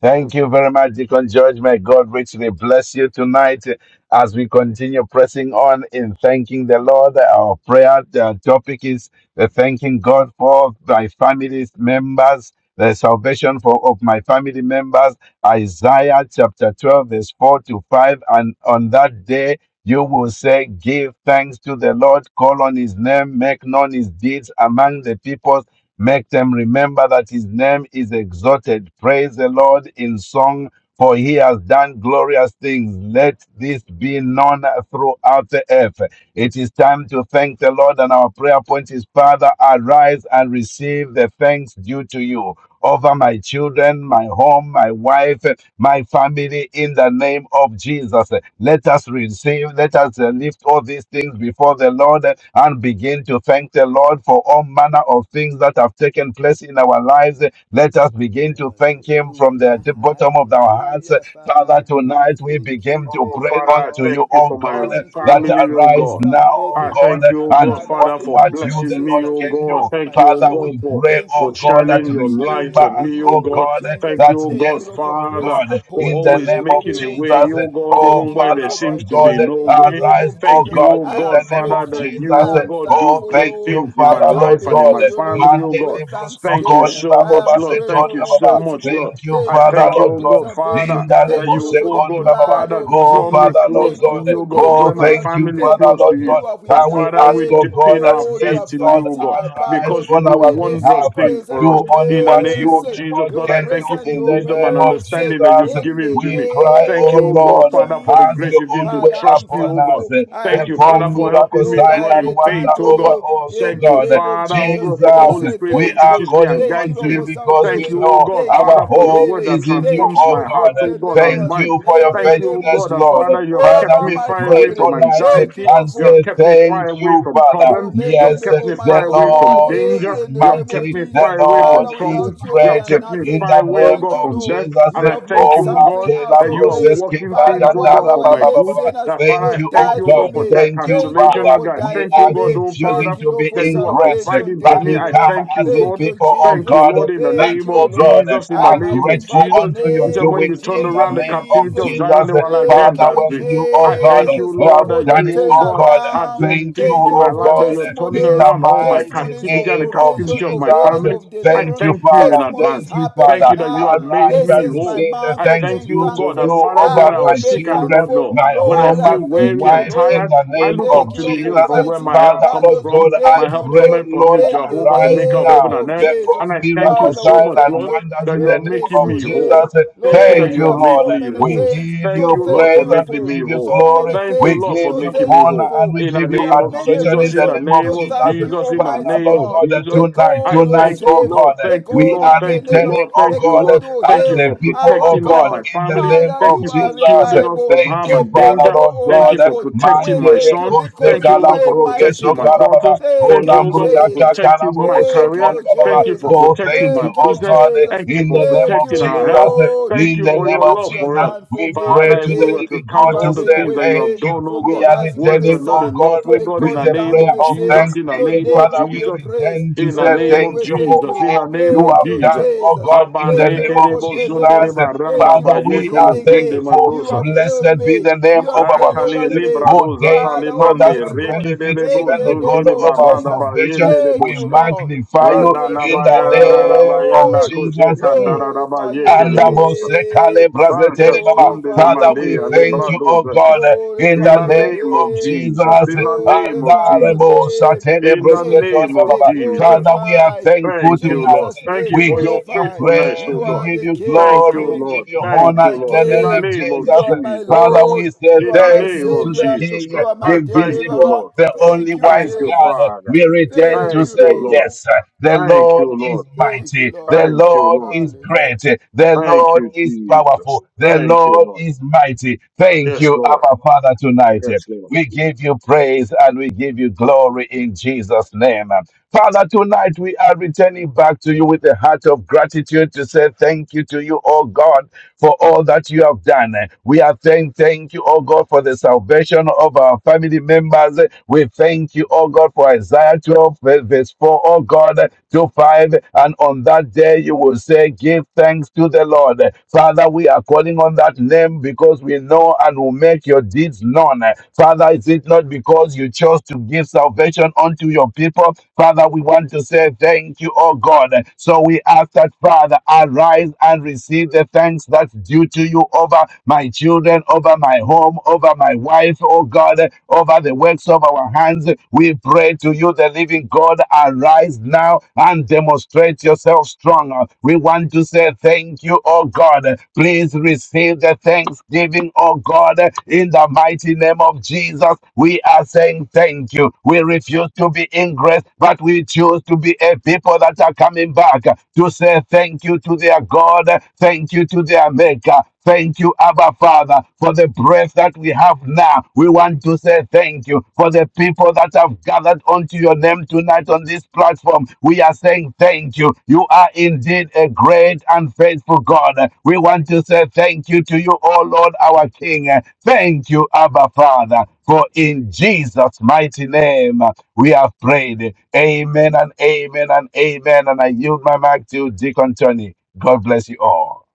[SPEAKER 3] Thank you very much, Deacon George. May God richly bless you tonight as we continue pressing on in thanking the Lord. Our prayer uh, topic is uh, thanking God for my family's members, the salvation for of my family members. Isaiah chapter 12, verse 4 to 5. And on that day, you will say, Give thanks to the Lord, call on his name, make known his deeds among the peoples. Make them remember that his name is exalted. Praise the Lord in song, for he has done glorious things. Let this be known throughout the earth. It is time to thank the Lord, and our prayer point is Father, arise and receive the thanks due to you over my children, my home, my wife, my family, in the name of Jesus. Let us receive, let us uh, lift all these things before the Lord and begin to thank the Lord for all manner of things that have taken place in our lives. Let us begin to thank Him from the
[SPEAKER 4] Hallelujah,
[SPEAKER 3] deep bottom of our hearts.
[SPEAKER 4] hallelujah,
[SPEAKER 3] Father,
[SPEAKER 4] Father. We
[SPEAKER 3] tonight we
[SPEAKER 4] thank you,
[SPEAKER 3] begin to
[SPEAKER 6] Oh,
[SPEAKER 4] thank
[SPEAKER 3] pray
[SPEAKER 6] Father,
[SPEAKER 4] you,
[SPEAKER 6] I
[SPEAKER 3] unto
[SPEAKER 4] Lord.
[SPEAKER 3] you,
[SPEAKER 6] thank you
[SPEAKER 3] O
[SPEAKER 6] for
[SPEAKER 3] God,
[SPEAKER 6] my
[SPEAKER 4] Thank you,
[SPEAKER 3] that
[SPEAKER 4] Lord,
[SPEAKER 6] family,
[SPEAKER 4] for
[SPEAKER 6] oh
[SPEAKER 4] my
[SPEAKER 3] arise
[SPEAKER 6] God.
[SPEAKER 3] now,
[SPEAKER 4] family.
[SPEAKER 3] O
[SPEAKER 6] I
[SPEAKER 4] Thank you,
[SPEAKER 3] God,
[SPEAKER 4] Lord,
[SPEAKER 6] thank
[SPEAKER 4] for
[SPEAKER 6] you,
[SPEAKER 4] my
[SPEAKER 6] oh
[SPEAKER 3] and do
[SPEAKER 6] God,
[SPEAKER 4] brothers.
[SPEAKER 6] Father,
[SPEAKER 3] only
[SPEAKER 6] for
[SPEAKER 4] Thank you,
[SPEAKER 3] what
[SPEAKER 4] Lord, for
[SPEAKER 3] you,
[SPEAKER 4] my
[SPEAKER 3] the
[SPEAKER 6] blessing me,
[SPEAKER 3] Lord,
[SPEAKER 4] sisters.
[SPEAKER 6] oh
[SPEAKER 3] can
[SPEAKER 4] Thank you,
[SPEAKER 6] God.
[SPEAKER 3] do.
[SPEAKER 4] Lord, for
[SPEAKER 6] Thank
[SPEAKER 4] my
[SPEAKER 6] you, oh
[SPEAKER 3] Father,
[SPEAKER 4] job.
[SPEAKER 6] God,
[SPEAKER 3] we
[SPEAKER 6] for,
[SPEAKER 3] pray,
[SPEAKER 4] Thank you,
[SPEAKER 3] oh
[SPEAKER 6] for
[SPEAKER 4] Lord, for
[SPEAKER 3] God,
[SPEAKER 4] my
[SPEAKER 3] that
[SPEAKER 6] shining your light
[SPEAKER 4] ministry
[SPEAKER 3] remember
[SPEAKER 4] in
[SPEAKER 6] on
[SPEAKER 4] the
[SPEAKER 3] us,
[SPEAKER 6] me, oh
[SPEAKER 3] oh
[SPEAKER 4] name
[SPEAKER 6] God.
[SPEAKER 4] of
[SPEAKER 3] God,
[SPEAKER 4] Jesus.
[SPEAKER 6] Thank
[SPEAKER 3] that
[SPEAKER 6] you, oh
[SPEAKER 4] Thank you,
[SPEAKER 6] God,
[SPEAKER 3] yes,
[SPEAKER 4] Lord, for
[SPEAKER 3] Lord
[SPEAKER 4] grace
[SPEAKER 6] Father,
[SPEAKER 3] God,
[SPEAKER 6] for
[SPEAKER 4] upon
[SPEAKER 3] in the
[SPEAKER 6] always
[SPEAKER 4] me
[SPEAKER 3] name
[SPEAKER 4] in the
[SPEAKER 3] of
[SPEAKER 6] making
[SPEAKER 4] name
[SPEAKER 6] a
[SPEAKER 4] of
[SPEAKER 6] way,
[SPEAKER 4] Jesus.
[SPEAKER 3] Jesus,
[SPEAKER 6] oh God,
[SPEAKER 3] oh
[SPEAKER 4] Thank
[SPEAKER 6] even
[SPEAKER 4] you,
[SPEAKER 6] where
[SPEAKER 4] Lord,
[SPEAKER 3] Father,
[SPEAKER 6] there
[SPEAKER 4] for my
[SPEAKER 6] seems
[SPEAKER 3] Lord
[SPEAKER 6] to be
[SPEAKER 3] God,
[SPEAKER 4] job
[SPEAKER 6] no
[SPEAKER 4] in the
[SPEAKER 6] way.
[SPEAKER 4] name
[SPEAKER 3] arise,
[SPEAKER 4] of
[SPEAKER 3] oh
[SPEAKER 6] Thank
[SPEAKER 4] Jesus.
[SPEAKER 6] you,
[SPEAKER 3] God,
[SPEAKER 6] oh
[SPEAKER 3] in
[SPEAKER 4] I
[SPEAKER 6] God,
[SPEAKER 3] the
[SPEAKER 4] am
[SPEAKER 3] name
[SPEAKER 6] Father,
[SPEAKER 3] of
[SPEAKER 6] that
[SPEAKER 4] grateful.
[SPEAKER 6] you,
[SPEAKER 4] I
[SPEAKER 6] oh
[SPEAKER 3] Jesus.
[SPEAKER 4] am
[SPEAKER 6] God, do
[SPEAKER 3] Oh,
[SPEAKER 4] thankful,
[SPEAKER 6] great
[SPEAKER 3] thank
[SPEAKER 4] Lord.
[SPEAKER 3] you,
[SPEAKER 6] things in
[SPEAKER 4] I
[SPEAKER 6] my
[SPEAKER 3] Father,
[SPEAKER 4] come
[SPEAKER 3] Lord
[SPEAKER 6] life and in
[SPEAKER 3] God.
[SPEAKER 4] before
[SPEAKER 6] my
[SPEAKER 4] you, Lord,
[SPEAKER 6] family, oh God.
[SPEAKER 4] with
[SPEAKER 3] Mandele brusco
[SPEAKER 6] Thank you
[SPEAKER 4] thanksgiving.
[SPEAKER 3] coni
[SPEAKER 6] so
[SPEAKER 4] I
[SPEAKER 3] babo
[SPEAKER 6] much,
[SPEAKER 4] am
[SPEAKER 6] Lord.
[SPEAKER 4] grateful,
[SPEAKER 6] Thank
[SPEAKER 3] baseton
[SPEAKER 6] you so
[SPEAKER 3] baba.
[SPEAKER 4] Almighty
[SPEAKER 6] much,
[SPEAKER 4] God.
[SPEAKER 3] Thank
[SPEAKER 6] Lord.
[SPEAKER 3] you,
[SPEAKER 6] I
[SPEAKER 4] Thank you, Lord,
[SPEAKER 3] Father,
[SPEAKER 6] thank
[SPEAKER 4] for
[SPEAKER 6] you,
[SPEAKER 3] Lord
[SPEAKER 6] oh God,
[SPEAKER 3] God.
[SPEAKER 6] Father.
[SPEAKER 4] preservation.
[SPEAKER 3] Indale
[SPEAKER 6] That
[SPEAKER 4] Thank you,
[SPEAKER 3] bose
[SPEAKER 4] Lord,
[SPEAKER 6] you,
[SPEAKER 4] for
[SPEAKER 6] oh
[SPEAKER 4] the
[SPEAKER 6] God,
[SPEAKER 3] baba.
[SPEAKER 4] blood
[SPEAKER 6] Father,
[SPEAKER 4] of
[SPEAKER 3] Oh,
[SPEAKER 6] draw me
[SPEAKER 4] Jesus.
[SPEAKER 3] Father, Lord
[SPEAKER 6] close
[SPEAKER 4] Thank you,
[SPEAKER 6] to
[SPEAKER 4] Lord,
[SPEAKER 3] God.
[SPEAKER 6] you,
[SPEAKER 4] for
[SPEAKER 6] oh God,
[SPEAKER 3] Oh,
[SPEAKER 6] draw my
[SPEAKER 4] deliverance.
[SPEAKER 3] thank you,
[SPEAKER 6] family
[SPEAKER 4] Thank
[SPEAKER 3] Father,
[SPEAKER 4] you,
[SPEAKER 6] close to
[SPEAKER 3] Lord
[SPEAKER 4] Lord.
[SPEAKER 6] you.
[SPEAKER 4] You
[SPEAKER 3] God.
[SPEAKER 4] have
[SPEAKER 6] That
[SPEAKER 3] Now we
[SPEAKER 6] Father,
[SPEAKER 3] ask,
[SPEAKER 6] we
[SPEAKER 4] intervened.
[SPEAKER 3] oh God.
[SPEAKER 6] deepen
[SPEAKER 3] that
[SPEAKER 6] our
[SPEAKER 3] that,
[SPEAKER 4] Lord, you
[SPEAKER 3] yes,
[SPEAKER 4] are
[SPEAKER 6] faith in
[SPEAKER 3] Lord,
[SPEAKER 6] you, oh
[SPEAKER 4] fighting
[SPEAKER 6] God,
[SPEAKER 4] my
[SPEAKER 3] arise
[SPEAKER 4] battles.
[SPEAKER 6] because you
[SPEAKER 3] on
[SPEAKER 6] do
[SPEAKER 3] our
[SPEAKER 4] Release
[SPEAKER 6] wondrous
[SPEAKER 4] your
[SPEAKER 3] behalf.
[SPEAKER 6] things
[SPEAKER 4] grace and
[SPEAKER 6] for us.
[SPEAKER 4] your
[SPEAKER 3] Do only
[SPEAKER 6] In the
[SPEAKER 3] what
[SPEAKER 6] name
[SPEAKER 3] you,
[SPEAKER 6] of
[SPEAKER 4] mercy.
[SPEAKER 3] the
[SPEAKER 6] Jesus,
[SPEAKER 3] Lord,
[SPEAKER 4] Your
[SPEAKER 6] Lord, I
[SPEAKER 3] can
[SPEAKER 6] thank
[SPEAKER 4] grace
[SPEAKER 6] you
[SPEAKER 4] and
[SPEAKER 3] do
[SPEAKER 6] for
[SPEAKER 3] in
[SPEAKER 4] your
[SPEAKER 3] the
[SPEAKER 6] wisdom
[SPEAKER 3] name
[SPEAKER 6] and
[SPEAKER 3] of
[SPEAKER 4] mercy.
[SPEAKER 6] understanding that you've
[SPEAKER 3] Jesus.
[SPEAKER 4] In
[SPEAKER 6] given
[SPEAKER 4] the
[SPEAKER 6] to
[SPEAKER 3] We
[SPEAKER 6] me.
[SPEAKER 3] cry,
[SPEAKER 6] Thank
[SPEAKER 3] oh
[SPEAKER 6] you, oh
[SPEAKER 4] name of
[SPEAKER 6] God,
[SPEAKER 3] Lord,
[SPEAKER 6] Father, for the
[SPEAKER 3] have
[SPEAKER 4] Jesus.
[SPEAKER 6] grace
[SPEAKER 3] your
[SPEAKER 6] you give
[SPEAKER 3] own
[SPEAKER 6] to
[SPEAKER 4] Father,
[SPEAKER 3] way
[SPEAKER 6] trust
[SPEAKER 4] I'm
[SPEAKER 6] you,
[SPEAKER 3] upon
[SPEAKER 6] oh God.
[SPEAKER 3] us.
[SPEAKER 4] thankful. I
[SPEAKER 6] Thank
[SPEAKER 4] am
[SPEAKER 6] you, Father,
[SPEAKER 3] Perform
[SPEAKER 6] for
[SPEAKER 4] grateful.
[SPEAKER 3] miracle
[SPEAKER 6] helping me
[SPEAKER 4] Lord,
[SPEAKER 3] sign
[SPEAKER 4] I
[SPEAKER 6] grow
[SPEAKER 3] and
[SPEAKER 6] in faith,
[SPEAKER 4] return
[SPEAKER 3] wonder
[SPEAKER 6] oh
[SPEAKER 4] to
[SPEAKER 3] over
[SPEAKER 6] God.
[SPEAKER 4] you
[SPEAKER 3] us, oh
[SPEAKER 4] in
[SPEAKER 6] Thank
[SPEAKER 4] the
[SPEAKER 6] you,
[SPEAKER 3] God.
[SPEAKER 4] name of
[SPEAKER 6] Father, oh
[SPEAKER 4] Jesus
[SPEAKER 6] God,
[SPEAKER 3] Jesus,
[SPEAKER 6] for the
[SPEAKER 4] to
[SPEAKER 6] Holy
[SPEAKER 4] say
[SPEAKER 6] Spirit
[SPEAKER 3] we
[SPEAKER 6] who
[SPEAKER 4] thank
[SPEAKER 3] are
[SPEAKER 4] you.
[SPEAKER 6] teaches me
[SPEAKER 3] calling
[SPEAKER 6] and
[SPEAKER 4] Thank you,
[SPEAKER 3] on
[SPEAKER 6] guides
[SPEAKER 3] to
[SPEAKER 4] Lord,
[SPEAKER 6] me.
[SPEAKER 3] you
[SPEAKER 4] for
[SPEAKER 3] because
[SPEAKER 6] Thank
[SPEAKER 3] we
[SPEAKER 6] you,
[SPEAKER 4] salvation.
[SPEAKER 6] O
[SPEAKER 3] know
[SPEAKER 6] God,
[SPEAKER 4] Thank you,
[SPEAKER 6] Father,
[SPEAKER 4] Lord,
[SPEAKER 3] our
[SPEAKER 6] for
[SPEAKER 4] for
[SPEAKER 6] your
[SPEAKER 3] hope
[SPEAKER 6] word
[SPEAKER 4] healing.
[SPEAKER 6] that
[SPEAKER 3] is in you,
[SPEAKER 4] Thank
[SPEAKER 6] transforms
[SPEAKER 4] you,
[SPEAKER 3] oh
[SPEAKER 6] my
[SPEAKER 4] Lord, for
[SPEAKER 6] heart,
[SPEAKER 3] God.
[SPEAKER 6] O God, and
[SPEAKER 3] Thank
[SPEAKER 4] deliverance.
[SPEAKER 6] mind.
[SPEAKER 3] you for
[SPEAKER 4] In
[SPEAKER 3] your
[SPEAKER 6] Thank
[SPEAKER 4] the
[SPEAKER 6] you, O
[SPEAKER 4] name of
[SPEAKER 3] faithfulness,
[SPEAKER 6] God, that
[SPEAKER 3] Lord.
[SPEAKER 4] Jesus.
[SPEAKER 6] Father, you have
[SPEAKER 3] Father,
[SPEAKER 6] kept
[SPEAKER 4] Over
[SPEAKER 6] me
[SPEAKER 3] we
[SPEAKER 4] my
[SPEAKER 6] far
[SPEAKER 3] pray
[SPEAKER 6] away from
[SPEAKER 4] family.
[SPEAKER 3] tonight
[SPEAKER 4] Thank you,
[SPEAKER 6] anxiety.
[SPEAKER 3] and
[SPEAKER 4] Lord,
[SPEAKER 6] You
[SPEAKER 4] for
[SPEAKER 6] have
[SPEAKER 3] say
[SPEAKER 6] kept me
[SPEAKER 3] Thank
[SPEAKER 6] far away
[SPEAKER 3] you,
[SPEAKER 6] from
[SPEAKER 3] Father.
[SPEAKER 4] for
[SPEAKER 6] problems.
[SPEAKER 4] make
[SPEAKER 6] You have
[SPEAKER 4] him
[SPEAKER 3] Yes,
[SPEAKER 6] kept
[SPEAKER 3] the
[SPEAKER 6] me
[SPEAKER 4] almighty
[SPEAKER 6] far
[SPEAKER 4] God
[SPEAKER 6] away
[SPEAKER 4] who I
[SPEAKER 6] from
[SPEAKER 3] Lord
[SPEAKER 4] am
[SPEAKER 6] danger.
[SPEAKER 3] is
[SPEAKER 4] in the
[SPEAKER 6] You have
[SPEAKER 4] name of
[SPEAKER 6] kept
[SPEAKER 3] mighty.
[SPEAKER 6] me
[SPEAKER 4] Jesus.
[SPEAKER 3] The
[SPEAKER 6] far away
[SPEAKER 3] Lord
[SPEAKER 6] from
[SPEAKER 4] Father,
[SPEAKER 3] is
[SPEAKER 6] trouble.
[SPEAKER 4] without you
[SPEAKER 6] You
[SPEAKER 4] we
[SPEAKER 6] have
[SPEAKER 3] great.
[SPEAKER 4] are
[SPEAKER 6] kept me
[SPEAKER 3] In
[SPEAKER 4] nothing.
[SPEAKER 6] far
[SPEAKER 3] the
[SPEAKER 6] away, O
[SPEAKER 3] name
[SPEAKER 4] Thank
[SPEAKER 6] God,
[SPEAKER 4] you,
[SPEAKER 3] of
[SPEAKER 6] from
[SPEAKER 4] Lord.
[SPEAKER 6] death.
[SPEAKER 3] Jesus.
[SPEAKER 6] And
[SPEAKER 4] You
[SPEAKER 6] I
[SPEAKER 4] have made
[SPEAKER 6] thank
[SPEAKER 3] Oh,
[SPEAKER 6] you, O
[SPEAKER 4] something
[SPEAKER 6] God,
[SPEAKER 4] out
[SPEAKER 3] Makela
[SPEAKER 6] that
[SPEAKER 4] of
[SPEAKER 6] you are
[SPEAKER 3] process.
[SPEAKER 4] me.
[SPEAKER 6] working
[SPEAKER 4] Father,
[SPEAKER 6] things, O
[SPEAKER 4] while
[SPEAKER 6] God,
[SPEAKER 4] we
[SPEAKER 6] for
[SPEAKER 4] were
[SPEAKER 6] my
[SPEAKER 4] yet
[SPEAKER 6] good.
[SPEAKER 4] sinners,
[SPEAKER 6] That Father,
[SPEAKER 3] Thank
[SPEAKER 6] I
[SPEAKER 4] you
[SPEAKER 3] you,
[SPEAKER 6] thank
[SPEAKER 3] oh
[SPEAKER 6] you,
[SPEAKER 4] died
[SPEAKER 6] O
[SPEAKER 4] for
[SPEAKER 6] God,
[SPEAKER 3] God.
[SPEAKER 6] for
[SPEAKER 4] me.
[SPEAKER 6] that
[SPEAKER 3] Thank you,
[SPEAKER 4] Thank you,
[SPEAKER 6] cancellation,
[SPEAKER 4] Lord,
[SPEAKER 6] O
[SPEAKER 3] Father.
[SPEAKER 4] for
[SPEAKER 6] God. I
[SPEAKER 4] dying
[SPEAKER 3] We
[SPEAKER 6] thank you,
[SPEAKER 4] for
[SPEAKER 6] O
[SPEAKER 3] are
[SPEAKER 6] God,
[SPEAKER 4] me.
[SPEAKER 6] O Father,
[SPEAKER 3] refusing
[SPEAKER 4] Thank you,
[SPEAKER 3] to
[SPEAKER 4] Lord,
[SPEAKER 3] be
[SPEAKER 4] for
[SPEAKER 6] that you are
[SPEAKER 3] ingrate,
[SPEAKER 4] salvation,
[SPEAKER 6] providing for
[SPEAKER 3] but
[SPEAKER 6] me.
[SPEAKER 3] we
[SPEAKER 6] I
[SPEAKER 3] come
[SPEAKER 4] deliverance.
[SPEAKER 6] thank you,
[SPEAKER 3] as a
[SPEAKER 6] Lord.
[SPEAKER 4] Thank you,
[SPEAKER 3] people, oh
[SPEAKER 6] Thank you,
[SPEAKER 4] Jesus.
[SPEAKER 3] God,
[SPEAKER 6] Lord, in the
[SPEAKER 3] that,
[SPEAKER 4] Thank
[SPEAKER 6] name
[SPEAKER 4] you,
[SPEAKER 3] oh
[SPEAKER 6] of
[SPEAKER 3] God,
[SPEAKER 4] Lord.
[SPEAKER 6] Jesus, in the
[SPEAKER 4] I
[SPEAKER 3] are
[SPEAKER 6] name of
[SPEAKER 3] grateful
[SPEAKER 4] magnify the
[SPEAKER 6] Jesus.
[SPEAKER 3] unto
[SPEAKER 6] You
[SPEAKER 3] your
[SPEAKER 6] said
[SPEAKER 4] name
[SPEAKER 6] when
[SPEAKER 4] of
[SPEAKER 6] you
[SPEAKER 3] doings
[SPEAKER 6] turned
[SPEAKER 3] in the
[SPEAKER 6] around the
[SPEAKER 3] name of
[SPEAKER 6] captivity of
[SPEAKER 4] Jesus.
[SPEAKER 6] Zion, they
[SPEAKER 3] Jesus.
[SPEAKER 6] were like them
[SPEAKER 4] Thank
[SPEAKER 3] Father,
[SPEAKER 4] you,
[SPEAKER 6] that
[SPEAKER 3] when
[SPEAKER 6] dream.
[SPEAKER 3] you, oh
[SPEAKER 6] I
[SPEAKER 3] God,
[SPEAKER 6] thank you,
[SPEAKER 4] Jesus,
[SPEAKER 3] have
[SPEAKER 6] Lord,
[SPEAKER 4] for
[SPEAKER 6] that
[SPEAKER 4] the
[SPEAKER 3] done
[SPEAKER 6] you,
[SPEAKER 3] it,
[SPEAKER 6] oh
[SPEAKER 3] oh
[SPEAKER 6] God,
[SPEAKER 3] God,
[SPEAKER 6] are
[SPEAKER 4] turnaround.
[SPEAKER 6] doing
[SPEAKER 3] thank you,
[SPEAKER 6] things
[SPEAKER 4] Thank
[SPEAKER 6] in
[SPEAKER 4] you,
[SPEAKER 6] my
[SPEAKER 3] oh
[SPEAKER 4] Lord, for
[SPEAKER 6] life that you're
[SPEAKER 3] God,
[SPEAKER 6] turning
[SPEAKER 3] in
[SPEAKER 4] testimonies,
[SPEAKER 3] the
[SPEAKER 6] around all my
[SPEAKER 3] mighty
[SPEAKER 4] testimonies
[SPEAKER 6] captivity
[SPEAKER 4] of
[SPEAKER 6] and the
[SPEAKER 3] name of
[SPEAKER 4] provision,
[SPEAKER 6] captivity of
[SPEAKER 4] of
[SPEAKER 3] Jesus.
[SPEAKER 6] my
[SPEAKER 4] healing,
[SPEAKER 6] family.
[SPEAKER 4] of
[SPEAKER 6] I
[SPEAKER 3] Thank
[SPEAKER 4] deliverance,
[SPEAKER 3] you,
[SPEAKER 6] thank you in
[SPEAKER 3] Father.
[SPEAKER 4] testimonies
[SPEAKER 3] Thank
[SPEAKER 6] advance.
[SPEAKER 3] you,
[SPEAKER 6] Thank
[SPEAKER 3] Father.
[SPEAKER 4] happening
[SPEAKER 6] you that you
[SPEAKER 4] now.
[SPEAKER 6] have made
[SPEAKER 3] Arise
[SPEAKER 4] This
[SPEAKER 6] me
[SPEAKER 3] and
[SPEAKER 4] is my
[SPEAKER 6] whole.
[SPEAKER 3] receive the
[SPEAKER 4] month
[SPEAKER 6] I
[SPEAKER 4] of
[SPEAKER 3] thanks
[SPEAKER 6] thank
[SPEAKER 4] being
[SPEAKER 6] you, oh
[SPEAKER 3] due to
[SPEAKER 6] God,
[SPEAKER 4] thankful.
[SPEAKER 6] that
[SPEAKER 3] you
[SPEAKER 6] Father, even
[SPEAKER 4] I
[SPEAKER 6] when
[SPEAKER 3] over
[SPEAKER 6] I
[SPEAKER 4] will
[SPEAKER 3] my
[SPEAKER 6] was
[SPEAKER 4] be
[SPEAKER 6] sick, I do
[SPEAKER 3] children,
[SPEAKER 6] not
[SPEAKER 4] thankful.
[SPEAKER 6] know.
[SPEAKER 3] my
[SPEAKER 6] When I
[SPEAKER 4] Lord,
[SPEAKER 3] home,
[SPEAKER 4] I
[SPEAKER 6] feel
[SPEAKER 4] thank
[SPEAKER 6] weary
[SPEAKER 4] you,
[SPEAKER 6] and
[SPEAKER 3] wife, in
[SPEAKER 4] Lord.
[SPEAKER 6] tired,
[SPEAKER 3] the
[SPEAKER 6] I
[SPEAKER 4] You
[SPEAKER 3] name
[SPEAKER 6] look
[SPEAKER 4] thank
[SPEAKER 6] up
[SPEAKER 3] of
[SPEAKER 4] you,
[SPEAKER 6] to
[SPEAKER 4] Lord,
[SPEAKER 6] the
[SPEAKER 3] Jesus.
[SPEAKER 4] for
[SPEAKER 6] hills from where
[SPEAKER 4] fighting
[SPEAKER 6] my
[SPEAKER 4] my
[SPEAKER 6] help
[SPEAKER 3] Father,
[SPEAKER 6] comes
[SPEAKER 3] Lord
[SPEAKER 4] battles.
[SPEAKER 6] from.
[SPEAKER 3] God, I
[SPEAKER 6] My
[SPEAKER 4] Thank you,
[SPEAKER 6] help
[SPEAKER 3] pray,
[SPEAKER 4] Lord,
[SPEAKER 6] cometh from
[SPEAKER 3] Lord,
[SPEAKER 6] you,
[SPEAKER 4] in the
[SPEAKER 6] Jehovah, the
[SPEAKER 3] arise
[SPEAKER 6] maker of
[SPEAKER 4] name
[SPEAKER 6] heaven
[SPEAKER 3] now.
[SPEAKER 6] and
[SPEAKER 4] of
[SPEAKER 6] earth. And
[SPEAKER 4] Jesus.
[SPEAKER 3] Perform
[SPEAKER 6] I thank you
[SPEAKER 3] miracles,
[SPEAKER 4] Father,
[SPEAKER 6] so
[SPEAKER 4] we
[SPEAKER 3] signs,
[SPEAKER 6] much,
[SPEAKER 4] thank
[SPEAKER 3] and
[SPEAKER 6] Lord,
[SPEAKER 4] you.
[SPEAKER 3] wonders
[SPEAKER 6] that
[SPEAKER 3] in
[SPEAKER 6] you
[SPEAKER 4] We
[SPEAKER 3] the
[SPEAKER 6] are
[SPEAKER 3] name
[SPEAKER 4] bless
[SPEAKER 6] making
[SPEAKER 3] of
[SPEAKER 4] your
[SPEAKER 6] me whole.
[SPEAKER 4] name.
[SPEAKER 3] Jesus.
[SPEAKER 6] Thank you that
[SPEAKER 4] Lord,
[SPEAKER 3] Thank
[SPEAKER 4] we
[SPEAKER 6] you
[SPEAKER 3] you,
[SPEAKER 6] have
[SPEAKER 4] have
[SPEAKER 6] made
[SPEAKER 3] Lord.
[SPEAKER 4] so
[SPEAKER 6] me
[SPEAKER 4] many
[SPEAKER 3] We
[SPEAKER 6] whole.
[SPEAKER 4] things
[SPEAKER 3] give
[SPEAKER 6] Thank
[SPEAKER 4] to
[SPEAKER 3] you
[SPEAKER 6] you, Lord,
[SPEAKER 4] thank
[SPEAKER 6] for
[SPEAKER 3] praise
[SPEAKER 4] you
[SPEAKER 3] and we
[SPEAKER 6] making
[SPEAKER 4] for.
[SPEAKER 6] me
[SPEAKER 3] give you
[SPEAKER 6] whole.
[SPEAKER 4] So many
[SPEAKER 3] glory.
[SPEAKER 6] Thank you,
[SPEAKER 3] We
[SPEAKER 4] things
[SPEAKER 6] Lord, for
[SPEAKER 3] give
[SPEAKER 4] to
[SPEAKER 3] you
[SPEAKER 6] making me
[SPEAKER 4] thank you
[SPEAKER 3] honor
[SPEAKER 6] whole.
[SPEAKER 3] and
[SPEAKER 4] for.
[SPEAKER 3] we
[SPEAKER 6] In the
[SPEAKER 3] give
[SPEAKER 4] We
[SPEAKER 3] you
[SPEAKER 6] name
[SPEAKER 4] have
[SPEAKER 6] of
[SPEAKER 4] many
[SPEAKER 3] adoration in
[SPEAKER 6] Jesus, in
[SPEAKER 3] the
[SPEAKER 6] the
[SPEAKER 4] reasons
[SPEAKER 3] name of
[SPEAKER 6] name
[SPEAKER 4] to
[SPEAKER 3] Jesus.
[SPEAKER 6] of
[SPEAKER 4] thank you,
[SPEAKER 6] Jesus, in the
[SPEAKER 4] Almighty
[SPEAKER 3] Father,
[SPEAKER 6] name
[SPEAKER 3] Lord
[SPEAKER 6] of
[SPEAKER 4] God.
[SPEAKER 3] God, that
[SPEAKER 6] Jesus.
[SPEAKER 4] The
[SPEAKER 3] tonight,
[SPEAKER 6] I
[SPEAKER 4] God who
[SPEAKER 3] tonight,
[SPEAKER 6] thank you,
[SPEAKER 3] oh
[SPEAKER 4] saves,
[SPEAKER 6] Lord.
[SPEAKER 3] God, uh,
[SPEAKER 4] the
[SPEAKER 6] Thank you,
[SPEAKER 3] we
[SPEAKER 4] God
[SPEAKER 6] Lord.
[SPEAKER 4] who
[SPEAKER 3] are
[SPEAKER 6] Thank you,
[SPEAKER 4] delivers,
[SPEAKER 3] returning,
[SPEAKER 6] Lord.
[SPEAKER 3] oh
[SPEAKER 6] Thank
[SPEAKER 4] the
[SPEAKER 6] you,
[SPEAKER 3] God,
[SPEAKER 4] God
[SPEAKER 6] Lord.
[SPEAKER 4] who
[SPEAKER 3] uh,
[SPEAKER 6] Thank you
[SPEAKER 3] as
[SPEAKER 4] heals,
[SPEAKER 3] a
[SPEAKER 6] for
[SPEAKER 3] people,
[SPEAKER 4] our
[SPEAKER 3] oh
[SPEAKER 6] protecting me and
[SPEAKER 3] God,
[SPEAKER 6] my
[SPEAKER 4] God.
[SPEAKER 3] in the
[SPEAKER 6] family.
[SPEAKER 3] name
[SPEAKER 4] Father,
[SPEAKER 6] Thank
[SPEAKER 3] of
[SPEAKER 4] you
[SPEAKER 6] you for
[SPEAKER 4] are
[SPEAKER 6] shielding
[SPEAKER 3] Jesus.
[SPEAKER 6] us
[SPEAKER 4] reliable,
[SPEAKER 6] from
[SPEAKER 3] Thank
[SPEAKER 6] harm
[SPEAKER 3] you,
[SPEAKER 6] and
[SPEAKER 3] Father,
[SPEAKER 6] danger.
[SPEAKER 4] dependable,
[SPEAKER 3] Lord
[SPEAKER 6] Thank
[SPEAKER 3] God.
[SPEAKER 6] you
[SPEAKER 4] Almighty
[SPEAKER 6] for
[SPEAKER 4] God.
[SPEAKER 6] protecting
[SPEAKER 4] We
[SPEAKER 6] my
[SPEAKER 3] Mandele
[SPEAKER 4] thank you
[SPEAKER 6] son.
[SPEAKER 3] kose
[SPEAKER 6] Thank
[SPEAKER 4] because
[SPEAKER 6] you, O
[SPEAKER 4] you
[SPEAKER 6] God,
[SPEAKER 4] are a
[SPEAKER 6] for
[SPEAKER 3] kalambro
[SPEAKER 4] mighty
[SPEAKER 6] protecting
[SPEAKER 3] keso
[SPEAKER 6] my
[SPEAKER 4] God.
[SPEAKER 3] karababa.
[SPEAKER 6] daughters.
[SPEAKER 4] Thank
[SPEAKER 6] Thank you,
[SPEAKER 4] you,
[SPEAKER 6] O God, for
[SPEAKER 3] Olambria
[SPEAKER 4] Jesus.
[SPEAKER 6] protecting my
[SPEAKER 3] kakarabobo
[SPEAKER 4] Thank
[SPEAKER 6] career.
[SPEAKER 3] sokon
[SPEAKER 4] you,
[SPEAKER 3] bababa.
[SPEAKER 6] Thank you for
[SPEAKER 4] Jesus.
[SPEAKER 3] Oh,
[SPEAKER 6] protecting
[SPEAKER 3] thank
[SPEAKER 6] my
[SPEAKER 3] you,
[SPEAKER 4] Thank you,
[SPEAKER 3] oh
[SPEAKER 6] business.
[SPEAKER 3] God,
[SPEAKER 4] Jesus.
[SPEAKER 6] Thank you
[SPEAKER 3] in
[SPEAKER 6] for
[SPEAKER 3] the name
[SPEAKER 4] Thank
[SPEAKER 3] of
[SPEAKER 6] protecting
[SPEAKER 4] you,
[SPEAKER 6] our health.
[SPEAKER 3] Jesus.
[SPEAKER 4] Lord,
[SPEAKER 6] Thank
[SPEAKER 3] In
[SPEAKER 6] you
[SPEAKER 3] the
[SPEAKER 6] for
[SPEAKER 4] for
[SPEAKER 3] name
[SPEAKER 6] your
[SPEAKER 3] of
[SPEAKER 4] what
[SPEAKER 6] love
[SPEAKER 4] you have
[SPEAKER 6] for
[SPEAKER 3] Jesus,
[SPEAKER 6] us.
[SPEAKER 4] done for
[SPEAKER 3] we
[SPEAKER 4] me
[SPEAKER 3] pray
[SPEAKER 6] Father, if
[SPEAKER 3] to
[SPEAKER 6] we
[SPEAKER 3] the
[SPEAKER 4] today.
[SPEAKER 6] were to
[SPEAKER 3] living
[SPEAKER 6] count
[SPEAKER 4] You
[SPEAKER 3] God
[SPEAKER 6] all
[SPEAKER 3] to
[SPEAKER 4] have
[SPEAKER 6] the
[SPEAKER 4] been
[SPEAKER 3] say
[SPEAKER 6] things that
[SPEAKER 4] with
[SPEAKER 6] you have
[SPEAKER 4] me
[SPEAKER 3] thank you.
[SPEAKER 6] done, oh
[SPEAKER 4] from the
[SPEAKER 3] We
[SPEAKER 6] God,
[SPEAKER 3] are
[SPEAKER 4] rising of
[SPEAKER 6] words
[SPEAKER 4] the
[SPEAKER 6] are
[SPEAKER 3] returning,
[SPEAKER 6] not
[SPEAKER 3] oh
[SPEAKER 4] sun
[SPEAKER 6] enough,
[SPEAKER 3] God,
[SPEAKER 4] to
[SPEAKER 6] oh
[SPEAKER 4] the
[SPEAKER 6] God, in
[SPEAKER 3] with
[SPEAKER 6] the
[SPEAKER 4] going
[SPEAKER 3] a
[SPEAKER 4] down
[SPEAKER 6] name
[SPEAKER 4] of
[SPEAKER 3] prayer
[SPEAKER 6] of
[SPEAKER 4] the
[SPEAKER 3] of
[SPEAKER 4] same.
[SPEAKER 6] Jesus, in the
[SPEAKER 4] Your
[SPEAKER 3] thanksgiving.
[SPEAKER 6] name of
[SPEAKER 4] name
[SPEAKER 3] Father,
[SPEAKER 4] will
[SPEAKER 3] we
[SPEAKER 4] be
[SPEAKER 6] Jesus,
[SPEAKER 4] praised.
[SPEAKER 3] return to
[SPEAKER 6] in the
[SPEAKER 3] say
[SPEAKER 6] name
[SPEAKER 4] Lord,
[SPEAKER 6] of
[SPEAKER 3] thank
[SPEAKER 4] we
[SPEAKER 3] you for
[SPEAKER 4] thank
[SPEAKER 6] Jesus,
[SPEAKER 4] you.
[SPEAKER 6] in the
[SPEAKER 3] all
[SPEAKER 6] name
[SPEAKER 3] you
[SPEAKER 6] of
[SPEAKER 4] Thank
[SPEAKER 3] have
[SPEAKER 4] you,
[SPEAKER 6] Jesus.
[SPEAKER 3] done, oh
[SPEAKER 4] Jesus.
[SPEAKER 3] God, in the
[SPEAKER 4] Thank you,
[SPEAKER 3] name
[SPEAKER 4] Lord,
[SPEAKER 3] of
[SPEAKER 4] for
[SPEAKER 6] Abarekerebo zundere
[SPEAKER 4] deliverance.
[SPEAKER 3] Jesus.
[SPEAKER 4] Thank
[SPEAKER 6] baranda
[SPEAKER 4] you,
[SPEAKER 3] Father,
[SPEAKER 4] Lord, for
[SPEAKER 3] we are
[SPEAKER 6] bayekolo
[SPEAKER 4] healing
[SPEAKER 6] zunde
[SPEAKER 4] me.
[SPEAKER 3] thankful.
[SPEAKER 4] You
[SPEAKER 6] mandosa.
[SPEAKER 4] have
[SPEAKER 3] Blessed
[SPEAKER 4] healed
[SPEAKER 3] be
[SPEAKER 4] me.
[SPEAKER 3] the name
[SPEAKER 4] You
[SPEAKER 3] of
[SPEAKER 4] have
[SPEAKER 3] our God,
[SPEAKER 6] Akale
[SPEAKER 4] delivered me.
[SPEAKER 3] who
[SPEAKER 6] libradoza
[SPEAKER 3] daily,
[SPEAKER 4] Father
[SPEAKER 3] Lord, us
[SPEAKER 6] talemande
[SPEAKER 4] Almighty
[SPEAKER 3] with
[SPEAKER 4] God,
[SPEAKER 3] benefit,
[SPEAKER 4] in
[SPEAKER 6] rekerebo
[SPEAKER 3] even
[SPEAKER 4] the
[SPEAKER 3] the God
[SPEAKER 4] name
[SPEAKER 6] zunkere
[SPEAKER 4] of
[SPEAKER 3] of our
[SPEAKER 6] barada
[SPEAKER 4] Jesus.
[SPEAKER 3] salvation.
[SPEAKER 6] bayende
[SPEAKER 4] Thank
[SPEAKER 3] We
[SPEAKER 4] you, Lord.
[SPEAKER 3] magnify
[SPEAKER 4] We
[SPEAKER 3] you
[SPEAKER 4] give
[SPEAKER 3] in
[SPEAKER 4] you
[SPEAKER 3] the name of
[SPEAKER 6] Radalabayararabayanda
[SPEAKER 4] glory.
[SPEAKER 3] Jesus. Mm.
[SPEAKER 4] Glorify your
[SPEAKER 3] And
[SPEAKER 6] Kushikandarabayekeleboska.
[SPEAKER 3] Abosekale
[SPEAKER 4] name.
[SPEAKER 6] Banka
[SPEAKER 3] Brazetere Baba.
[SPEAKER 6] Zundele
[SPEAKER 4] Glorify
[SPEAKER 3] Father,
[SPEAKER 4] your
[SPEAKER 3] we
[SPEAKER 6] Mandeya
[SPEAKER 3] thank
[SPEAKER 4] name.
[SPEAKER 3] you,
[SPEAKER 6] Lebrado
[SPEAKER 3] oh
[SPEAKER 6] Zeta.
[SPEAKER 3] God, in
[SPEAKER 6] In
[SPEAKER 4] Glorify
[SPEAKER 3] the
[SPEAKER 6] the
[SPEAKER 4] your
[SPEAKER 3] name
[SPEAKER 6] name of
[SPEAKER 3] of
[SPEAKER 4] name.
[SPEAKER 3] Jesus.
[SPEAKER 6] Jesus, in the name of
[SPEAKER 4] Glorify your
[SPEAKER 3] Alarebo
[SPEAKER 6] Jesus,
[SPEAKER 4] name.
[SPEAKER 3] Satele
[SPEAKER 6] in the
[SPEAKER 3] Brosketori
[SPEAKER 6] name
[SPEAKER 4] Jesus
[SPEAKER 6] of
[SPEAKER 4] be
[SPEAKER 3] Baba.
[SPEAKER 6] Jesus.
[SPEAKER 3] Father, we are
[SPEAKER 4] glorified.
[SPEAKER 3] thankful
[SPEAKER 6] Thank you, Lord.
[SPEAKER 4] Jesus
[SPEAKER 3] tonight.
[SPEAKER 6] Thank
[SPEAKER 4] be
[SPEAKER 6] you
[SPEAKER 3] We
[SPEAKER 6] for your
[SPEAKER 3] give you
[SPEAKER 4] glorified.
[SPEAKER 6] faithfulness,
[SPEAKER 3] praise,
[SPEAKER 6] O
[SPEAKER 4] You
[SPEAKER 3] we
[SPEAKER 6] God.
[SPEAKER 4] are
[SPEAKER 3] give
[SPEAKER 4] the
[SPEAKER 3] you
[SPEAKER 4] King
[SPEAKER 6] Thank
[SPEAKER 4] of
[SPEAKER 3] glory,
[SPEAKER 6] you,
[SPEAKER 3] we
[SPEAKER 4] kings.
[SPEAKER 6] Lord.
[SPEAKER 3] give you
[SPEAKER 4] You are
[SPEAKER 6] Thank
[SPEAKER 3] honor
[SPEAKER 6] you,
[SPEAKER 4] my
[SPEAKER 3] in
[SPEAKER 6] Lord.
[SPEAKER 3] the
[SPEAKER 6] In
[SPEAKER 3] name
[SPEAKER 6] the
[SPEAKER 4] King.
[SPEAKER 3] of
[SPEAKER 6] name of
[SPEAKER 4] You are
[SPEAKER 3] Jesus.
[SPEAKER 4] my
[SPEAKER 6] Jesus
[SPEAKER 3] Father,
[SPEAKER 6] Christ.
[SPEAKER 4] Lord.
[SPEAKER 3] we say
[SPEAKER 4] You
[SPEAKER 6] In
[SPEAKER 4] are
[SPEAKER 6] the
[SPEAKER 4] my
[SPEAKER 3] thank
[SPEAKER 6] name
[SPEAKER 3] you
[SPEAKER 6] of
[SPEAKER 3] to the
[SPEAKER 4] Savior.
[SPEAKER 6] Jesus
[SPEAKER 3] King,
[SPEAKER 4] You
[SPEAKER 6] Christ.
[SPEAKER 4] are my
[SPEAKER 6] I thank you,
[SPEAKER 3] invisible,
[SPEAKER 4] deliverer.
[SPEAKER 6] Lord.
[SPEAKER 3] the only
[SPEAKER 4] Thank you,
[SPEAKER 6] Thank
[SPEAKER 3] wise
[SPEAKER 6] you,
[SPEAKER 3] God.
[SPEAKER 4] Jesus.
[SPEAKER 6] Father.
[SPEAKER 3] We return
[SPEAKER 4] Thank
[SPEAKER 3] to
[SPEAKER 6] Thank
[SPEAKER 4] you,
[SPEAKER 6] you,
[SPEAKER 3] say
[SPEAKER 6] Lord.
[SPEAKER 4] Lord.
[SPEAKER 3] yes. The
[SPEAKER 6] Thank
[SPEAKER 3] Lord
[SPEAKER 6] you, Lord.
[SPEAKER 3] is
[SPEAKER 4] Thank you,
[SPEAKER 3] mighty.
[SPEAKER 4] Lord.
[SPEAKER 3] The
[SPEAKER 6] Thank you,
[SPEAKER 3] Lord
[SPEAKER 6] Lord.
[SPEAKER 3] is
[SPEAKER 4] Hallelujah.
[SPEAKER 3] great. The
[SPEAKER 6] Thank
[SPEAKER 3] Lord
[SPEAKER 6] you,
[SPEAKER 3] is
[SPEAKER 6] Jesus.
[SPEAKER 3] powerful. The
[SPEAKER 6] Thank you,
[SPEAKER 3] Lord
[SPEAKER 6] Lord.
[SPEAKER 3] is mighty. Thank
[SPEAKER 6] Yes,
[SPEAKER 3] you,
[SPEAKER 6] Lord.
[SPEAKER 3] Abba Father, tonight.
[SPEAKER 6] Yes, Lord.
[SPEAKER 3] We give you praise and we give you glory in Jesus' name. Father, tonight we are returning back to you with a heart of gratitude to say thank you to you, oh God, for all that you have done. We are saying thank you, oh God, for the salvation of our family members. We thank you, oh God, for Isaiah 12, ver- verse 4, O God, to 5. And on that day you will say, Give thanks to the Lord. Father, we are calling on that name because we know and will make your deeds known. Father, is it not because you chose to give salvation unto your people? people. Father, we want to say thank you, oh God. So we ask that, Father, arise and receive the thanks that's due to you over my children, over my home, over my wife, oh God, over the works of our hands. We pray to you, the living God, arise now and demonstrate yourself stronger. We want to say thank you, oh God. Please receive the thanksgiving, oh God, in the mighty name of Jesus. We are saying thank you. We refuse to be be in grace, but we choose to be a people that are coming back to say thank you to their God, thank you to their Maker. Thank you, Abba Father, for the breath that we have now. We want to say thank you for the people that have gathered unto your name tonight on this platform. We are saying thank you. You are indeed a great and faithful God. We want to say thank you to you, O Lord, our King. Thank you, Abba Father, for in Jesus' mighty name. We have prayed. Amen and amen and amen. And I yield my mic to Deacon Tony. God bless you all.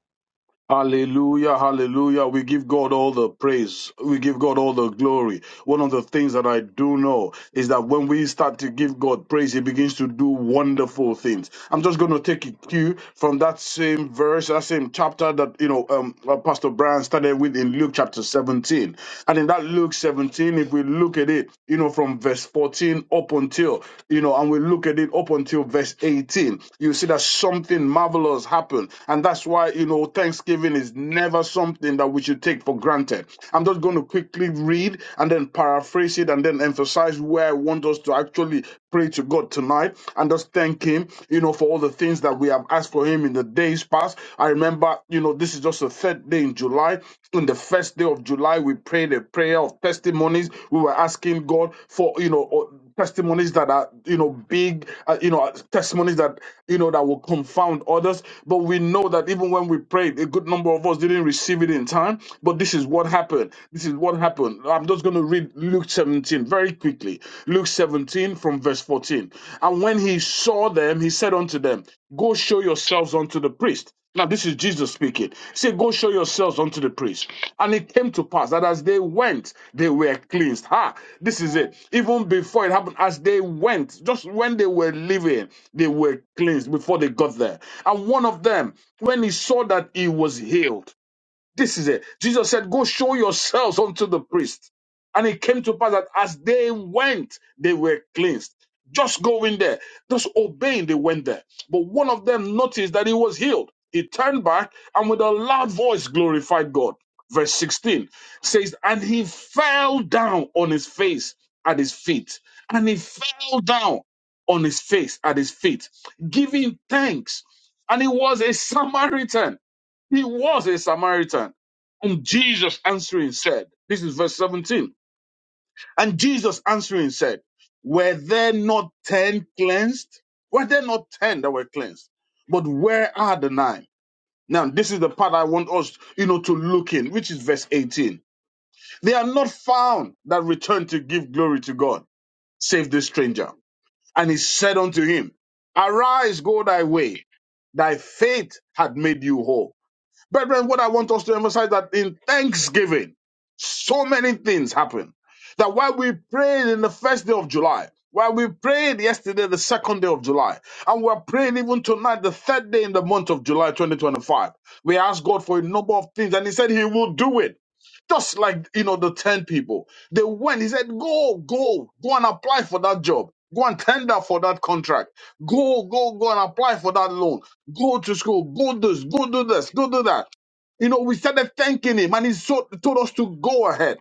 [SPEAKER 6] Hallelujah, hallelujah. We give God all the praise. We give God all the glory. One of the things that I do know is that when we start to give God praise, He begins to do wonderful things. I'm just going to take a cue from that same verse, that same chapter that, you know, um, uh, Pastor Brian started with in Luke chapter 17. And in that Luke 17, if we look at it, you know, from verse 14 up until, you know, and we look at it up until verse 18, you see that something something marvelous happen. And that's why, you know, Thanksgiving is never something that we should take for granted. I'm just going to quickly read and then paraphrase it and then emphasize where I want us to actually pray to God tonight and just thank Him, you know, for all the things that we have asked for Him in the days past. I remember, you know, this is just the third day in July. On the first day of July, we prayed a prayer of testimonies. We were asking God for, you know, testimonies that are you know big uh, you know testimonies that you know that will confound others but we know that even when we prayed a good number of us didn't receive it in time but this is what happened this is what happened i'm just going to read luke 17 very quickly luke 17 from verse 14 and when he saw them he said unto them go show yourselves unto the priest now this is jesus speaking he said go show yourselves unto the priest and it came to pass that as they went, they were cleansed. Ha! This is it. Even before it happened, as they went, just when they were leaving, they were cleansed before they got there. And one of them, when he saw that he was healed, this is it. Jesus said, Go show yourselves unto the priest. And it came to pass that as they went, they were cleansed. Just going there, just obeying, they went there. But one of them noticed that he was healed. He turned back and with a loud voice glorified God. Verse 16 says, And he fell down on his face at his feet. And he fell down on his face at his feet, giving thanks. And he was a Samaritan. He was a Samaritan. And Jesus answering said, This is verse 17. And Jesus answering said, Were there not ten cleansed? Were there not ten that were cleansed? But where are the nine? Now, this is the part I want us, you know, to look in, which is verse 18. They are not found that return to give glory to God, save this stranger. And he said unto him, Arise, go thy way, thy faith had made you whole. Brethren, what I want us to emphasize that in Thanksgiving, so many things happen. That while we prayed in the first day of July, while we prayed yesterday, the second day of July, and we're praying even tonight, the third day in the month of July 2025, we asked God for a number of things, and He said He will do it. Just like you know, the 10 people. They went, he said, Go, go, go and apply for that job. Go and tender for that contract. Go, go, go and apply for that loan Go to school. Go this. Go do this. Go do that. You know, we started thanking him, and he so, told us to go ahead.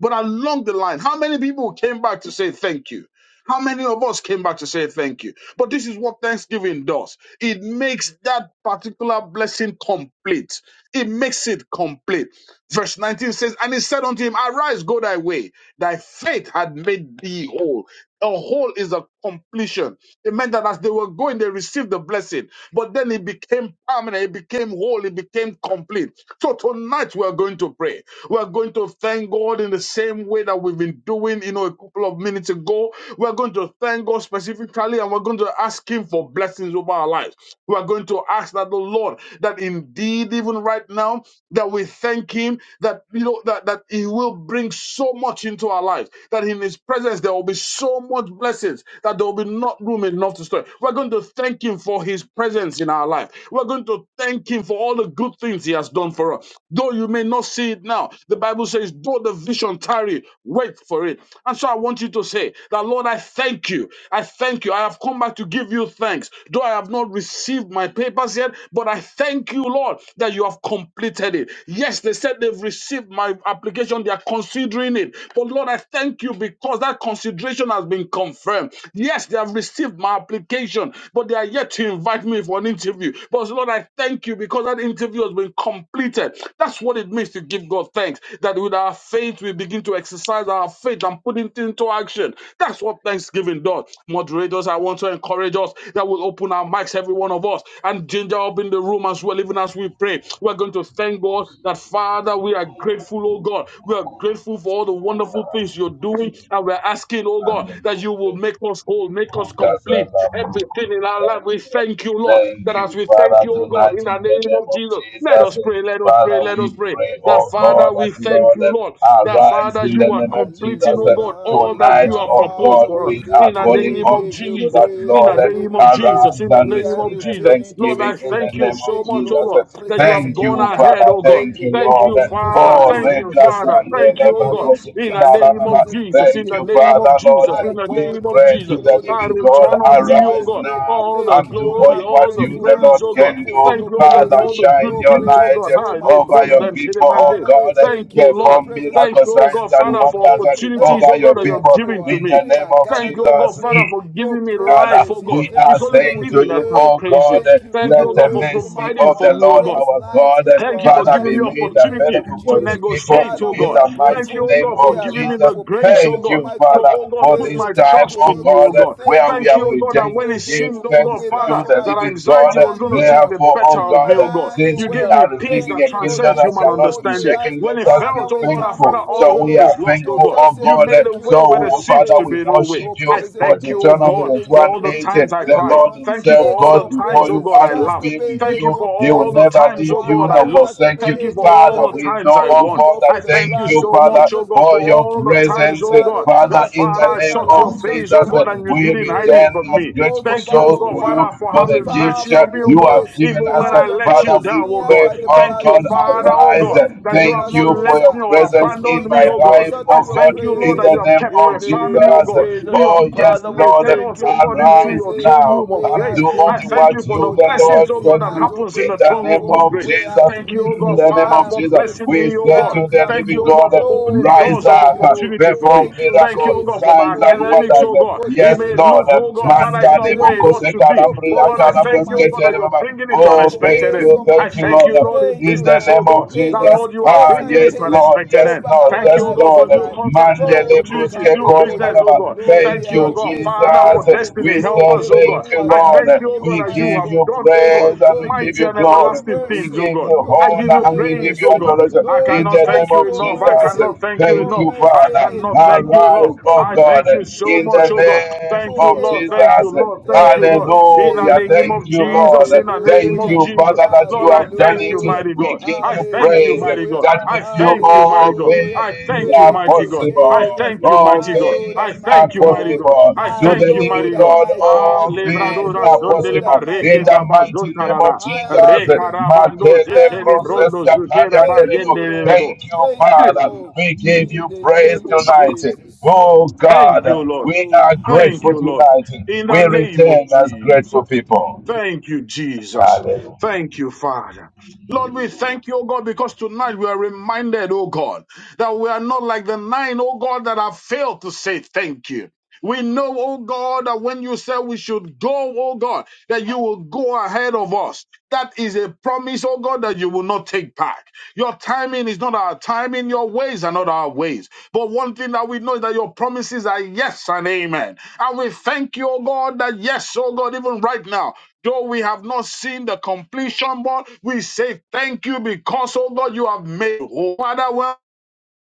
[SPEAKER 6] But along the line, how many people came back to say thank you? How many of us came back to say thank you? But this is what Thanksgiving does. It makes that particular blessing complete. It makes it complete. Verse 19 says, And he said unto him, Arise, go thy way. Thy faith had made thee whole. A whole is a completion. It meant that as they were going, they received the blessing, but then it became permanent, it became whole, it became complete. So tonight we are going to pray. We are going to thank God in the same way that we've been doing, you know, a couple of minutes ago. We're going to thank God specifically and we're going to ask Him for blessings over our lives. We are going to ask that the Lord, that indeed, even right now, that we thank Him, that you know, that, that He will bring so much into our lives, that in His presence there will be so much blessings, that there will be not room enough to store. We're going to thank Him for His presence in our life. We're going to thank Him for all the good things He has done for us. Though you may not see it now, the Bible says, though the vision tarry, wait for it. And so I want you to say that, Lord, I thank you. I thank you. I have come back to give you thanks yet, though I have not received my papers yet, but I thank you, Lord, that you have completed it. Yes, they said they've received my application, they are considering it. But Lord, I thank you because that consideration has been confirmed. Yes, they have received my application, but they are yet to invite me for an interview. But Lord, I thank you because that interview has been completed. That's what it means to give God thanks. That with our faith, we begin to exercise our faith and put it into action. That's what thanksgiving does. Moderators, I want to want to encourage us, that will open our mics, every one of us, and ginger up in the room as well, even as we pray. We're going to thank God that, Father, we are grateful, oh God. We are grateful for all the wonderful things you're doing, and we're asking, oh God, that you will make us whole, make us complete. Everything in our life, we thank you, Lord,
[SPEAKER 3] Thank
[SPEAKER 6] that as
[SPEAKER 3] you,
[SPEAKER 6] we thank you,
[SPEAKER 3] Father,
[SPEAKER 6] oh God,
[SPEAKER 3] tonight
[SPEAKER 6] in the
[SPEAKER 3] in the
[SPEAKER 6] name
[SPEAKER 3] name
[SPEAKER 6] of
[SPEAKER 3] of
[SPEAKER 6] Jesus, let
[SPEAKER 3] Jesus.
[SPEAKER 6] us pray, let us pray,
[SPEAKER 3] Father,
[SPEAKER 6] let
[SPEAKER 3] we
[SPEAKER 6] us pray.
[SPEAKER 3] pray,
[SPEAKER 6] That,
[SPEAKER 3] oh
[SPEAKER 6] Father,
[SPEAKER 3] God
[SPEAKER 6] we
[SPEAKER 3] and
[SPEAKER 6] thank
[SPEAKER 3] Lord,
[SPEAKER 6] you, Lord, that,
[SPEAKER 3] arise
[SPEAKER 6] Father,
[SPEAKER 3] in the
[SPEAKER 6] you are
[SPEAKER 3] name of
[SPEAKER 6] completing,
[SPEAKER 3] Jesus.
[SPEAKER 6] oh
[SPEAKER 4] Hallelujah,
[SPEAKER 6] God, all that you
[SPEAKER 3] Tonight,
[SPEAKER 4] hallelujah.
[SPEAKER 6] have
[SPEAKER 3] oh
[SPEAKER 6] proposed
[SPEAKER 4] Father,
[SPEAKER 3] God,
[SPEAKER 6] for
[SPEAKER 4] we
[SPEAKER 6] us.
[SPEAKER 3] we are
[SPEAKER 6] In
[SPEAKER 4] thank
[SPEAKER 6] the name
[SPEAKER 4] you.
[SPEAKER 6] the
[SPEAKER 3] calling
[SPEAKER 4] We
[SPEAKER 6] name of
[SPEAKER 3] on
[SPEAKER 4] give
[SPEAKER 3] to
[SPEAKER 4] you
[SPEAKER 3] you
[SPEAKER 6] Jesus,
[SPEAKER 3] that,
[SPEAKER 4] praise.
[SPEAKER 6] in the
[SPEAKER 4] We
[SPEAKER 3] Lord.
[SPEAKER 4] give
[SPEAKER 6] name
[SPEAKER 4] you
[SPEAKER 6] of
[SPEAKER 4] praise.
[SPEAKER 6] Jesus,
[SPEAKER 3] Arise
[SPEAKER 6] in the
[SPEAKER 3] and
[SPEAKER 4] We
[SPEAKER 6] name
[SPEAKER 4] are
[SPEAKER 6] of
[SPEAKER 3] receive the
[SPEAKER 6] Jesus.
[SPEAKER 4] returning to
[SPEAKER 6] Lord,
[SPEAKER 4] say
[SPEAKER 3] thanksgiving
[SPEAKER 6] I
[SPEAKER 3] in the
[SPEAKER 4] thank
[SPEAKER 6] thank
[SPEAKER 4] you,
[SPEAKER 6] you
[SPEAKER 3] name
[SPEAKER 4] Lord.
[SPEAKER 6] so
[SPEAKER 3] of
[SPEAKER 4] Thank you,
[SPEAKER 6] much, oh
[SPEAKER 4] Lord,
[SPEAKER 3] Jesus.
[SPEAKER 4] for
[SPEAKER 6] Lord,
[SPEAKER 4] your
[SPEAKER 6] that you
[SPEAKER 4] presence
[SPEAKER 6] have
[SPEAKER 4] in
[SPEAKER 3] Thank
[SPEAKER 4] my
[SPEAKER 6] gone
[SPEAKER 3] you,
[SPEAKER 4] life.
[SPEAKER 3] Father.
[SPEAKER 6] ahead, oh God.
[SPEAKER 4] In
[SPEAKER 3] Thank
[SPEAKER 4] the
[SPEAKER 3] you,
[SPEAKER 4] name
[SPEAKER 6] Thank
[SPEAKER 3] Lord.
[SPEAKER 4] of
[SPEAKER 6] you,
[SPEAKER 4] Jesus,
[SPEAKER 6] Father.
[SPEAKER 3] Oh,
[SPEAKER 4] just
[SPEAKER 6] Thank
[SPEAKER 4] your
[SPEAKER 6] you,
[SPEAKER 3] Rekas
[SPEAKER 4] presence
[SPEAKER 6] Father.
[SPEAKER 3] and
[SPEAKER 6] Thank
[SPEAKER 4] brings
[SPEAKER 6] you, oh
[SPEAKER 4] healing.
[SPEAKER 6] God.
[SPEAKER 3] Lebakos.
[SPEAKER 6] In the
[SPEAKER 4] Just your
[SPEAKER 6] name of
[SPEAKER 4] presence brings
[SPEAKER 6] Jesus, in
[SPEAKER 3] Thank
[SPEAKER 6] the
[SPEAKER 3] you,
[SPEAKER 6] name
[SPEAKER 4] deliverance.
[SPEAKER 3] Father,
[SPEAKER 6] of
[SPEAKER 3] Lord.
[SPEAKER 6] Jesus, in
[SPEAKER 4] My
[SPEAKER 6] the
[SPEAKER 3] We
[SPEAKER 6] name
[SPEAKER 4] God,
[SPEAKER 6] of
[SPEAKER 3] pray
[SPEAKER 4] thank you,
[SPEAKER 6] Jesus,
[SPEAKER 3] to the
[SPEAKER 4] Lord, that
[SPEAKER 6] I
[SPEAKER 3] living
[SPEAKER 4] your
[SPEAKER 3] God.
[SPEAKER 6] return
[SPEAKER 4] presence
[SPEAKER 6] unto
[SPEAKER 4] never
[SPEAKER 6] you, oh
[SPEAKER 3] Arise
[SPEAKER 4] leaves
[SPEAKER 6] God,
[SPEAKER 4] me.
[SPEAKER 3] now
[SPEAKER 6] all the
[SPEAKER 4] Thank
[SPEAKER 3] and
[SPEAKER 4] you,
[SPEAKER 3] do
[SPEAKER 4] Lord.
[SPEAKER 6] glory,
[SPEAKER 3] only
[SPEAKER 4] I'm
[SPEAKER 6] all
[SPEAKER 3] what
[SPEAKER 6] the
[SPEAKER 3] you,
[SPEAKER 4] grateful.
[SPEAKER 3] the
[SPEAKER 6] praise,
[SPEAKER 3] Lord,
[SPEAKER 4] I'm
[SPEAKER 6] oh God.
[SPEAKER 3] can
[SPEAKER 4] thankful for
[SPEAKER 3] do.
[SPEAKER 6] Thank
[SPEAKER 4] your
[SPEAKER 6] you, oh God, for
[SPEAKER 3] Father,
[SPEAKER 6] all
[SPEAKER 4] presence.
[SPEAKER 6] the
[SPEAKER 3] shine
[SPEAKER 6] good
[SPEAKER 4] Your
[SPEAKER 3] your
[SPEAKER 6] gifts, oh
[SPEAKER 3] light
[SPEAKER 6] God.
[SPEAKER 4] presence,
[SPEAKER 6] Hi,
[SPEAKER 3] over
[SPEAKER 4] Almighty. Almighty
[SPEAKER 6] Lebros,
[SPEAKER 3] your
[SPEAKER 4] God.
[SPEAKER 6] then
[SPEAKER 3] people, oh
[SPEAKER 4] Father, we
[SPEAKER 3] God.
[SPEAKER 6] Thank
[SPEAKER 4] thank you
[SPEAKER 6] you,
[SPEAKER 4] for your
[SPEAKER 6] Lord.
[SPEAKER 3] Perform
[SPEAKER 4] presence
[SPEAKER 6] Thank
[SPEAKER 3] miracles,
[SPEAKER 6] you,
[SPEAKER 4] in
[SPEAKER 6] oh
[SPEAKER 4] this
[SPEAKER 6] God,
[SPEAKER 3] signs, and
[SPEAKER 6] Father,
[SPEAKER 4] room
[SPEAKER 6] for
[SPEAKER 3] wonders
[SPEAKER 4] every night
[SPEAKER 6] opportunities,
[SPEAKER 3] over
[SPEAKER 6] oh
[SPEAKER 3] your
[SPEAKER 6] God, that you
[SPEAKER 4] where
[SPEAKER 6] have
[SPEAKER 4] two
[SPEAKER 3] people
[SPEAKER 6] given to
[SPEAKER 4] or
[SPEAKER 3] in
[SPEAKER 6] me.
[SPEAKER 3] the
[SPEAKER 4] three
[SPEAKER 3] name
[SPEAKER 4] are
[SPEAKER 3] of
[SPEAKER 6] Thank
[SPEAKER 4] gathered
[SPEAKER 6] you, oh
[SPEAKER 4] in your
[SPEAKER 6] God, Father,
[SPEAKER 4] name.
[SPEAKER 3] Jesus.
[SPEAKER 6] for
[SPEAKER 4] Your
[SPEAKER 6] giving me
[SPEAKER 3] God.
[SPEAKER 4] presence
[SPEAKER 3] Uh,
[SPEAKER 6] life,
[SPEAKER 4] is
[SPEAKER 6] oh
[SPEAKER 4] here.
[SPEAKER 6] God.
[SPEAKER 3] We are
[SPEAKER 4] Thank
[SPEAKER 6] It's
[SPEAKER 4] you,
[SPEAKER 6] only
[SPEAKER 4] Lord,
[SPEAKER 6] the
[SPEAKER 4] for
[SPEAKER 3] saying
[SPEAKER 4] your
[SPEAKER 3] to
[SPEAKER 6] living that
[SPEAKER 3] you,
[SPEAKER 6] can
[SPEAKER 4] word.
[SPEAKER 3] oh
[SPEAKER 6] praise you.
[SPEAKER 3] God, uh,
[SPEAKER 4] Thank you,
[SPEAKER 6] Thank
[SPEAKER 4] Lord.
[SPEAKER 6] you,
[SPEAKER 3] let
[SPEAKER 4] Your
[SPEAKER 6] oh
[SPEAKER 3] the
[SPEAKER 6] God, for
[SPEAKER 4] word, Oh, my
[SPEAKER 3] mercy
[SPEAKER 6] providing
[SPEAKER 3] of
[SPEAKER 4] God,
[SPEAKER 3] the
[SPEAKER 6] for me, oh
[SPEAKER 3] Lord
[SPEAKER 6] God.
[SPEAKER 4] brings
[SPEAKER 3] our
[SPEAKER 4] light
[SPEAKER 3] God, uh,
[SPEAKER 4] into
[SPEAKER 6] Thank you
[SPEAKER 4] our
[SPEAKER 6] for
[SPEAKER 3] Father,
[SPEAKER 6] giving
[SPEAKER 3] be
[SPEAKER 4] lives
[SPEAKER 6] me
[SPEAKER 4] in
[SPEAKER 3] made
[SPEAKER 4] the name
[SPEAKER 6] opportunity
[SPEAKER 4] of
[SPEAKER 3] available
[SPEAKER 6] to
[SPEAKER 3] for his
[SPEAKER 4] Jesus.
[SPEAKER 3] people
[SPEAKER 6] negotiate,
[SPEAKER 4] Father,
[SPEAKER 6] oh
[SPEAKER 3] in
[SPEAKER 4] we
[SPEAKER 6] God.
[SPEAKER 3] the
[SPEAKER 4] are
[SPEAKER 6] Thank
[SPEAKER 3] mighty
[SPEAKER 6] you,
[SPEAKER 4] grateful.
[SPEAKER 6] oh
[SPEAKER 3] name
[SPEAKER 6] God,
[SPEAKER 4] We
[SPEAKER 6] for
[SPEAKER 3] of
[SPEAKER 4] are
[SPEAKER 6] giving me
[SPEAKER 3] Jesus.
[SPEAKER 6] the
[SPEAKER 4] thankful
[SPEAKER 6] grace, oh
[SPEAKER 4] people,
[SPEAKER 3] Thank
[SPEAKER 4] Oh,
[SPEAKER 6] God,
[SPEAKER 3] you,
[SPEAKER 4] my
[SPEAKER 6] to,
[SPEAKER 4] God.
[SPEAKER 3] Father,
[SPEAKER 6] oh God,
[SPEAKER 4] We
[SPEAKER 3] for
[SPEAKER 6] put
[SPEAKER 3] this
[SPEAKER 6] my
[SPEAKER 4] return
[SPEAKER 3] time,
[SPEAKER 6] trust
[SPEAKER 4] to
[SPEAKER 3] oh
[SPEAKER 6] in
[SPEAKER 4] you to
[SPEAKER 6] you, oh
[SPEAKER 3] God, uh,
[SPEAKER 4] say
[SPEAKER 6] God.
[SPEAKER 3] where
[SPEAKER 4] thank
[SPEAKER 3] we
[SPEAKER 4] you,
[SPEAKER 6] Thank
[SPEAKER 3] have
[SPEAKER 6] you, oh
[SPEAKER 4] Lord,
[SPEAKER 6] God, that
[SPEAKER 3] redeemed
[SPEAKER 6] when
[SPEAKER 4] for
[SPEAKER 6] it
[SPEAKER 4] being,
[SPEAKER 3] give
[SPEAKER 4] oh
[SPEAKER 6] seemed, oh
[SPEAKER 4] God,
[SPEAKER 6] God,
[SPEAKER 3] thanks
[SPEAKER 4] with
[SPEAKER 3] to
[SPEAKER 4] us,
[SPEAKER 6] Father,
[SPEAKER 3] you,
[SPEAKER 4] oh
[SPEAKER 3] the
[SPEAKER 4] my
[SPEAKER 6] that
[SPEAKER 4] God.
[SPEAKER 3] living
[SPEAKER 6] anxiety
[SPEAKER 3] God.
[SPEAKER 6] was going to take the
[SPEAKER 4] Emmanuel,
[SPEAKER 3] Therefore,
[SPEAKER 6] better
[SPEAKER 3] oh
[SPEAKER 6] of
[SPEAKER 3] God,
[SPEAKER 6] me, oh God.
[SPEAKER 3] since
[SPEAKER 6] You
[SPEAKER 3] we
[SPEAKER 6] gave
[SPEAKER 4] Emmanuel.
[SPEAKER 6] me
[SPEAKER 3] are
[SPEAKER 6] peace
[SPEAKER 3] receiving
[SPEAKER 4] Thank
[SPEAKER 6] that
[SPEAKER 3] a
[SPEAKER 4] you, Lord.
[SPEAKER 3] kingdom
[SPEAKER 6] transcends
[SPEAKER 4] It's
[SPEAKER 3] that
[SPEAKER 6] human
[SPEAKER 3] shall not
[SPEAKER 4] God
[SPEAKER 3] be
[SPEAKER 4] with
[SPEAKER 6] understanding.
[SPEAKER 4] us.
[SPEAKER 3] shaken,
[SPEAKER 6] When it
[SPEAKER 3] let us
[SPEAKER 4] Father,
[SPEAKER 6] felt,
[SPEAKER 3] be
[SPEAKER 6] oh
[SPEAKER 4] we
[SPEAKER 6] God, that
[SPEAKER 4] come
[SPEAKER 6] Father,
[SPEAKER 3] thankful.
[SPEAKER 4] before
[SPEAKER 6] all
[SPEAKER 3] So
[SPEAKER 4] you,
[SPEAKER 6] hope
[SPEAKER 3] we
[SPEAKER 4] Lord.
[SPEAKER 6] is
[SPEAKER 3] are
[SPEAKER 6] lost, oh
[SPEAKER 4] Don't
[SPEAKER 3] thankful,
[SPEAKER 6] God.
[SPEAKER 3] oh
[SPEAKER 4] just say
[SPEAKER 6] You
[SPEAKER 3] God.
[SPEAKER 6] made a
[SPEAKER 4] thank you,
[SPEAKER 6] way
[SPEAKER 4] Lord,
[SPEAKER 6] where
[SPEAKER 4] for
[SPEAKER 6] there
[SPEAKER 4] your
[SPEAKER 3] So,
[SPEAKER 6] seems
[SPEAKER 3] Father,
[SPEAKER 6] to
[SPEAKER 3] we
[SPEAKER 6] be
[SPEAKER 4] presence.
[SPEAKER 6] no way.
[SPEAKER 3] worship
[SPEAKER 4] Your
[SPEAKER 6] I
[SPEAKER 3] you
[SPEAKER 4] presence
[SPEAKER 3] for
[SPEAKER 6] thank you, oh
[SPEAKER 4] brings
[SPEAKER 6] God,
[SPEAKER 3] Deuteronomy
[SPEAKER 4] healing.
[SPEAKER 6] for
[SPEAKER 4] Your
[SPEAKER 6] all the
[SPEAKER 4] presence
[SPEAKER 3] 28.
[SPEAKER 6] times
[SPEAKER 4] brings
[SPEAKER 6] I
[SPEAKER 3] The
[SPEAKER 6] cried.
[SPEAKER 3] Lord
[SPEAKER 4] deliverance.
[SPEAKER 6] Thank you
[SPEAKER 3] Himself
[SPEAKER 6] for
[SPEAKER 4] It's
[SPEAKER 6] all
[SPEAKER 3] goes
[SPEAKER 6] the
[SPEAKER 4] your
[SPEAKER 6] times,
[SPEAKER 3] before
[SPEAKER 6] oh
[SPEAKER 3] you
[SPEAKER 4] presence.
[SPEAKER 6] God,
[SPEAKER 3] and
[SPEAKER 6] I
[SPEAKER 3] will
[SPEAKER 4] Just to
[SPEAKER 6] laughed.
[SPEAKER 3] be
[SPEAKER 4] be
[SPEAKER 3] with
[SPEAKER 6] Thank
[SPEAKER 4] in
[SPEAKER 6] you
[SPEAKER 3] you.
[SPEAKER 6] for
[SPEAKER 4] your
[SPEAKER 3] He will
[SPEAKER 6] all the
[SPEAKER 4] presence
[SPEAKER 3] never
[SPEAKER 6] times,
[SPEAKER 4] for
[SPEAKER 3] leave
[SPEAKER 6] oh
[SPEAKER 3] you
[SPEAKER 6] God, I
[SPEAKER 3] nor
[SPEAKER 4] allowing us
[SPEAKER 6] lost.
[SPEAKER 4] to
[SPEAKER 3] forsake
[SPEAKER 4] be
[SPEAKER 3] you.
[SPEAKER 6] Thank you
[SPEAKER 4] in
[SPEAKER 6] for
[SPEAKER 4] your
[SPEAKER 6] all
[SPEAKER 3] Father,
[SPEAKER 6] the
[SPEAKER 4] presence.
[SPEAKER 3] we
[SPEAKER 6] times
[SPEAKER 3] know,
[SPEAKER 6] I
[SPEAKER 3] oh
[SPEAKER 4] Thank you,
[SPEAKER 6] won.
[SPEAKER 3] God,
[SPEAKER 4] Lord,
[SPEAKER 3] that
[SPEAKER 6] I
[SPEAKER 4] for the
[SPEAKER 6] thank
[SPEAKER 3] thank
[SPEAKER 6] you
[SPEAKER 4] blood
[SPEAKER 3] you,
[SPEAKER 6] so
[SPEAKER 4] of
[SPEAKER 6] much,
[SPEAKER 3] Father,
[SPEAKER 6] oh
[SPEAKER 4] Jesus.
[SPEAKER 6] God, for
[SPEAKER 3] for your
[SPEAKER 4] Thank
[SPEAKER 6] all
[SPEAKER 4] you,
[SPEAKER 6] the
[SPEAKER 4] Lord, for the
[SPEAKER 6] times,
[SPEAKER 3] presence.
[SPEAKER 6] oh
[SPEAKER 3] eh,
[SPEAKER 4] blood
[SPEAKER 6] God,
[SPEAKER 4] of
[SPEAKER 3] Father,
[SPEAKER 6] that
[SPEAKER 4] Jesus,
[SPEAKER 3] in
[SPEAKER 6] Father,
[SPEAKER 3] the
[SPEAKER 6] I
[SPEAKER 4] which
[SPEAKER 3] name
[SPEAKER 6] sought
[SPEAKER 3] of
[SPEAKER 6] your
[SPEAKER 4] allows us
[SPEAKER 6] face,
[SPEAKER 4] to
[SPEAKER 6] oh
[SPEAKER 3] Jesus, eh,
[SPEAKER 6] God,
[SPEAKER 4] come
[SPEAKER 6] and you
[SPEAKER 4] into
[SPEAKER 3] we
[SPEAKER 4] your
[SPEAKER 6] didn't hide it
[SPEAKER 4] presence.
[SPEAKER 3] return
[SPEAKER 6] from
[SPEAKER 3] as
[SPEAKER 6] me.
[SPEAKER 4] Those
[SPEAKER 3] grateful
[SPEAKER 4] of
[SPEAKER 6] Thank you,
[SPEAKER 4] us
[SPEAKER 6] oh
[SPEAKER 3] souls
[SPEAKER 6] God,
[SPEAKER 4] who
[SPEAKER 3] to
[SPEAKER 4] are
[SPEAKER 3] you
[SPEAKER 6] Father, for
[SPEAKER 3] for the
[SPEAKER 6] having
[SPEAKER 4] far
[SPEAKER 6] mercy
[SPEAKER 3] gift eh,
[SPEAKER 6] on
[SPEAKER 4] from
[SPEAKER 6] me,
[SPEAKER 4] your
[SPEAKER 6] oh
[SPEAKER 3] you
[SPEAKER 6] God,
[SPEAKER 3] have
[SPEAKER 4] grace.
[SPEAKER 3] given
[SPEAKER 6] even
[SPEAKER 3] us.
[SPEAKER 6] when
[SPEAKER 4] Now
[SPEAKER 3] eh.
[SPEAKER 6] I
[SPEAKER 4] you have
[SPEAKER 6] let
[SPEAKER 4] made
[SPEAKER 3] Father,
[SPEAKER 6] you
[SPEAKER 4] us
[SPEAKER 6] down,
[SPEAKER 3] we
[SPEAKER 6] oh
[SPEAKER 4] near
[SPEAKER 6] God.
[SPEAKER 3] pray,
[SPEAKER 4] by the
[SPEAKER 3] oh
[SPEAKER 6] Thank
[SPEAKER 4] blood
[SPEAKER 6] you,
[SPEAKER 3] God,
[SPEAKER 4] of
[SPEAKER 6] Father,
[SPEAKER 4] Jesus.
[SPEAKER 6] oh
[SPEAKER 4] You
[SPEAKER 3] arise.
[SPEAKER 6] God,
[SPEAKER 4] have
[SPEAKER 3] eh.
[SPEAKER 6] that you
[SPEAKER 4] drawn
[SPEAKER 6] have
[SPEAKER 3] Thank
[SPEAKER 4] us
[SPEAKER 6] not
[SPEAKER 3] you for
[SPEAKER 6] left
[SPEAKER 3] your
[SPEAKER 6] me
[SPEAKER 4] closer
[SPEAKER 6] or
[SPEAKER 4] for
[SPEAKER 3] presence in
[SPEAKER 6] abandoned
[SPEAKER 4] drawing
[SPEAKER 6] me,
[SPEAKER 3] my
[SPEAKER 4] us
[SPEAKER 6] oh God.
[SPEAKER 3] life,
[SPEAKER 4] closer
[SPEAKER 6] I
[SPEAKER 4] to
[SPEAKER 3] oh
[SPEAKER 4] your
[SPEAKER 3] God,
[SPEAKER 6] thank you, Lord,
[SPEAKER 3] in
[SPEAKER 6] that
[SPEAKER 4] presence.
[SPEAKER 3] the
[SPEAKER 6] you have
[SPEAKER 3] name
[SPEAKER 6] kept my
[SPEAKER 4] In
[SPEAKER 3] of
[SPEAKER 4] the
[SPEAKER 6] family,
[SPEAKER 4] name
[SPEAKER 6] oh
[SPEAKER 4] of
[SPEAKER 3] Jesus.
[SPEAKER 6] God.
[SPEAKER 3] eh,
[SPEAKER 6] That
[SPEAKER 4] Jesus,
[SPEAKER 6] you have
[SPEAKER 3] Oh, yes,
[SPEAKER 4] Father, we
[SPEAKER 3] Lord,
[SPEAKER 6] connected
[SPEAKER 3] eh,
[SPEAKER 4] thank
[SPEAKER 6] us, oh
[SPEAKER 4] you.
[SPEAKER 6] God, into
[SPEAKER 4] We
[SPEAKER 3] arise
[SPEAKER 6] your
[SPEAKER 4] thank
[SPEAKER 6] throne
[SPEAKER 4] you.
[SPEAKER 3] now
[SPEAKER 6] room of
[SPEAKER 4] We
[SPEAKER 3] and
[SPEAKER 6] grace.
[SPEAKER 4] are
[SPEAKER 3] do
[SPEAKER 6] I
[SPEAKER 4] thank
[SPEAKER 3] only
[SPEAKER 4] you.
[SPEAKER 6] thank you
[SPEAKER 3] what
[SPEAKER 6] for
[SPEAKER 3] you,
[SPEAKER 6] the
[SPEAKER 3] the
[SPEAKER 4] Tonight
[SPEAKER 6] blessings,
[SPEAKER 3] Lord,
[SPEAKER 6] oh
[SPEAKER 4] is a
[SPEAKER 6] God,
[SPEAKER 3] can
[SPEAKER 6] that
[SPEAKER 4] night
[SPEAKER 3] do
[SPEAKER 4] of
[SPEAKER 6] happens in
[SPEAKER 3] in
[SPEAKER 6] the
[SPEAKER 4] being
[SPEAKER 3] the
[SPEAKER 6] throne
[SPEAKER 3] name
[SPEAKER 6] room
[SPEAKER 4] thankful.
[SPEAKER 6] of
[SPEAKER 3] of
[SPEAKER 6] grace.
[SPEAKER 4] We are
[SPEAKER 3] Jesus.
[SPEAKER 6] Thank you, oh
[SPEAKER 3] In
[SPEAKER 6] God,
[SPEAKER 4] grateful.
[SPEAKER 3] the name
[SPEAKER 4] I
[SPEAKER 6] Father,
[SPEAKER 3] of
[SPEAKER 6] for
[SPEAKER 4] am
[SPEAKER 3] Jesus,
[SPEAKER 6] blessing
[SPEAKER 3] we
[SPEAKER 4] grateful.
[SPEAKER 6] me, oh
[SPEAKER 3] say
[SPEAKER 4] I
[SPEAKER 6] God.
[SPEAKER 3] to
[SPEAKER 4] am
[SPEAKER 3] the
[SPEAKER 6] Thank
[SPEAKER 3] living
[SPEAKER 6] you,
[SPEAKER 4] thankful.
[SPEAKER 6] oh
[SPEAKER 3] God,
[SPEAKER 6] God, for
[SPEAKER 4] Lord,
[SPEAKER 6] opening
[SPEAKER 4] we
[SPEAKER 3] rise
[SPEAKER 6] doors of
[SPEAKER 4] thank
[SPEAKER 3] up,
[SPEAKER 4] you, Lord.
[SPEAKER 6] opportunity for me.
[SPEAKER 3] perform
[SPEAKER 4] Thank you,
[SPEAKER 6] Thank you,
[SPEAKER 3] miracle,
[SPEAKER 6] oh God,
[SPEAKER 4] Jesus,
[SPEAKER 6] for my
[SPEAKER 3] signs
[SPEAKER 4] for
[SPEAKER 3] and
[SPEAKER 6] academics,
[SPEAKER 3] wonders.
[SPEAKER 4] healing,
[SPEAKER 6] oh God.
[SPEAKER 4] for
[SPEAKER 6] It
[SPEAKER 3] Yes,
[SPEAKER 6] may
[SPEAKER 3] Lord.
[SPEAKER 4] deliverance.
[SPEAKER 6] look, oh God,
[SPEAKER 4] Just
[SPEAKER 6] Father,
[SPEAKER 4] your
[SPEAKER 6] it's
[SPEAKER 3] Manda
[SPEAKER 6] not
[SPEAKER 3] de
[SPEAKER 6] where it ought
[SPEAKER 4] praises,
[SPEAKER 3] bokose
[SPEAKER 6] to be.
[SPEAKER 4] your
[SPEAKER 6] Oh
[SPEAKER 3] kalambria
[SPEAKER 6] Lord, I
[SPEAKER 4] praises,
[SPEAKER 6] thank you, oh
[SPEAKER 4] Almighty
[SPEAKER 6] God,
[SPEAKER 3] kalabreskete
[SPEAKER 6] that you're
[SPEAKER 4] God
[SPEAKER 3] remember.
[SPEAKER 6] bringing it to an
[SPEAKER 4] brings
[SPEAKER 3] Oh,
[SPEAKER 6] expected
[SPEAKER 3] thank
[SPEAKER 6] end.
[SPEAKER 4] peace,
[SPEAKER 3] you,
[SPEAKER 6] I
[SPEAKER 3] thank
[SPEAKER 4] Almighty
[SPEAKER 3] you,
[SPEAKER 4] God.
[SPEAKER 6] thank
[SPEAKER 3] Lord.
[SPEAKER 6] you, Lord, in
[SPEAKER 4] Thank
[SPEAKER 3] In
[SPEAKER 4] you,
[SPEAKER 3] the
[SPEAKER 6] business,
[SPEAKER 4] Lord.
[SPEAKER 6] oh
[SPEAKER 3] name
[SPEAKER 6] God,
[SPEAKER 3] of
[SPEAKER 6] that
[SPEAKER 3] Jesus.
[SPEAKER 4] Release
[SPEAKER 6] Lord, you are
[SPEAKER 4] grace
[SPEAKER 3] Ah,
[SPEAKER 6] bringing
[SPEAKER 4] and
[SPEAKER 6] it
[SPEAKER 3] yes,
[SPEAKER 6] to an
[SPEAKER 4] peace
[SPEAKER 3] Lord,
[SPEAKER 6] expected
[SPEAKER 3] yes,
[SPEAKER 6] end.
[SPEAKER 4] over
[SPEAKER 3] Lord,
[SPEAKER 4] our
[SPEAKER 6] Thank
[SPEAKER 3] yes,
[SPEAKER 6] you, oh
[SPEAKER 4] lives
[SPEAKER 6] God, for
[SPEAKER 3] Lord.
[SPEAKER 6] new
[SPEAKER 4] tonight.
[SPEAKER 6] contracts, new
[SPEAKER 3] Mandele
[SPEAKER 4] Lord, we
[SPEAKER 6] opportunities,
[SPEAKER 4] come
[SPEAKER 3] bruske
[SPEAKER 6] new
[SPEAKER 3] koli
[SPEAKER 4] before
[SPEAKER 6] business,
[SPEAKER 4] you.
[SPEAKER 6] oh
[SPEAKER 3] mama.
[SPEAKER 6] God.
[SPEAKER 4] Lord, we
[SPEAKER 6] Thank
[SPEAKER 3] Thank
[SPEAKER 6] you,
[SPEAKER 4] are a
[SPEAKER 6] oh
[SPEAKER 3] you,
[SPEAKER 6] God,
[SPEAKER 4] grateful
[SPEAKER 6] Father, for
[SPEAKER 3] Jesus.
[SPEAKER 4] people.
[SPEAKER 6] destiny.
[SPEAKER 3] We
[SPEAKER 6] Help
[SPEAKER 4] Lord,
[SPEAKER 3] say
[SPEAKER 6] us, oh
[SPEAKER 4] people
[SPEAKER 6] God.
[SPEAKER 3] thank
[SPEAKER 4] who
[SPEAKER 3] you,
[SPEAKER 4] are
[SPEAKER 6] I
[SPEAKER 3] Lord.
[SPEAKER 6] thank
[SPEAKER 4] thanking
[SPEAKER 6] you, oh
[SPEAKER 4] you,
[SPEAKER 3] We
[SPEAKER 6] God, that you
[SPEAKER 4] Almighty
[SPEAKER 3] give
[SPEAKER 6] have
[SPEAKER 4] God,
[SPEAKER 3] you
[SPEAKER 6] done, oh
[SPEAKER 4] for
[SPEAKER 6] God,
[SPEAKER 4] your
[SPEAKER 3] praise and we give
[SPEAKER 4] goodness,
[SPEAKER 6] mighty
[SPEAKER 3] you
[SPEAKER 6] and
[SPEAKER 4] for your
[SPEAKER 3] glory.
[SPEAKER 6] everlasting
[SPEAKER 3] We
[SPEAKER 6] things, oh
[SPEAKER 4] mercy,
[SPEAKER 3] give
[SPEAKER 6] God.
[SPEAKER 3] you
[SPEAKER 4] your
[SPEAKER 6] I give
[SPEAKER 3] honor
[SPEAKER 6] you
[SPEAKER 3] and we give
[SPEAKER 6] praise,
[SPEAKER 3] you
[SPEAKER 6] oh
[SPEAKER 4] mercy.
[SPEAKER 6] God.
[SPEAKER 3] adoration.
[SPEAKER 6] I
[SPEAKER 3] In
[SPEAKER 4] Lord,
[SPEAKER 6] cannot
[SPEAKER 3] the name
[SPEAKER 6] thank
[SPEAKER 4] just
[SPEAKER 6] you
[SPEAKER 3] of
[SPEAKER 4] your
[SPEAKER 6] enough. I
[SPEAKER 3] Jesus,
[SPEAKER 4] mercy.
[SPEAKER 6] cannot thank you
[SPEAKER 4] Your
[SPEAKER 3] thank
[SPEAKER 6] enough.
[SPEAKER 3] you,
[SPEAKER 6] I
[SPEAKER 4] mercy
[SPEAKER 3] Father.
[SPEAKER 6] cannot thank you
[SPEAKER 4] endures
[SPEAKER 6] enough.
[SPEAKER 3] Arise, oh
[SPEAKER 6] I
[SPEAKER 4] forever,
[SPEAKER 3] God,
[SPEAKER 6] thank you so
[SPEAKER 3] in the
[SPEAKER 6] much, oh God.
[SPEAKER 4] forever,
[SPEAKER 3] name
[SPEAKER 6] Thank you,
[SPEAKER 3] of
[SPEAKER 6] Lord. Thank
[SPEAKER 4] forever.
[SPEAKER 6] you,
[SPEAKER 3] Jesus.
[SPEAKER 6] Lord. Thank you,
[SPEAKER 4] Thank
[SPEAKER 6] Lord.
[SPEAKER 4] you,
[SPEAKER 6] In the
[SPEAKER 3] Hallelujah.
[SPEAKER 4] Jesus.
[SPEAKER 6] name
[SPEAKER 3] Thank
[SPEAKER 6] of
[SPEAKER 3] you, Lord.
[SPEAKER 6] Jesus, in the name
[SPEAKER 3] Thank
[SPEAKER 6] of
[SPEAKER 4] Hallelujah.
[SPEAKER 3] you,
[SPEAKER 6] Jesus.
[SPEAKER 3] Father, that you
[SPEAKER 6] Lord, I
[SPEAKER 3] have done
[SPEAKER 6] thank
[SPEAKER 3] it.
[SPEAKER 6] you,
[SPEAKER 4] Hallelujah.
[SPEAKER 6] mighty
[SPEAKER 3] We
[SPEAKER 6] God.
[SPEAKER 3] give
[SPEAKER 6] I
[SPEAKER 3] you
[SPEAKER 6] thank you,
[SPEAKER 3] praise
[SPEAKER 6] mighty God.
[SPEAKER 4] Hallelujah.
[SPEAKER 3] that
[SPEAKER 6] I
[SPEAKER 3] with you
[SPEAKER 6] thank you, mighty
[SPEAKER 3] all
[SPEAKER 6] God.
[SPEAKER 4] Hallelujah.
[SPEAKER 6] I
[SPEAKER 3] things
[SPEAKER 6] thank you,
[SPEAKER 3] are
[SPEAKER 4] Thank
[SPEAKER 6] mighty
[SPEAKER 4] you,
[SPEAKER 6] God. I
[SPEAKER 3] possible.
[SPEAKER 4] Jesus.
[SPEAKER 6] thank you,
[SPEAKER 3] All
[SPEAKER 6] mighty
[SPEAKER 4] My
[SPEAKER 6] God.
[SPEAKER 4] Lord
[SPEAKER 6] I
[SPEAKER 3] things
[SPEAKER 4] and my
[SPEAKER 3] are
[SPEAKER 6] thank you, mighty
[SPEAKER 4] God.
[SPEAKER 6] God. I
[SPEAKER 3] possible.
[SPEAKER 4] My
[SPEAKER 3] To
[SPEAKER 6] thank
[SPEAKER 3] the
[SPEAKER 6] you,
[SPEAKER 3] living
[SPEAKER 4] Lord
[SPEAKER 6] mighty God.
[SPEAKER 4] and
[SPEAKER 3] God,
[SPEAKER 4] my
[SPEAKER 6] Ah,
[SPEAKER 4] God.
[SPEAKER 3] all
[SPEAKER 4] My
[SPEAKER 3] things
[SPEAKER 6] lebradora
[SPEAKER 3] are
[SPEAKER 6] zonde
[SPEAKER 4] Lord
[SPEAKER 6] leba
[SPEAKER 3] possible.
[SPEAKER 4] and my
[SPEAKER 3] In
[SPEAKER 6] reke
[SPEAKER 3] the
[SPEAKER 4] God.
[SPEAKER 6] zaba
[SPEAKER 3] mighty name of
[SPEAKER 6] zontarada.
[SPEAKER 4] I am
[SPEAKER 3] Jesus,
[SPEAKER 4] thankful.
[SPEAKER 6] Rekaramando
[SPEAKER 4] I
[SPEAKER 3] Makele
[SPEAKER 4] am
[SPEAKER 6] zekele
[SPEAKER 3] process
[SPEAKER 6] brondo
[SPEAKER 4] grateful.
[SPEAKER 6] zukera ba
[SPEAKER 4] Thank you,
[SPEAKER 3] kaparianderemo.
[SPEAKER 4] Lord.
[SPEAKER 6] yendelebo.
[SPEAKER 3] thank you,
[SPEAKER 4] Thank you,
[SPEAKER 3] Father.
[SPEAKER 4] Lord.
[SPEAKER 3] We give
[SPEAKER 4] In
[SPEAKER 3] you
[SPEAKER 4] the
[SPEAKER 3] praise
[SPEAKER 4] name of
[SPEAKER 3] tonight.
[SPEAKER 4] Jesus.
[SPEAKER 3] Oh
[SPEAKER 6] Thank
[SPEAKER 3] God,
[SPEAKER 6] you, Lord.
[SPEAKER 3] we are
[SPEAKER 4] Hallelujah.
[SPEAKER 6] Thank
[SPEAKER 3] grateful
[SPEAKER 6] you,
[SPEAKER 4] Hallelujah.
[SPEAKER 6] Lord.
[SPEAKER 3] tonight.
[SPEAKER 6] In the
[SPEAKER 3] We
[SPEAKER 6] name of
[SPEAKER 3] return as grateful
[SPEAKER 6] Jesus.
[SPEAKER 3] people.
[SPEAKER 6] Thank you, Jesus.
[SPEAKER 3] Hallelujah.
[SPEAKER 6] Thank you, Father. Lord, we thank you, O God, because tonight we are reminded, O God, that we are not like the nine, O God, that have failed to say thank you. We know, O God, that when you said we should go, O God, that you will go ahead of us. That is a promise, O God, that you will not take back. Your timing is not our timing. Your ways are not our ways. But one thing that we know is that your promises are yes and amen. And we thank you, oh God, that yes, oh God, even right now, though we have not seen the completion, but we say thank you because, oh God, you have made whole. Father, when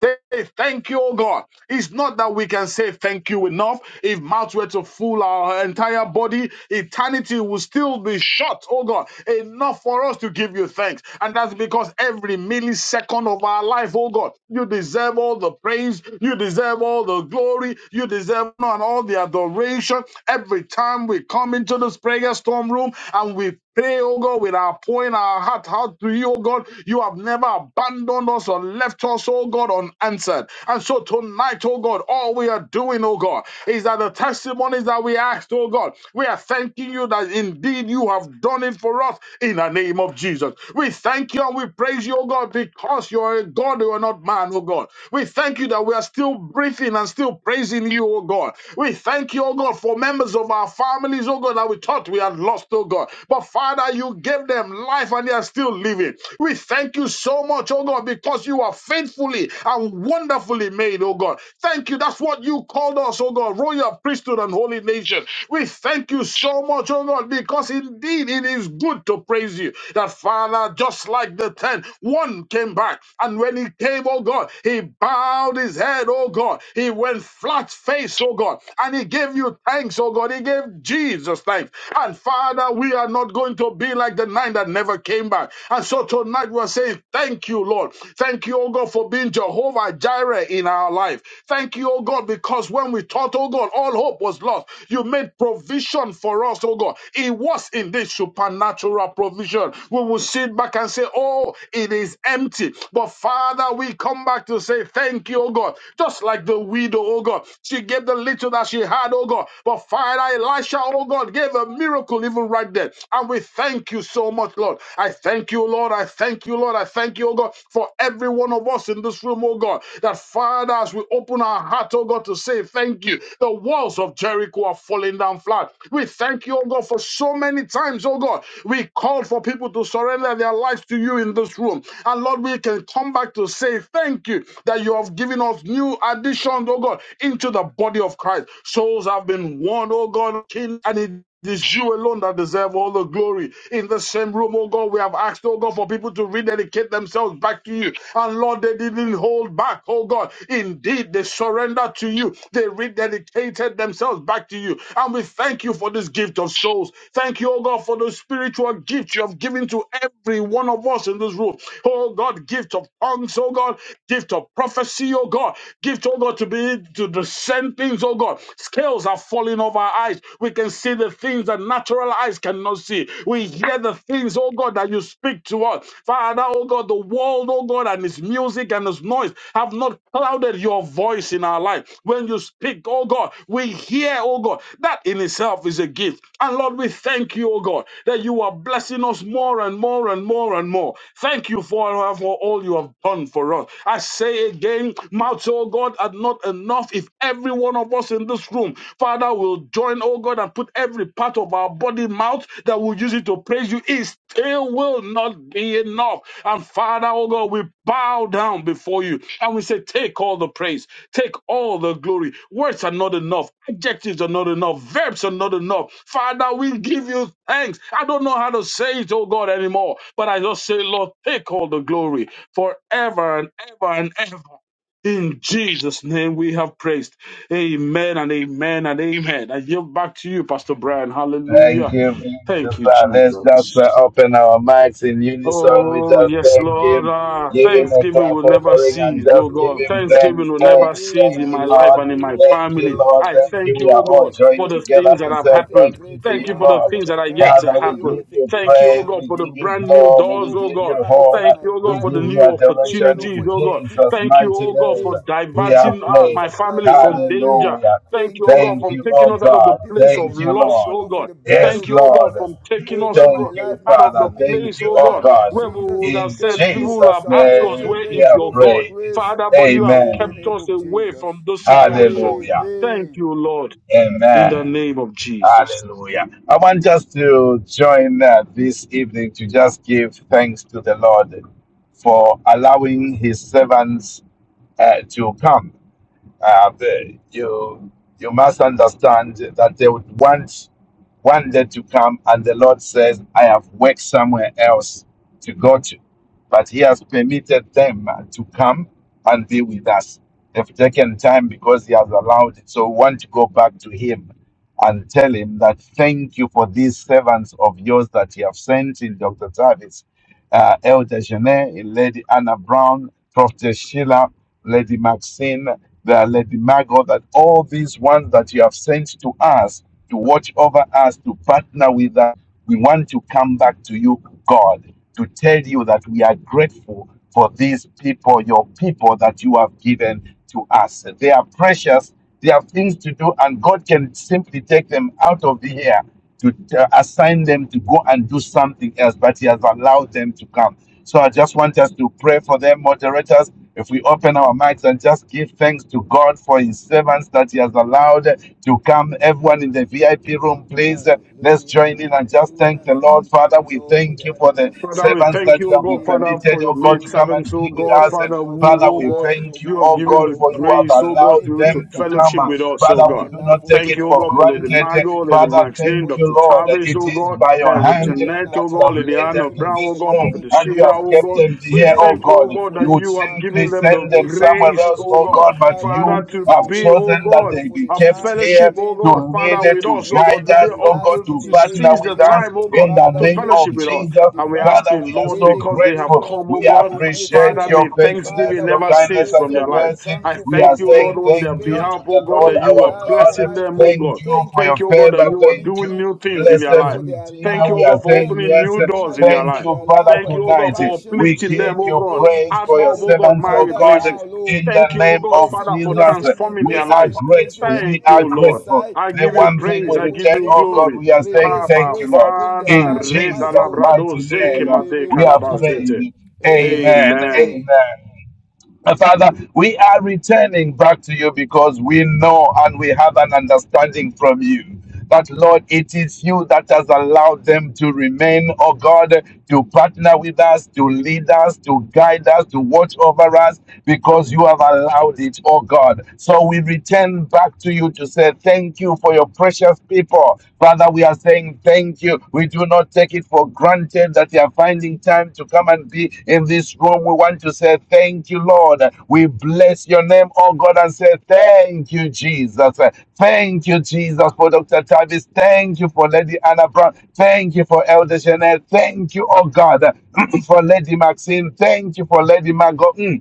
[SPEAKER 6] Say thank you, oh God. It's not that we can say thank you enough. If mouth were to fool our entire body, eternity will still be short, oh God. Enough for us to give you thanks. And that's because every millisecond of our life, oh God, you deserve all the praise, you deserve all the glory, you deserve and all the adoration. Every time we come into this prayer storm room and we Pray, oh God, with our pouring our heart out to you, oh God. You have never abandoned us or left us, oh God, unanswered. And so tonight, oh God, all we are doing, oh God, is that the testimonies that we asked, oh God, we are thanking you that indeed you have done it for us in the name of Jesus. We thank you and we praise you, oh God, because you are a God, you are not man, oh God. We thank you that we are still breathing and still praising you, oh God. We thank you, oh God, for members of our families, oh God, that we thought we had and lost, oh God. But Father, you gave them life and they are still living. We thank you so much, oh God, because you are faithfully and wonderfully made, oh God. Thank you. That's what you called us, oh God, royal priesthood and holy nation. We thank you so much, oh God, because indeed it is good to praise you. That Father, just like the ten, one came back, and when he came, oh God, he bowed his head, oh God. He went flat face, oh God, and he gave you thanks, oh God. He gave Jesus. Jesus' life. And Father, we are not going to be like the nine that never came back. And so tonight we are saying, Thank you, Lord. Thank you, oh God, for being Jehovah Jireh in our life. Thank you, oh God, because when we thought, oh God, all hope was lost, you made provision for us, oh God. It was in this supernatural provision. We will sit back and say, Oh, it is empty. But Father, we come back to say, Thank you, oh God. Just like the widow, oh God. She gave the little that she had, oh God. But God, Father Elisha, oh God, gave a miracle even right there. And we thank you so much, Lord. I thank you, Lord. I thank you, Lord. I thank you, oh God, for every one of us in this room, oh God, that Father, as we open our heart, oh God, to say thank you, the walls of Jericho are falling down flat. We thank you, oh God, for so many times, oh God, we called for people to surrender their lives to you in this room. And Lord, we can come back to say thank you that you have given us new additions, oh God, into the body of Christ. Christ. Souls have been won, oh God, King, and it It is you alone that deserve all the glory. In the same room, oh God, we have asked, oh God, for people to rededicate themselves back to you. And Lord, they didn't hold back, oh God. Indeed, they surrendered to you. They rededicated themselves back to you. And we thank you for this gift of souls. Thank you, oh God, for the spiritual gift you have given to every one of us in this room. Oh God, gift of tongues, oh God, gift of prophecy, oh God, gift, oh God, to be to to discern things, oh God. Scales are falling off our eyes. We can see the things that natural eyes cannot see. We hear the things, oh God, that you speak to us. Father, oh God, the world, oh God, and its music and its noise have not clouded your voice in our life. When you speak, oh God, we hear, oh God. That in itself is a gift. And Lord, we thank you, oh God, that you are blessing us more and more and more and more. Thank you for, for all you have done for us. I say again, mouth, oh God. God, are not enough if every one of us in this room, Father, will join, oh God, and put every part of our body, mouth that will use it to praise you, it still will not be enough. And Father, oh God, we bow down before you and we say, Take all the praise, take all the glory. Words are not enough, adjectives are not enough, verbs are not enough. Father, we give you thanks. I don't know how to say it, oh God, anymore, but I just say, Lord, take all the glory forever and ever and ever. In Jesus' name we have praised. Amen and amen and amen. I yield back to you, Pastor Brian.
[SPEAKER 3] Thank
[SPEAKER 6] Hallelujah.
[SPEAKER 3] you, Jesus.
[SPEAKER 6] Thank you,
[SPEAKER 3] Let's just
[SPEAKER 6] Jesus.
[SPEAKER 3] uh, open our mics in unison. We
[SPEAKER 6] Oh,
[SPEAKER 3] just
[SPEAKER 6] yes,
[SPEAKER 3] thank
[SPEAKER 6] Lord.
[SPEAKER 3] Him,
[SPEAKER 6] Ah,
[SPEAKER 4] Hallelujah,
[SPEAKER 3] give Him a
[SPEAKER 6] thanksgiving
[SPEAKER 3] clap
[SPEAKER 6] will never
[SPEAKER 4] hallelujah,
[SPEAKER 3] offering, and
[SPEAKER 6] cease, oh
[SPEAKER 3] just give
[SPEAKER 6] God.
[SPEAKER 4] hallelujah.
[SPEAKER 3] Him
[SPEAKER 6] Thanksgiving
[SPEAKER 3] thanks,
[SPEAKER 6] will
[SPEAKER 4] Oh,
[SPEAKER 6] never
[SPEAKER 3] thanks,
[SPEAKER 4] give
[SPEAKER 6] cease in
[SPEAKER 3] thank
[SPEAKER 6] my
[SPEAKER 3] you,
[SPEAKER 4] thanks to
[SPEAKER 6] life
[SPEAKER 3] Lord.
[SPEAKER 4] the
[SPEAKER 6] and in my
[SPEAKER 4] Lord.
[SPEAKER 3] Thank
[SPEAKER 6] family.
[SPEAKER 3] you,
[SPEAKER 4] Give
[SPEAKER 3] Lord.
[SPEAKER 6] I
[SPEAKER 3] Thank
[SPEAKER 4] thanks
[SPEAKER 3] you.
[SPEAKER 6] thank
[SPEAKER 3] We
[SPEAKER 6] you, oh
[SPEAKER 3] are
[SPEAKER 4] with
[SPEAKER 3] all
[SPEAKER 6] God,
[SPEAKER 4] a
[SPEAKER 6] for
[SPEAKER 3] joined
[SPEAKER 6] the
[SPEAKER 4] grateful
[SPEAKER 3] together
[SPEAKER 6] things that
[SPEAKER 3] to
[SPEAKER 4] heart,
[SPEAKER 6] have
[SPEAKER 3] say
[SPEAKER 4] with a
[SPEAKER 6] happened.
[SPEAKER 3] thank you to
[SPEAKER 4] grateful
[SPEAKER 6] Thank
[SPEAKER 3] you,
[SPEAKER 6] you for
[SPEAKER 4] heart.
[SPEAKER 6] the
[SPEAKER 3] Lord.
[SPEAKER 6] things
[SPEAKER 4] Lord,
[SPEAKER 6] that
[SPEAKER 4] I
[SPEAKER 6] are
[SPEAKER 4] come
[SPEAKER 6] yet to
[SPEAKER 3] Father,
[SPEAKER 4] before
[SPEAKER 3] we
[SPEAKER 4] you
[SPEAKER 6] happen.
[SPEAKER 3] give
[SPEAKER 4] with a
[SPEAKER 3] you
[SPEAKER 6] Thank
[SPEAKER 4] grateful
[SPEAKER 6] you, oh
[SPEAKER 3] praise,
[SPEAKER 6] God,
[SPEAKER 4] heart.
[SPEAKER 3] we
[SPEAKER 6] for the
[SPEAKER 3] give you
[SPEAKER 6] brand new
[SPEAKER 4] Thank you,
[SPEAKER 3] glory,
[SPEAKER 6] doors,
[SPEAKER 3] we
[SPEAKER 4] Lord,
[SPEAKER 6] oh
[SPEAKER 3] give
[SPEAKER 4] for
[SPEAKER 3] you
[SPEAKER 6] God.
[SPEAKER 4] fighting
[SPEAKER 3] honor,
[SPEAKER 6] Thank
[SPEAKER 4] my
[SPEAKER 6] you, oh
[SPEAKER 3] we
[SPEAKER 6] God, for the
[SPEAKER 3] give
[SPEAKER 4] battles.
[SPEAKER 3] you
[SPEAKER 6] new
[SPEAKER 4] Thank you,
[SPEAKER 3] adoration
[SPEAKER 4] Lord,
[SPEAKER 6] opportunities,
[SPEAKER 3] in
[SPEAKER 4] for
[SPEAKER 6] oh God.
[SPEAKER 3] Jesus'
[SPEAKER 4] defeating
[SPEAKER 6] Thank
[SPEAKER 4] my
[SPEAKER 6] you,
[SPEAKER 3] mighty
[SPEAKER 6] oh God,
[SPEAKER 3] name.
[SPEAKER 6] for
[SPEAKER 4] enemies.
[SPEAKER 3] We
[SPEAKER 4] Thank
[SPEAKER 3] are
[SPEAKER 4] you,
[SPEAKER 6] diverting
[SPEAKER 4] Lord,
[SPEAKER 6] uh,
[SPEAKER 4] for
[SPEAKER 3] praying.
[SPEAKER 6] my
[SPEAKER 4] supplying
[SPEAKER 6] family
[SPEAKER 4] all
[SPEAKER 6] from
[SPEAKER 4] my needs.
[SPEAKER 6] danger.
[SPEAKER 3] Hallelujah.
[SPEAKER 6] Thank you,
[SPEAKER 4] Thank you,
[SPEAKER 6] oh
[SPEAKER 4] Lord,
[SPEAKER 6] God,
[SPEAKER 3] Thank
[SPEAKER 4] for
[SPEAKER 6] from
[SPEAKER 3] you,
[SPEAKER 6] taking
[SPEAKER 3] oh
[SPEAKER 6] us
[SPEAKER 4] defeat,
[SPEAKER 6] out of the
[SPEAKER 3] God.
[SPEAKER 6] place of
[SPEAKER 3] Thank
[SPEAKER 4] defending
[SPEAKER 3] you,
[SPEAKER 4] me.
[SPEAKER 6] loss,
[SPEAKER 4] Thank you,
[SPEAKER 3] Lord.
[SPEAKER 6] oh
[SPEAKER 4] Lord, for
[SPEAKER 6] God.
[SPEAKER 4] the blood
[SPEAKER 3] Yes,
[SPEAKER 6] Thank you,
[SPEAKER 4] of
[SPEAKER 6] oh God,
[SPEAKER 3] Lord.
[SPEAKER 4] Jesus
[SPEAKER 6] from taking us,
[SPEAKER 4] over
[SPEAKER 6] oh
[SPEAKER 4] my
[SPEAKER 6] God,
[SPEAKER 3] Thank you,
[SPEAKER 4] life, my
[SPEAKER 6] out of the
[SPEAKER 3] Father.
[SPEAKER 4] family, the
[SPEAKER 3] Thank
[SPEAKER 6] place,
[SPEAKER 3] you,
[SPEAKER 6] oh
[SPEAKER 3] oh
[SPEAKER 6] God
[SPEAKER 4] blood of
[SPEAKER 3] God.
[SPEAKER 6] where we
[SPEAKER 4] Jesus.
[SPEAKER 6] would have
[SPEAKER 3] In
[SPEAKER 6] said,
[SPEAKER 4] Thank you, Lord,
[SPEAKER 6] people would
[SPEAKER 4] for
[SPEAKER 3] Jesus'
[SPEAKER 6] have asked us,
[SPEAKER 4] salvation.
[SPEAKER 3] name
[SPEAKER 6] where
[SPEAKER 3] we
[SPEAKER 4] Thank
[SPEAKER 6] is
[SPEAKER 4] you,
[SPEAKER 3] are
[SPEAKER 6] your
[SPEAKER 4] Lord, for
[SPEAKER 6] God?
[SPEAKER 3] prayed.
[SPEAKER 4] grace.
[SPEAKER 6] Father, but you have
[SPEAKER 4] In the
[SPEAKER 6] kept
[SPEAKER 3] Amen.
[SPEAKER 4] name
[SPEAKER 6] us
[SPEAKER 4] of
[SPEAKER 6] away
[SPEAKER 4] Jesus.
[SPEAKER 6] from those situations.
[SPEAKER 3] Hallelujah.
[SPEAKER 6] Thank
[SPEAKER 4] Amen.
[SPEAKER 6] you, Lord, in the
[SPEAKER 3] Amen.
[SPEAKER 6] name of Jesus.
[SPEAKER 3] Hallelujah. I want just to join uh, this evening to just give thanks to the Lord for allowing his servants uh, to come uh, the, you you must understand that they would want one day to come, and the Lord says, "I have worked somewhere else to go to," but He has permitted them uh, to come and be with us. They've taken time because He has allowed it. So we want to go back to Him and tell Him that thank you for these servants of yours that you have sent in Dr. Tavis uh, Elder Janet, Lady Anna Brown, Prophet Sheila, Lady Maxine, the Lady Margot, that all these ones that you have sent to us to watch over us, to partner with us, we want to come back to you, God, to tell you that we are grateful for these people, your people that you have given to us. They are precious. They have things to do, and God can simply take them out of the air to uh, assign them to go and do something else, but He has allowed them to come. So I just want us to pray for them, moderators. If we open our mics and just give thanks to God for His servants that He has allowed to come, everyone in the VIP room, please. Let's
[SPEAKER 4] Hallelujah,
[SPEAKER 3] join in and just thank
[SPEAKER 4] hallelujah.
[SPEAKER 3] the Lord.
[SPEAKER 4] Thank you,
[SPEAKER 3] Father, we
[SPEAKER 4] Lord, for
[SPEAKER 3] thank
[SPEAKER 4] the
[SPEAKER 3] you for the
[SPEAKER 4] atmosphere
[SPEAKER 6] Father,
[SPEAKER 4] of
[SPEAKER 6] we
[SPEAKER 3] servants
[SPEAKER 6] thank
[SPEAKER 3] that
[SPEAKER 6] you,
[SPEAKER 3] you
[SPEAKER 6] O
[SPEAKER 3] have
[SPEAKER 6] God,
[SPEAKER 4] thanksgiving,
[SPEAKER 6] Father,
[SPEAKER 3] permitted,
[SPEAKER 6] for your
[SPEAKER 3] oh God,
[SPEAKER 6] maid
[SPEAKER 3] to come
[SPEAKER 4] thanksgiving.
[SPEAKER 3] and
[SPEAKER 6] servants, O
[SPEAKER 3] be
[SPEAKER 4] We
[SPEAKER 3] with
[SPEAKER 6] God,
[SPEAKER 3] us.
[SPEAKER 4] thank
[SPEAKER 3] And
[SPEAKER 4] you,
[SPEAKER 6] Father,
[SPEAKER 4] Lord, for
[SPEAKER 6] who,
[SPEAKER 3] Father,
[SPEAKER 4] the
[SPEAKER 6] O
[SPEAKER 3] we
[SPEAKER 6] God,
[SPEAKER 4] lives,
[SPEAKER 3] thank you,
[SPEAKER 6] you
[SPEAKER 4] Almighty
[SPEAKER 6] have
[SPEAKER 3] oh
[SPEAKER 4] God,
[SPEAKER 6] given
[SPEAKER 3] God,
[SPEAKER 6] the
[SPEAKER 3] for
[SPEAKER 4] of
[SPEAKER 3] you
[SPEAKER 4] the
[SPEAKER 3] have
[SPEAKER 4] elder
[SPEAKER 6] grace, O God,
[SPEAKER 4] Janet.
[SPEAKER 3] allowed
[SPEAKER 6] to,
[SPEAKER 3] them
[SPEAKER 4] We
[SPEAKER 6] to
[SPEAKER 3] to
[SPEAKER 4] thank
[SPEAKER 3] come.
[SPEAKER 6] fellowship
[SPEAKER 3] Uh,
[SPEAKER 4] God
[SPEAKER 6] with us,
[SPEAKER 3] Father,
[SPEAKER 6] O
[SPEAKER 4] for
[SPEAKER 3] we
[SPEAKER 4] the
[SPEAKER 6] God.
[SPEAKER 3] do
[SPEAKER 4] life
[SPEAKER 3] not
[SPEAKER 4] of
[SPEAKER 3] take
[SPEAKER 6] Thank
[SPEAKER 3] it
[SPEAKER 6] you,
[SPEAKER 4] Dr.
[SPEAKER 6] O
[SPEAKER 3] for
[SPEAKER 6] God, for Lady
[SPEAKER 4] Tavis.
[SPEAKER 3] granted.
[SPEAKER 4] We
[SPEAKER 3] Uh,
[SPEAKER 6] Margot,
[SPEAKER 4] thank you,
[SPEAKER 6] Lady
[SPEAKER 4] Lord,
[SPEAKER 3] Father,
[SPEAKER 6] Maxine,
[SPEAKER 4] for
[SPEAKER 3] thank
[SPEAKER 4] the
[SPEAKER 3] you,
[SPEAKER 6] Dr.
[SPEAKER 4] life
[SPEAKER 3] Lord.
[SPEAKER 4] of
[SPEAKER 6] Tavis,
[SPEAKER 3] It
[SPEAKER 6] O
[SPEAKER 4] Dr.
[SPEAKER 3] is
[SPEAKER 6] God,
[SPEAKER 3] by your
[SPEAKER 4] uh,
[SPEAKER 6] Elder
[SPEAKER 3] hand
[SPEAKER 4] Lady
[SPEAKER 6] Jeanette,
[SPEAKER 4] Anna
[SPEAKER 6] O
[SPEAKER 3] that you
[SPEAKER 6] God,
[SPEAKER 3] have
[SPEAKER 4] Brown.
[SPEAKER 6] Lady
[SPEAKER 3] led them
[SPEAKER 4] Thank
[SPEAKER 6] Anna
[SPEAKER 4] you,
[SPEAKER 3] to
[SPEAKER 4] Lord,
[SPEAKER 6] Brown,
[SPEAKER 4] for
[SPEAKER 6] O
[SPEAKER 4] the
[SPEAKER 3] this
[SPEAKER 6] God,
[SPEAKER 3] room
[SPEAKER 4] life
[SPEAKER 6] Prophet
[SPEAKER 4] of
[SPEAKER 3] and you
[SPEAKER 4] Lady
[SPEAKER 6] Sheila,
[SPEAKER 3] have
[SPEAKER 6] O
[SPEAKER 3] kept
[SPEAKER 6] God.
[SPEAKER 4] Maxine.
[SPEAKER 3] them
[SPEAKER 6] We
[SPEAKER 3] here, oh
[SPEAKER 4] Thank
[SPEAKER 6] thank
[SPEAKER 4] you,
[SPEAKER 6] you, O
[SPEAKER 3] God.
[SPEAKER 4] Lord,
[SPEAKER 6] God,
[SPEAKER 4] for
[SPEAKER 3] You
[SPEAKER 6] that
[SPEAKER 3] would
[SPEAKER 4] Lady
[SPEAKER 6] you have given
[SPEAKER 3] simply
[SPEAKER 4] Margot.
[SPEAKER 6] them the
[SPEAKER 3] send them
[SPEAKER 4] In the
[SPEAKER 3] somewhere
[SPEAKER 4] name
[SPEAKER 6] grace,
[SPEAKER 3] else,
[SPEAKER 4] of
[SPEAKER 6] O
[SPEAKER 3] oh
[SPEAKER 6] God,
[SPEAKER 3] God,
[SPEAKER 4] Jesus,
[SPEAKER 3] but
[SPEAKER 4] Father, we
[SPEAKER 6] Father,
[SPEAKER 3] you
[SPEAKER 6] to
[SPEAKER 4] bless your
[SPEAKER 3] have
[SPEAKER 6] be,
[SPEAKER 4] name.
[SPEAKER 6] O
[SPEAKER 3] chosen
[SPEAKER 4] Thank
[SPEAKER 3] that
[SPEAKER 4] you,
[SPEAKER 6] God,
[SPEAKER 4] Lord,
[SPEAKER 3] they
[SPEAKER 4] for
[SPEAKER 3] be
[SPEAKER 4] the
[SPEAKER 6] a
[SPEAKER 3] kept
[SPEAKER 4] time they've
[SPEAKER 6] fellowship,
[SPEAKER 3] here
[SPEAKER 6] O
[SPEAKER 4] spent
[SPEAKER 3] to
[SPEAKER 6] God,
[SPEAKER 3] lead
[SPEAKER 6] Father,
[SPEAKER 3] us,
[SPEAKER 6] with
[SPEAKER 4] praying
[SPEAKER 3] to
[SPEAKER 4] and
[SPEAKER 6] us, O God,
[SPEAKER 3] guide
[SPEAKER 6] to be,
[SPEAKER 4] worshiping
[SPEAKER 3] us,
[SPEAKER 4] with
[SPEAKER 6] uh,
[SPEAKER 3] oh
[SPEAKER 4] us
[SPEAKER 3] God,
[SPEAKER 4] in
[SPEAKER 3] to
[SPEAKER 6] to
[SPEAKER 4] the
[SPEAKER 3] partner
[SPEAKER 4] name
[SPEAKER 6] seize
[SPEAKER 4] of
[SPEAKER 6] the
[SPEAKER 3] with
[SPEAKER 4] Jesus.
[SPEAKER 3] us
[SPEAKER 6] time, O God,
[SPEAKER 3] in the
[SPEAKER 4] Father,
[SPEAKER 6] to
[SPEAKER 3] name
[SPEAKER 6] fellowship
[SPEAKER 3] of
[SPEAKER 4] thank
[SPEAKER 6] with
[SPEAKER 4] you,
[SPEAKER 6] us.
[SPEAKER 4] Lord,
[SPEAKER 3] Jesus.
[SPEAKER 4] for
[SPEAKER 6] And we're
[SPEAKER 4] divine
[SPEAKER 3] Father,
[SPEAKER 6] asking,
[SPEAKER 3] we are
[SPEAKER 6] Lord,
[SPEAKER 3] so
[SPEAKER 4] healing,
[SPEAKER 6] because they have
[SPEAKER 3] grateful.
[SPEAKER 4] deliverance
[SPEAKER 6] come, O
[SPEAKER 3] We
[SPEAKER 4] over
[SPEAKER 6] God,
[SPEAKER 4] your maid
[SPEAKER 6] Father,
[SPEAKER 3] appreciate
[SPEAKER 4] servants.
[SPEAKER 6] may
[SPEAKER 3] your faithfulness,
[SPEAKER 6] thanksgiving
[SPEAKER 4] Father,
[SPEAKER 3] your
[SPEAKER 4] we
[SPEAKER 6] never
[SPEAKER 4] are
[SPEAKER 3] kindness,
[SPEAKER 6] cease
[SPEAKER 3] and
[SPEAKER 6] from
[SPEAKER 3] your
[SPEAKER 4] grateful.
[SPEAKER 6] their
[SPEAKER 4] We
[SPEAKER 6] life.
[SPEAKER 4] are
[SPEAKER 3] mercy.
[SPEAKER 6] I
[SPEAKER 4] thankful
[SPEAKER 3] We
[SPEAKER 4] for
[SPEAKER 3] are
[SPEAKER 4] the
[SPEAKER 6] thank you, Lord,
[SPEAKER 3] saying
[SPEAKER 4] time they
[SPEAKER 6] on their
[SPEAKER 3] thank you
[SPEAKER 4] spend
[SPEAKER 3] to
[SPEAKER 6] behalf, oh
[SPEAKER 3] the
[SPEAKER 6] God,
[SPEAKER 3] Lord
[SPEAKER 6] that
[SPEAKER 4] praying
[SPEAKER 6] you
[SPEAKER 4] with
[SPEAKER 3] our
[SPEAKER 6] are
[SPEAKER 4] us,
[SPEAKER 3] God.
[SPEAKER 6] blessing
[SPEAKER 4] Almighty
[SPEAKER 6] them, oh
[SPEAKER 4] God.
[SPEAKER 6] God.
[SPEAKER 3] Thank you
[SPEAKER 4] Thank you,
[SPEAKER 3] for
[SPEAKER 6] Thank
[SPEAKER 3] your
[SPEAKER 4] Lord,
[SPEAKER 6] you,
[SPEAKER 4] for
[SPEAKER 6] oh God,
[SPEAKER 4] their
[SPEAKER 6] that
[SPEAKER 3] favor.
[SPEAKER 6] you are
[SPEAKER 3] Thank you
[SPEAKER 6] doing
[SPEAKER 4] commitment.
[SPEAKER 6] new things in
[SPEAKER 4] Thank you,
[SPEAKER 3] Blessed
[SPEAKER 6] their
[SPEAKER 4] Lord,
[SPEAKER 6] life.
[SPEAKER 4] for their
[SPEAKER 6] Thank
[SPEAKER 3] Redeemer,
[SPEAKER 6] you, oh
[SPEAKER 3] we
[SPEAKER 4] love.
[SPEAKER 3] are
[SPEAKER 6] God, for
[SPEAKER 3] saying
[SPEAKER 4] Thank you,
[SPEAKER 6] opening
[SPEAKER 3] yes.
[SPEAKER 6] new
[SPEAKER 4] Lord,
[SPEAKER 6] doors
[SPEAKER 4] Almighty
[SPEAKER 6] in their
[SPEAKER 4] God,
[SPEAKER 3] Thank
[SPEAKER 4] for
[SPEAKER 6] life.
[SPEAKER 3] you,
[SPEAKER 4] their
[SPEAKER 3] Father,
[SPEAKER 4] love
[SPEAKER 6] Thank
[SPEAKER 4] and
[SPEAKER 6] you, oh God,
[SPEAKER 3] tonight.
[SPEAKER 6] for
[SPEAKER 4] compassion
[SPEAKER 3] We
[SPEAKER 6] uplifting them,
[SPEAKER 3] give
[SPEAKER 4] in
[SPEAKER 6] oh
[SPEAKER 4] the
[SPEAKER 3] you
[SPEAKER 6] God,
[SPEAKER 4] name
[SPEAKER 3] praise
[SPEAKER 4] of
[SPEAKER 6] out
[SPEAKER 3] for your
[SPEAKER 6] of,
[SPEAKER 4] Jesus.
[SPEAKER 6] oh God,
[SPEAKER 3] servants, oh
[SPEAKER 6] miry
[SPEAKER 4] Father,
[SPEAKER 3] God,
[SPEAKER 4] now,
[SPEAKER 6] places.
[SPEAKER 4] Lord,
[SPEAKER 3] in the
[SPEAKER 6] Thank you, oh
[SPEAKER 4] in
[SPEAKER 3] name
[SPEAKER 6] God,
[SPEAKER 3] of
[SPEAKER 4] blessing,
[SPEAKER 6] Father, for
[SPEAKER 4] bless
[SPEAKER 3] Jesus.
[SPEAKER 4] them, in
[SPEAKER 6] transforming
[SPEAKER 3] We
[SPEAKER 6] their
[SPEAKER 4] blessing,
[SPEAKER 3] are
[SPEAKER 6] lives.
[SPEAKER 4] increase them
[SPEAKER 3] grateful.
[SPEAKER 4] from
[SPEAKER 3] We
[SPEAKER 6] Thank you,
[SPEAKER 3] are
[SPEAKER 4] every
[SPEAKER 6] Lord.
[SPEAKER 4] side.
[SPEAKER 3] grateful.
[SPEAKER 6] I
[SPEAKER 3] The
[SPEAKER 6] give you
[SPEAKER 4] In
[SPEAKER 3] one
[SPEAKER 4] the
[SPEAKER 3] thing
[SPEAKER 6] praise.
[SPEAKER 3] we
[SPEAKER 6] I
[SPEAKER 4] name
[SPEAKER 6] give
[SPEAKER 4] of
[SPEAKER 3] return,
[SPEAKER 6] you
[SPEAKER 3] oh
[SPEAKER 4] Jesus,
[SPEAKER 3] God,
[SPEAKER 6] glory.
[SPEAKER 3] we are saying
[SPEAKER 4] release
[SPEAKER 6] Abba,
[SPEAKER 3] thank you,
[SPEAKER 4] grace
[SPEAKER 3] Lord.
[SPEAKER 4] upon their
[SPEAKER 6] Father,
[SPEAKER 3] In
[SPEAKER 4] lives,
[SPEAKER 6] Reda
[SPEAKER 3] Jesus'
[SPEAKER 4] Almighty God.
[SPEAKER 6] Labrado,
[SPEAKER 3] mighty
[SPEAKER 6] Zeke
[SPEAKER 3] name,
[SPEAKER 4] In the
[SPEAKER 6] Made
[SPEAKER 3] we
[SPEAKER 4] name
[SPEAKER 3] are
[SPEAKER 4] of Jesus.
[SPEAKER 6] Karabazete.
[SPEAKER 3] praying. Amen.
[SPEAKER 6] Amen.
[SPEAKER 4] Amen.
[SPEAKER 3] Amen. Uh, Father, we are returning back to you because we know and we have an understanding from you that, Lord, it is you that has allowed them to remain, oh God, to partner with us, to lead us, to guide us, to watch over us, because you have allowed it, oh God. So we return back to you to say thank you for your precious people. Father, we we are saying thank you. We do not take it for granted that you are finding time to come and be in this room. We want to say thank you, Lord. We bless your name, oh God, and say thank you, Jesus. Thank you, Jesus, for Dr. Tavis. Thank you for Lady Anna Brown. Thank you for Elder Jeanette. Thank you, oh God, for Lady Maxine. Thank you for Lady Margot. Mm.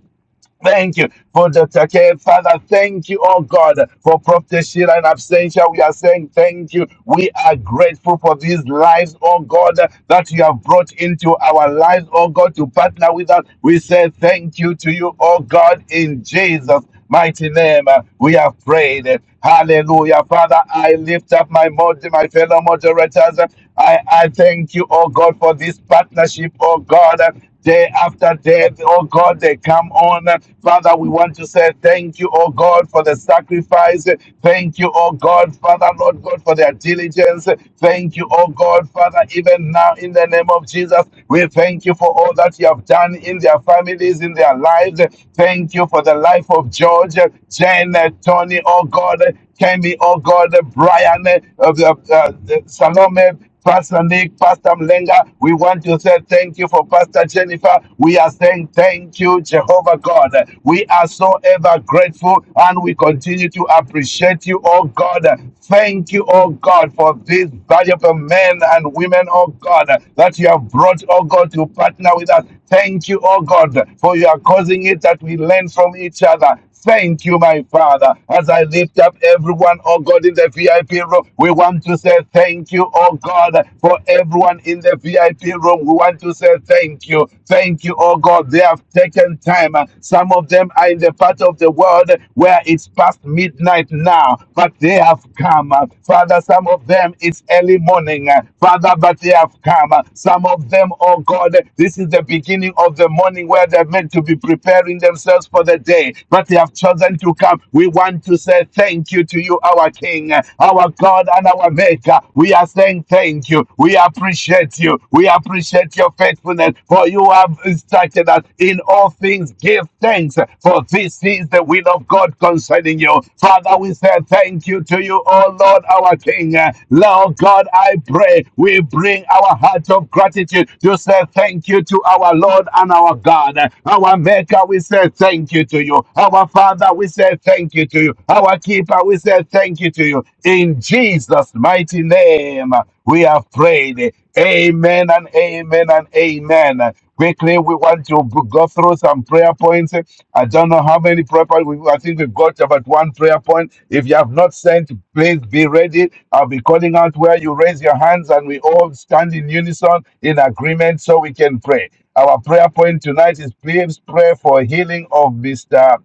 [SPEAKER 3] Thank you for the K. Father, thank you, oh God, for Prophet Sheila and Absentia. We are saying thank you. We are grateful for these lives, oh God, that you have brought into our lives, oh God, to partner with us. We say thank you to you, oh God, in Jesus mighty name, uh, we have prayed. Hallelujah. Father, I lift up my mod- my fellow moderators. I, I thank you, oh God, for this partnership, oh God. Day after day, oh God, they come on. Father, we want to say thank you, oh God, for the sacrifice. Thank you, oh God, Father, Lord God, for their diligence. Thank you, oh God, Father, even now in the name of Jesus, we thank you for all that you have done in their families, in their lives lives. Thank you for the life of George, Jen, Tony, oh God, Kemi, oh God, Brian, uh, uh, uh, Salome, Pastor Nick, Pastor Mlenga, we want to say thank you for Pastor Jennifer. We are saying thank you, Jehovah God. We are so ever grateful and we continue to appreciate you, oh God. Thank you, oh God, for these valuable men and women, oh God, that you have brought, oh God, to partner with us. Thank you, oh God, for you are causing it that we learn from each other. Thank you, my Father. As I lift up everyone, oh God, in the VIP room, we want to say thank you, oh God, for everyone in the VIP room. We want to say thank you. Thank you, oh God. They have taken time. Some of them are in the part of the world where it's past midnight now, but they have come. Father, some of them it's early morning. Father, but they have come. Some of of them, oh God. This is the beginning of the morning where they're meant to be preparing themselves for the day, but they have chosen to come. We want to say thank you to you, our King, our God, and our Maker. We are saying thank you. We appreciate you. We appreciate your faithfulness, for you have instructed us in all things. Give thanks, for this is the will of God concerning you. Father, we say thank you to you, oh Lord, our King. Lord God, I pray. We bring our heart of gratitude to say thank you to our Lord and our God. Our Maker, we say thank you to you. Our Father, we say thank you to you. Our Keeper, we say thank you to you. In Jesus' mighty name, we have prayed. Amen and amen and amen. Quickly, we want to b- go through some prayer points. I don't know how many prayer points. we- I think we've got about one prayer point. If you have not sent, please be ready. I'll be calling out where you raise your hands and we all stand in unison in agreement so we can pray. Our prayer point tonight is please pray for healing of Mr.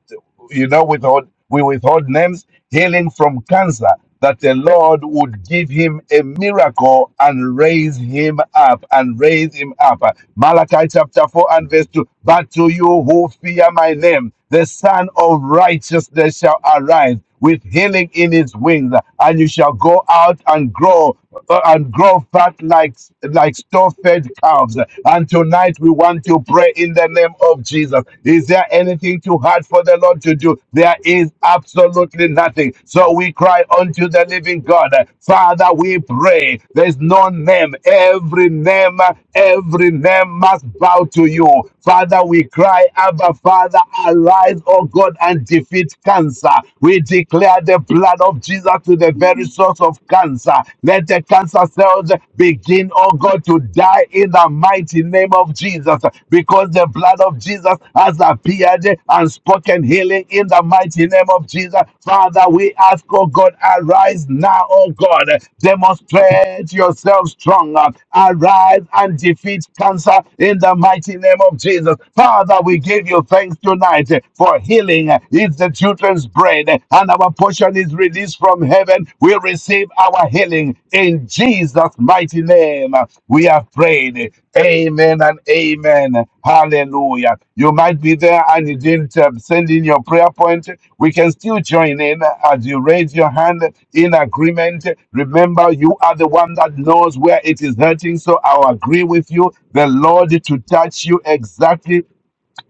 [SPEAKER 3] You know, withhold, we withhold names, healing from cancer, that the Lord would give him a miracle and raise him up and raise him up. Malachi chapter 4 and verse 2. But to you who fear my name, the Son of Righteousness shall arise with healing in his wings, and you shall go out and grow uh, and grow fat like like store-fed calves. And tonight we want to pray in the name of Jesus. Is there anything too hard for the Lord to do? There is absolutely nothing. So we cry unto the living God, Father. We pray. There's no name. Every name, every name must bow to you, Father. We cry, Abba, Father. Arise, O God, and deliver defeat cancer. We declare the blood of Jesus to the very source of cancer. Let the cancer cells begin, oh God, to die in the mighty name of Jesus because the blood of Jesus has appeared and spoken healing in the mighty name of Jesus. Father, we ask, oh God, arise now, oh God, demonstrate yourself stronger. Arise and defeat cancer in the mighty name of Jesus. Father, we give you thanks tonight, for healing is the children's bread, and our portion is released from heaven. We receive our healing in Jesus' mighty name. We have prayed. Amen and amen. Hallelujah. You might be there and you didn't uh, send in your prayer point. We can still join in as you raise your hand in agreement. Remember, you are the one that knows where it is hurting. So I'll agree with you. The Lord to touch you exactly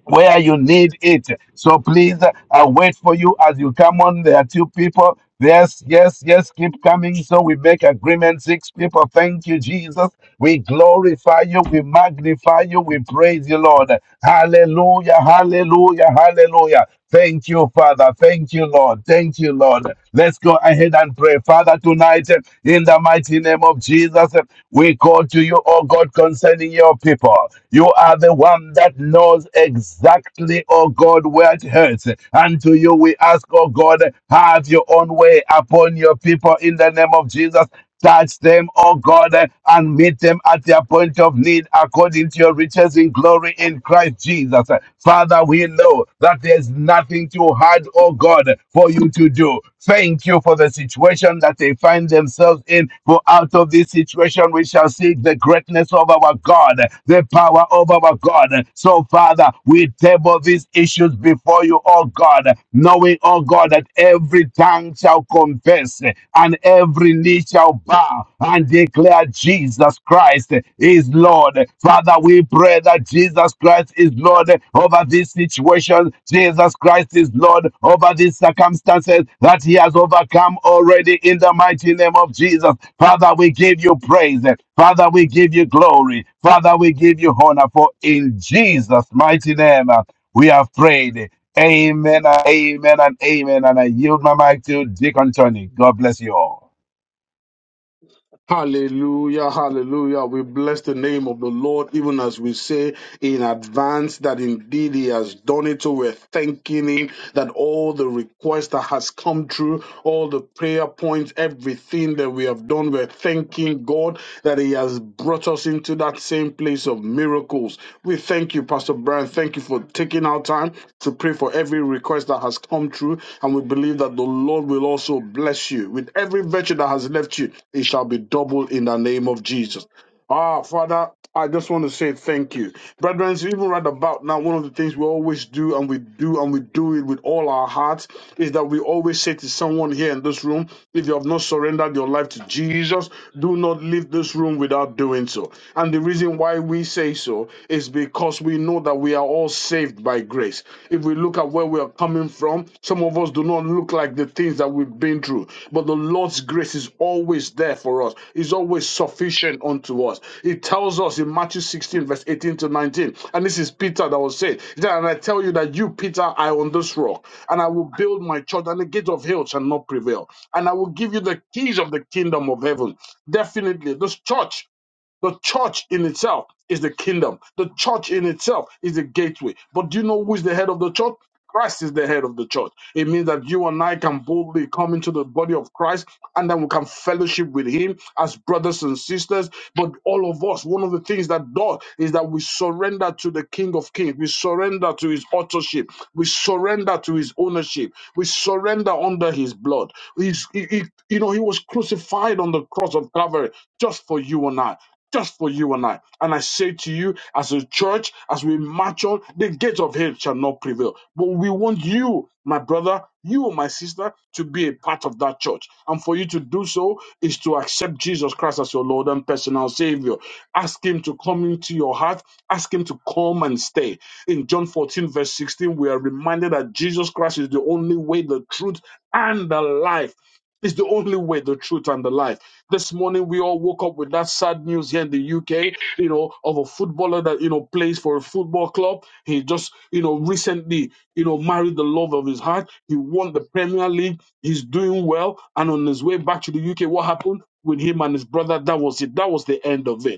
[SPEAKER 3] where you need it. So please, uh, I'll wait for you as you come on. There are two people. Yes, yes, yes, keep coming. So we make agreement. Six people. Thank you, Jesus. We glorify you. We magnify you. We praise you, Lord. Hallelujah, hallelujah, hallelujah. Thank you, Father. Thank you, Lord. Thank you, Lord. Let's go ahead and pray. Father, tonight, in the mighty name of Jesus. Jesus, we call to you, oh God, concerning your people. You are the one that knows exactly, oh God, where it hurts. And to you we ask, oh God, have your own way upon your people in the name of Jesus. Touch them, oh God, and meet them at their point of need according to your riches in glory in Christ Jesus. Father, we know that there's nothing too hard, oh God. God, for you to do. Thank you for the situation that they find themselves in. For out of this situation, we shall see the greatness of our God, the power of our God. So, Father, we table these issues before you, oh God, knowing, oh God, that every tongue shall confess and every knee shall bow and declare Jesus Christ is Lord. Father, we pray pray that Jesus Christ is Lord over this situation. Jesus Christ is Lord over these circumstances that he has overcome already in the mighty name of Jesus. Father, we give you praise. Father, we give you glory. Father, we give you honor. For in Jesus' mighty name, uh, we have prayed. Amen, and amen, and amen. And I yield my mic to Deacon Tony. God bless you all.
[SPEAKER 6] Hallelujah, hallelujah. We bless the name of the Lord, even as we say in advance that indeed He has done it. So we're thanking Him that all the requests that has come through, all the prayer points, everything that we have done, we're thanking God Lord, that He has brought us into that same place of miracles. We thank you, Pastor Brian. Thank you for taking our time to pray for every request that has come through, And we believe that the Lord will also bless you with every virtue that has left you. It shall be doubled in the name of Jesus. Ah, Father, I just want to say thank you. Brethren, even right about now, one of the things we always do and we do and we do it with all our hearts is that we always say to someone here in this room, if you have not surrendered your life to Jesus, do not leave this room without doing so. And the reason why we say so is because we know that we are always, if we don't, someone look through, but this is all us, it's us, it did, and it's rock, and I will, and I will. itself is the kingdom. The church in itself is the gateway. But do you know who is the head of the church? Christ is the head of the church. It means that you and I can boldly come into the body of Christ and then we can fellowship with him as brothers and sisters. But all of us, one of the things that does is that we surrender to the King of Kings. We surrender to his authorship. We surrender to his ownership. We surrender under his blood. He's, he, he- you know, he was crucified on the cross of Calvary just for you and I. Just for you and I and I say to you, as a church, as we march on, the gates of hell shall not prevail. But we want you, my brother, you, my sister, to be a part of that church. And for you to do so is to accept Jesus Christ as your Lord and personal Savior. Ask Him to come into your heart. Ask Him to come and stay. In John 14, verse 16, we are reminded that Jesus Christ is the only way, the truth, and the life. Is the only way, the truth, and the life. This morning, we all woke up with that sad news here in the UK you know, of a footballer that, you know, plays for a football club. He just, you know, recently, you know, married the love of his heart. He won the Premier League. He's doing well. And on his way back to the UK, what happened with him and his brother? That was it. That was the end of it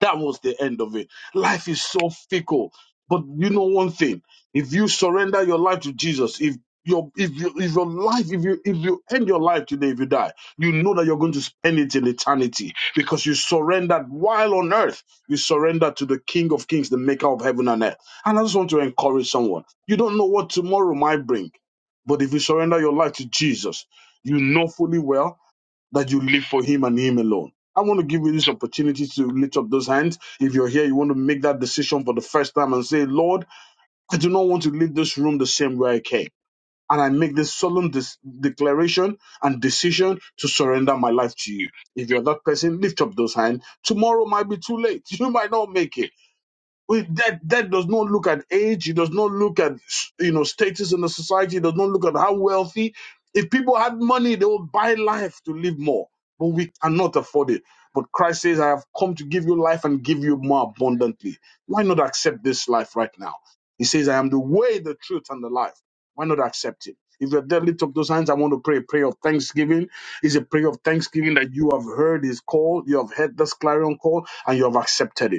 [SPEAKER 6] that was the end of it. Life is so fickle. But you know one thing: if you surrender your life to Jesus, if your if you, if your life if you if you end your life today if you die, you know that you're going to spend it in eternity because you surrendered while on earth. You surrender to the King of Kings, the Maker of heaven and earth. And I just want to encourage someone: you don't know what tomorrow might bring, but if you surrender your life to Jesus, you know fully well that you live for Him and Him alone. I want to give you this opportunity to lift up those hands. If you're here, you want to make that decision for the first time and say, Lord, I do not want to leave this room the same way I came. And I make this solemn des- declaration and decision to surrender my life to you. If you're that person, lift up those hands. Tomorrow might be too late. You might not make it we, that that does not look at age. It does not look at you know status in the society. It does not look at how wealthy. If people had money, they would buy life to live more. But we cannot afford it. But Christ says, "I have come to give you life and give you more abundantly." Why not accept this life right now? He says, "I am the way, the truth, and the life." Why not accept it? If you're there, lift up those hands. I want to pray a prayer of thanksgiving. It's a prayer of thanksgiving that you have heard his call, you have heard this clarion call, and you have accepted it.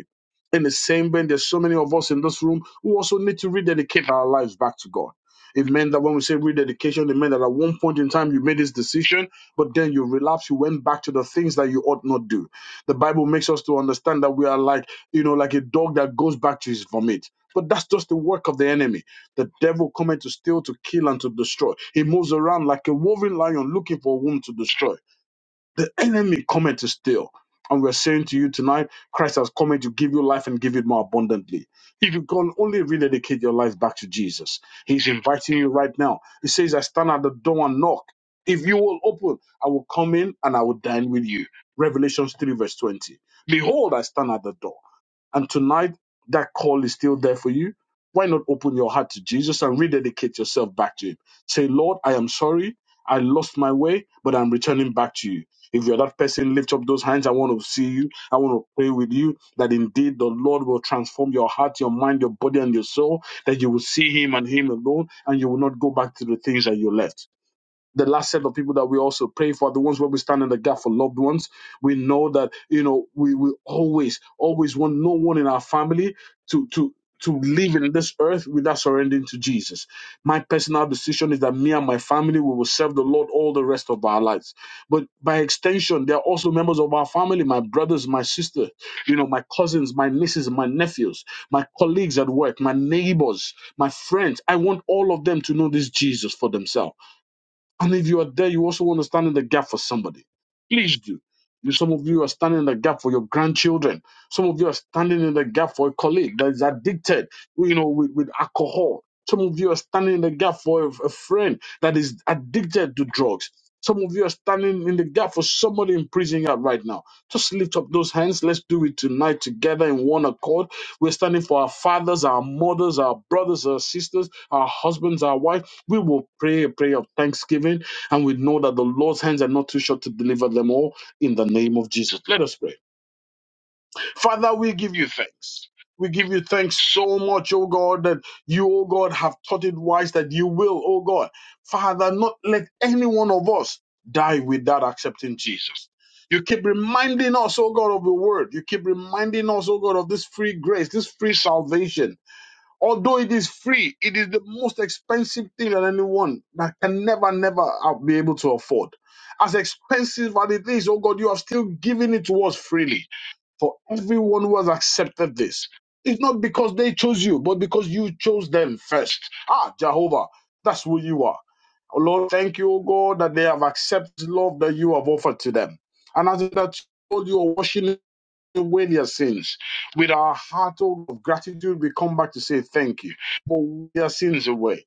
[SPEAKER 6] In the same vein, there's so many of us in this room who also need to rededicate our lives back to God. It meant that when we say rededication, it meant that at one point in time you made this decision, but then you relapsed, you went back to the things that you ought not do. The Bible makes us to understand that we are like, you know, like a dog that goes back to his vomit. But that's just the work of the enemy. The devil coming to steal, to kill, and to destroy. He moves around like a roving lion looking for a womb to destroy. The enemy cometh to steal. And we're saying to you tonight, Christ has come in to give you life and give it more abundantly. If you can only rededicate your life back to Jesus, He's inviting you right now. He says, I stand at the door and knock. If you will open, I will come in and I will dine with you. Revelations 3, verse 20. Behold, I stand at the door. And tonight, that call is still there for you. Why not open your heart to Jesus and rededicate yourself back to Him? Say, Lord, I am sorry. I lost my way, but I'm returning back to you. If you're that person, lift up those hands. I want to see you. I want to pray with you that indeed the Lord will transform your heart, your mind, your body, and your soul, that you will see Him and Him alone, and you will not go back to the things that you left the last set of people that we also pray for, the ones where we stand in the gap for loved ones. We know that, you know, we will always, always want no one in our family to, to, to live in this earth without surrendering to Jesus. My personal decision is that me and my family we will serve the Lord all the rest of our lives. But by extension, there are also members of our family, my brothers, my sisters, you know, my cousins, my nieces, my nephews, my colleagues at work, my neighbors, my friends. I want all of them to know this Jesus for themselves. And if you are there, you also want to stand in the gap for somebody. Please do. You, some of you are standing in the gap for your grandchildren. Some of you are standing in the gap for a colleague that is addicted, you know, with, with alcohol. Some of you are standing in the gap for a, a friend that is addicted to drugs. Some of you are standing in the gap for somebody in prison yard right now. Just lift up those hands. Let's do it tonight together in one accord. We're standing for our fathers, our mothers, our brothers, our sisters, our husbands, our wives we will pray a prayer of thanksgiving and we know that the Lord's hands are not too short to deliver them all in the name of Jesus. Let us pray. Father, we give you thanks. We give you thanks so much, O God, that you, O God, have taught it wise that you will, O God. Father, not let any one of us die without accepting Jesus. You keep reminding us, O God, of the word. You keep reminding us, O God, of this free grace, this free salvation Although it is free, it is the most expensive thing that anyone that can never, never uh, be able to afford. As expensive as it is, oh God, you have still given it to us freely for everyone who has accepted this. It's not because they chose you, but because you chose them first. Ah, Jehovah, that's who you are. Oh, Lord, thank you, oh God, that they have accepted love that you have offered to them. And as that told you, washing away their sins. With our heart of gratitude, we come back to say thank you for their sins away.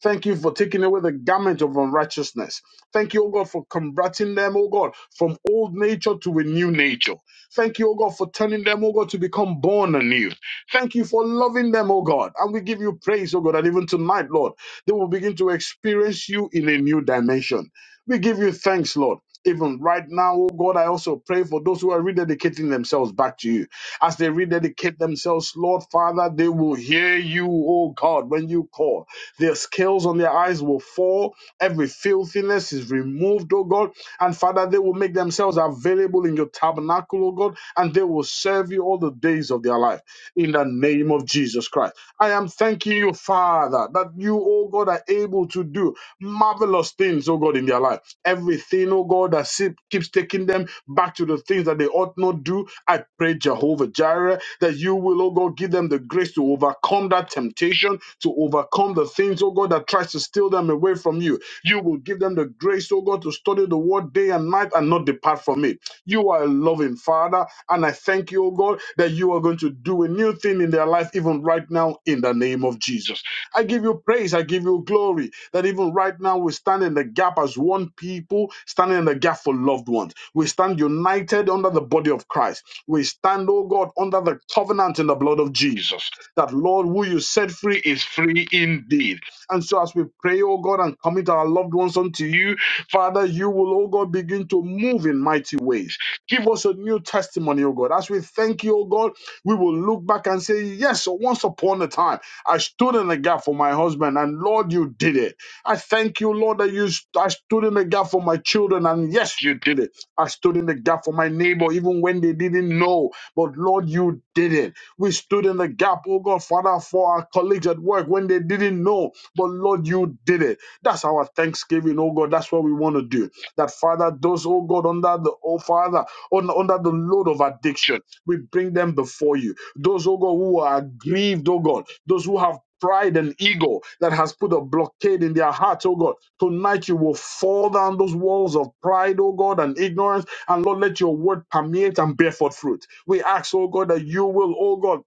[SPEAKER 6] Thank you for taking away the garment of unrighteousness. Thank you, O God, for converting them, O God, from old nature to a new nature. Thank you, O God, for turning them, O God, to become born anew. Thank you for loving them, O God. And we give you praise, O God, that even tonight, Lord, they will begin to experience you in a new dimension. We give you thanks, Lord. Even right now, O God, I also pray for those who are rededicating themselves back to you. As they rededicate themselves, Lord Father, they will hear you, O God, when you call. Their scales on their eyes will fall. Every filthiness is removed, oh God. And Father, they will make themselves available in your tabernacle, oh God, and they will serve you all the days of their life in the name of Jesus Christ. I am thanking you, Father, that you, oh God, are able to do marvelous things, oh God, in their life. Everything, oh God, that se- keeps taking them back to the things that they ought not do. I pray, Jehovah Jireh, that you will, oh God, give them the grace to overcome that temptation, to overcome the things, oh God, that tries to steal them away from you. You will give them the grace, oh God, to study the word day and night and not depart from it. You are a loving Father, and I thank you, oh God, that you are going to do a new thing in their life, even right now, in the name of Jesus. I give you praise. I give you glory. That even right now we stand in the gap as one people, standing in the gap for loved ones. We stand united under the body of Christ. We stand, oh God, under the covenant in the blood of Jesus. That Lord, who you set free is free indeed. And so as we pray, oh God, and commit our loved ones unto you, Father, you will, oh God, begin to move in mighty ways. Give us a new testimony, oh God. As we thank you, oh God, we will look back and say, Yes, once upon a time. I stood in the gap for my husband, and Lord, you did it. I thank you, Lord, that you st- I stood in the gap for my children, and yes, you did it. I stood in the gap for my neighbor, even when they didn't know. But Lord, you did it. We stood in the gap, oh God, Father, for our colleagues at work when they didn't know. But Lord, you did it. That's our thanksgiving, oh God. That's what we want to do. That Father, those, oh God, under the oh Father un- under the load of addiction. We bring them before you. Those, oh God, who are aggrieved, oh God, those who have pride and ego that has put a blockade in their hearts, oh God. Tonight you will fall down those walls of pride, oh God, and ignorance. And Lord, let your word permeate and bear forth fruit. We ask, oh God, that you will, oh God,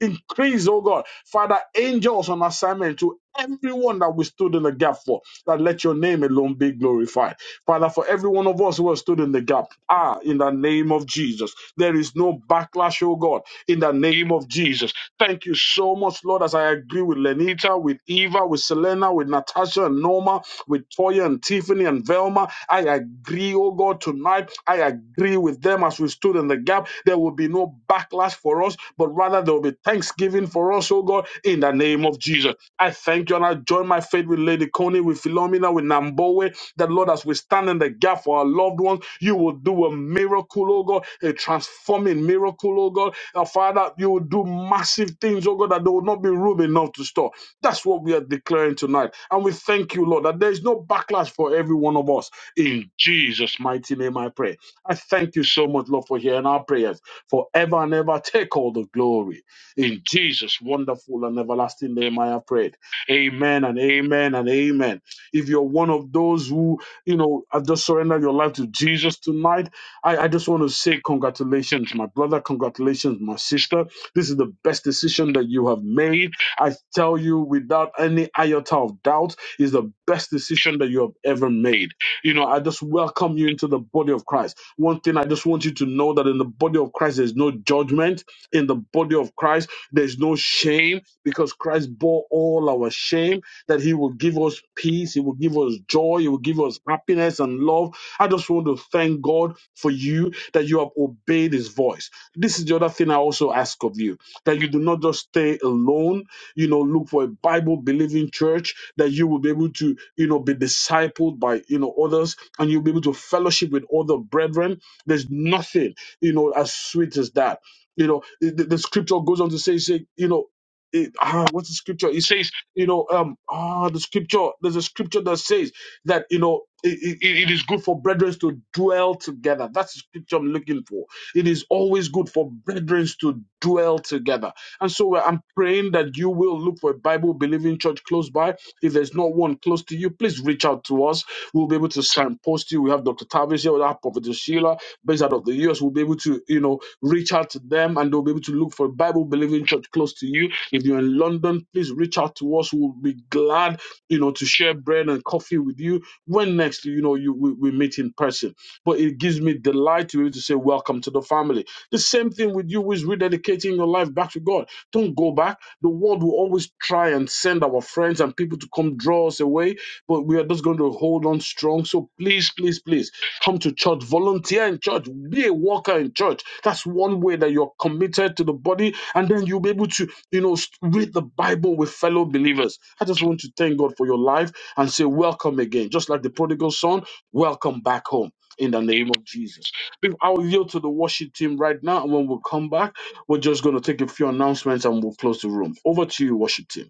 [SPEAKER 6] increase, oh God, Father, angels on assignment to everyone that we stood in the gap for, that let your name alone be glorified. Father, for every one of us who has stood in the gap, ah, in the name of Jesus, there is no backlash, oh God, in the name of Jesus. Thank you so much, Lord, as I agree with Lenita, with Eva, with Selena, with Natasha and Norma, with Toya and Tiffany and Velma. I agree, oh God, tonight. I agree with them as we stood in the gap. There will be be no backlash for us, but rather there will be thanksgiving for us, oh God, in the name of Jesus. I thank you and I join my faith with Lady Coney, with Philomena, with Nambowe, that Lord, as we stand in the gap for our loved ones, you will do a miracle, oh God, a transforming miracle, oh God. Our Father, you will do massive things, oh God, that there will not be room enough to store. That's what we are declaring tonight. And we thank you, Lord, that there is no backlash for every one of us. In Jesus' mighty name, I pray. I thank you so much, Lord, for hearing our prayers forever and ever. Take all the glory. In Jesus' wonderful and everlasting name, I have prayed. Amen and amen and amen. If you're one of those who, you know, have just surrendered your life to Jesus tonight, I, I just want to say congratulations, my brother. Congratulations, my sister. This is the best decision that you have made. I tell you without any iota of doubt, is the best decision that you have ever made. You know, I just welcome you into the body of Christ. One thing I just want you to know that in the body of Christ, there's no judgment. In the body of Christ, there's no shame because Christ bore all our shame, that He will give us peace, He will give us joy, He will give us happiness and love. I just want to thank God for you that you have obeyed His voice. This is the other thing I also ask of you that you do not just stay alone you know, look for a Bible believing church that you will be able to, you know, be discipled by, you know, others and you'll be able to fellowship with other brethren. There's nothing, you know, as sweet as that. You know, the, the scripture goes on to say, say, you know, it, ah, what's the scripture? It says, you know, um, ah, the scripture. There's a scripture that says that you know it, it, it is good for brethren to dwell together. That's the scripture I'm looking for. It is always good for brethren to dwell together and so uh, I'm praying that you will look for a Bible believing church close by. If there's not one close to you, please reach out to us. We'll be able to signpost you. We have Dr. Tavis here, we have Prophet Sheila, based out of the US. We'll be able to, you know, reach out to them and they'll be able to look for a Bible believing church close to you. If you're in London, please reach out to us. We'll be glad, you know, to share bread and coffee with you when next, you know, you we, we meet in person but it gives me delight to be able to say, Welcome to the family. The same thing with you who is rededicating your life back to God. Don't go back. The world will always try and send our friends and people to come draw us away, but we are just going to hold on strong. So please, please, please come to church, volunteer in church, be a worker in church. That's one way that you're committed to the body, and then you'll be able to, you know, read the Bible with fellow believers. I just want to thank God for your life and say, Welcome again. Just like the prodigal son, welcome back home in the name of Jesus. Be- I'll yield to the worship team right now. And when we come back, we're just going to take a few announcements and we'll close the room. Over to you, worship team.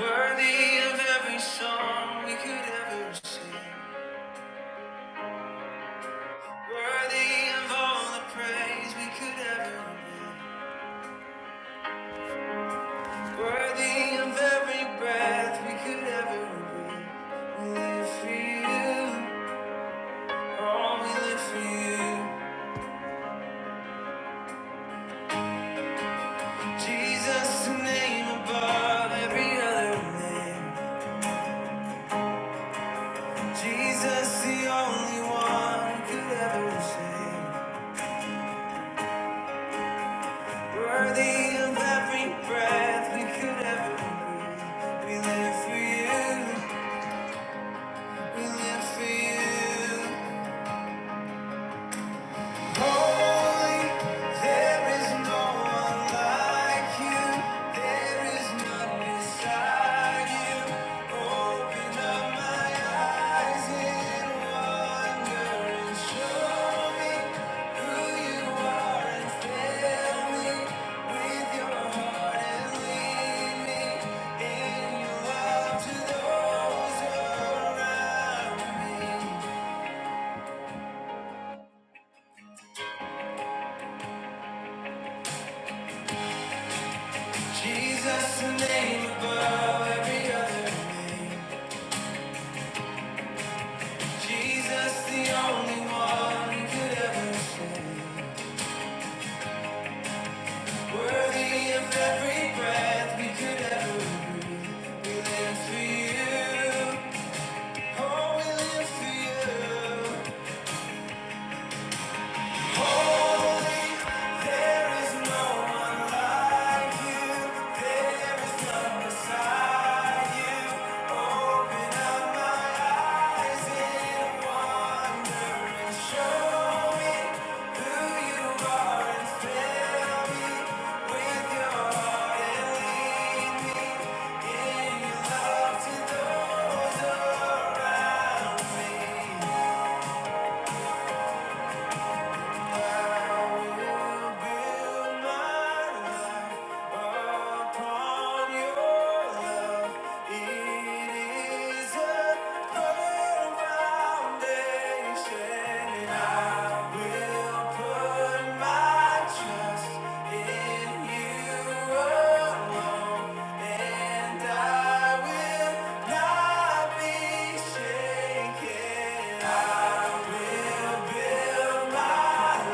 [SPEAKER 1] is right. Worthy of every song we could ever sing. Worthy of all the praise we could ever give. Worthy of every breath we could ever breathe. We Live for you. we live for you. Jesus, the name above every other name. Jesus, the only one who could ever sing. Worthy of every breath we could ever breathe. We live for you. We live for you. Holy, there is no one like you. There is none beside you. Open up my eyes in wonder and show me who you are and fill me with your heart and lead me in your love to those around me. Jesus, the name above every other name. Jesus, the only one we could ever sing. Worthy of every breath we could ever breathe. We live for you. Oh, we live for you. Holy, there is no one like you. There is none beside you. Open up my heart and take your Trust in you And I will not be shaken. I will build my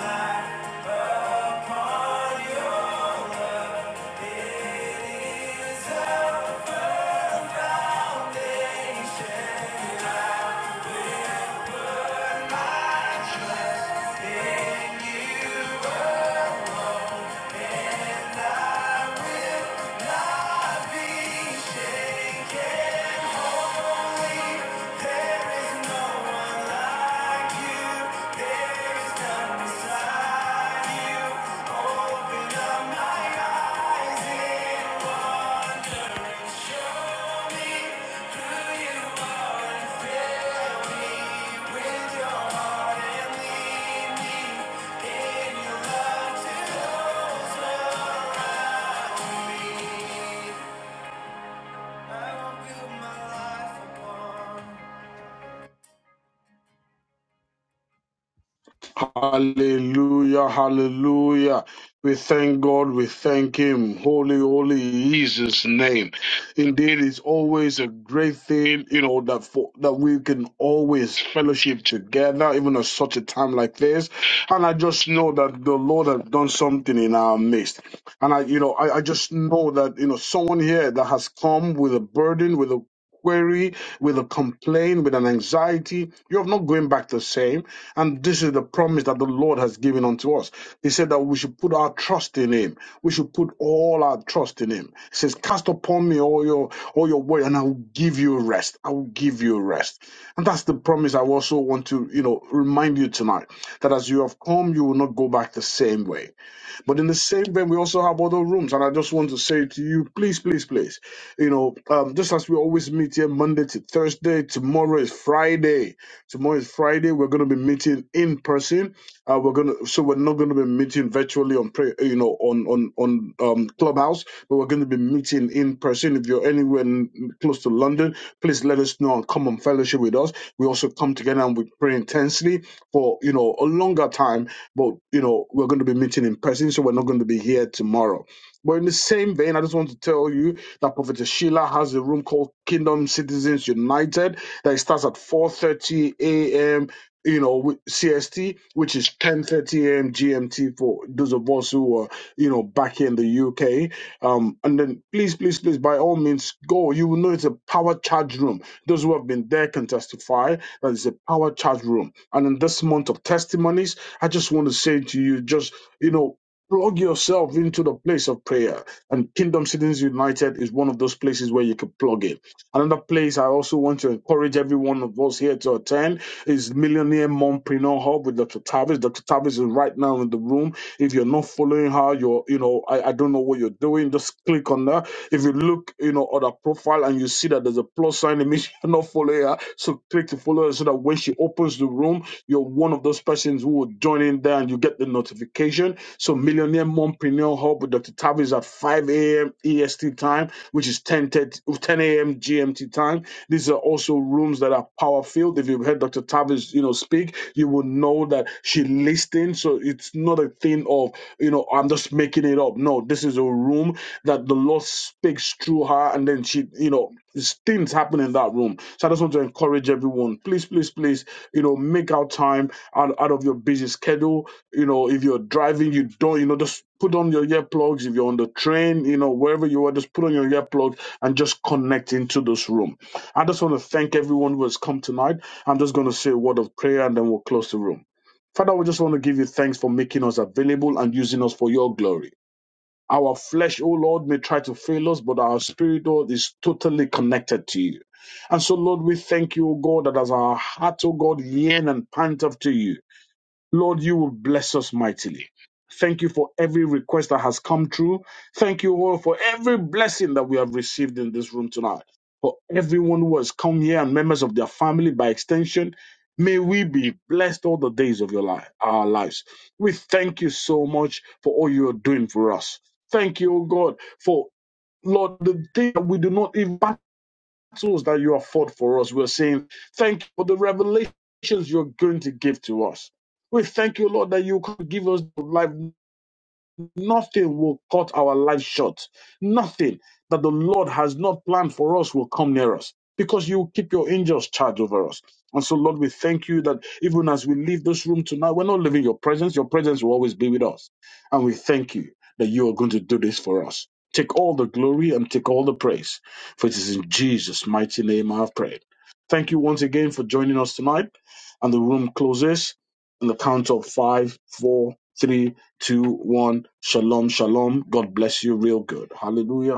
[SPEAKER 1] I will build my life upon.
[SPEAKER 6] Hallelujah, hallelujah. We thank God, we thank Him. Holy, holy is His name. Indeed, it's always a great thing, you know, that for, that we can always fellowship together, even at such a time like this. And I just know that the Lord has done something in our midst. And I, you know, I, I just know that, you know, someone here that has come with a burden, with a query, with a complaint, with an anxiety. You're not going back the same. And this is the promise that the Lord has given unto us. He said that we should put our trust in Him. We should put all our trust in Him. He says, Cast upon me all your all your worry, and I will give you rest. I will give you rest. And that's the promise I also want to, you know, remind you tonight that as you have come, you will not go back the same way but in the same vein, we also have other rooms, and I just want to say to you, please, please, please, you know, um, just as we always meet here Monday to Thursday, tomorrow is Friday. Tomorrow is Friday. We're going to be meeting in person. Uh, we're gonna, so we're not going to be meeting virtually on pray. you know, on on on um, Clubhouse, but we're going to be meeting in person. If you're anywhere n- close to London, please let us know and come and fellowship with us. We also come together and we pray intensely for you know a longer time, but you know we're going to be meeting in person, so we're not going to be here tomorrow. But in the same vein, I just want to tell you that Prophet Sheila has a room called Kingdom Citizens United that it starts at 4:30 a.m you know, CST, which is 10:30 a.m. GMT for those of us who are, you know, back here in the UK. Um, and then please, please, please, by all means, go. You will know it's a power charge room. Those who have been there can testify that it's a power charge room. And in this month of testimonies, I just want to say to you, just you know. Plug yourself into the place of prayer, and Kingdom Citizens United is one of those places where you can plug in Another place I also want to encourage every one of us here to attend is Millionaire Mompreneur Hub with Dr. Tavis. Dr. Tavis is right now in the room. If you're not following her, you're, you know, I, I don't know what you're doing. Just click on that. If you look, you know, at her profile and you see that there's a plus sign, it means you're not following her. So click to follow her so that when she opens the room, you're one of those persons who will join in there and you get the notification. So Millionaire Mompreneur Hub with Dr. Tavis at 5 a.m. EST time, which is 10:30. 10 a.m. GMT time. These are also rooms that are power filled. If you've heard Dr. Tavis, you know, speak, you will know that she listened. So it's not a thing of, you know, I'm just making it up. No, this is a room that the Lord speaks through her, and then she, you know, these things happen in that room. So I just want to encourage everyone, please, please, please, you know, make out time out, out of your busy schedule. You know, if you're driving, you don't, you know, just put on your earplugs. If you're on the train, you know, wherever you are, just put on your earplugs and just connect into this room. I just want to thank everyone who has come tonight. I'm just going to say a word of prayer and then we'll close the room. Father, we just want to give you thanks for making us available and using us for your glory. Our flesh, oh Lord, may try to fail us, but our spirit, Lord, is totally connected to you. And so, Lord, we thank you, O God, that as our heart, O God, yearn and pant after you, Lord, you will bless us mightily. Thank you for every request that has come true. Thank you all for every blessing that we have received in this room tonight. For everyone who has come here and members of their family by extension, may we be blessed all the days of your life, our lives. We thank you so much for all you are doing for us. Thank you, oh God, for Lord, the thing that we do not even battles that you have fought for us. We're saying, thank you for the revelations you're going to give to us. We thank you, Lord, that you can give us life nothing will cut our life short. Nothing that the Lord has not planned for us will come near us because you will keep your angels charge over us. And so, Lord, we thank you that even as we leave this room tonight, we're not leaving your presence. Your presence will always be with us. And we thank you that you are going to do this for us. Take all the glory and take all the praise, for it is in Jesus' mighty name I have prayed. Thank you once again for joining us tonight. And the room closes on the count of five, four, three, two, one. Shalom, shalom. God bless you real good. Hallelujah.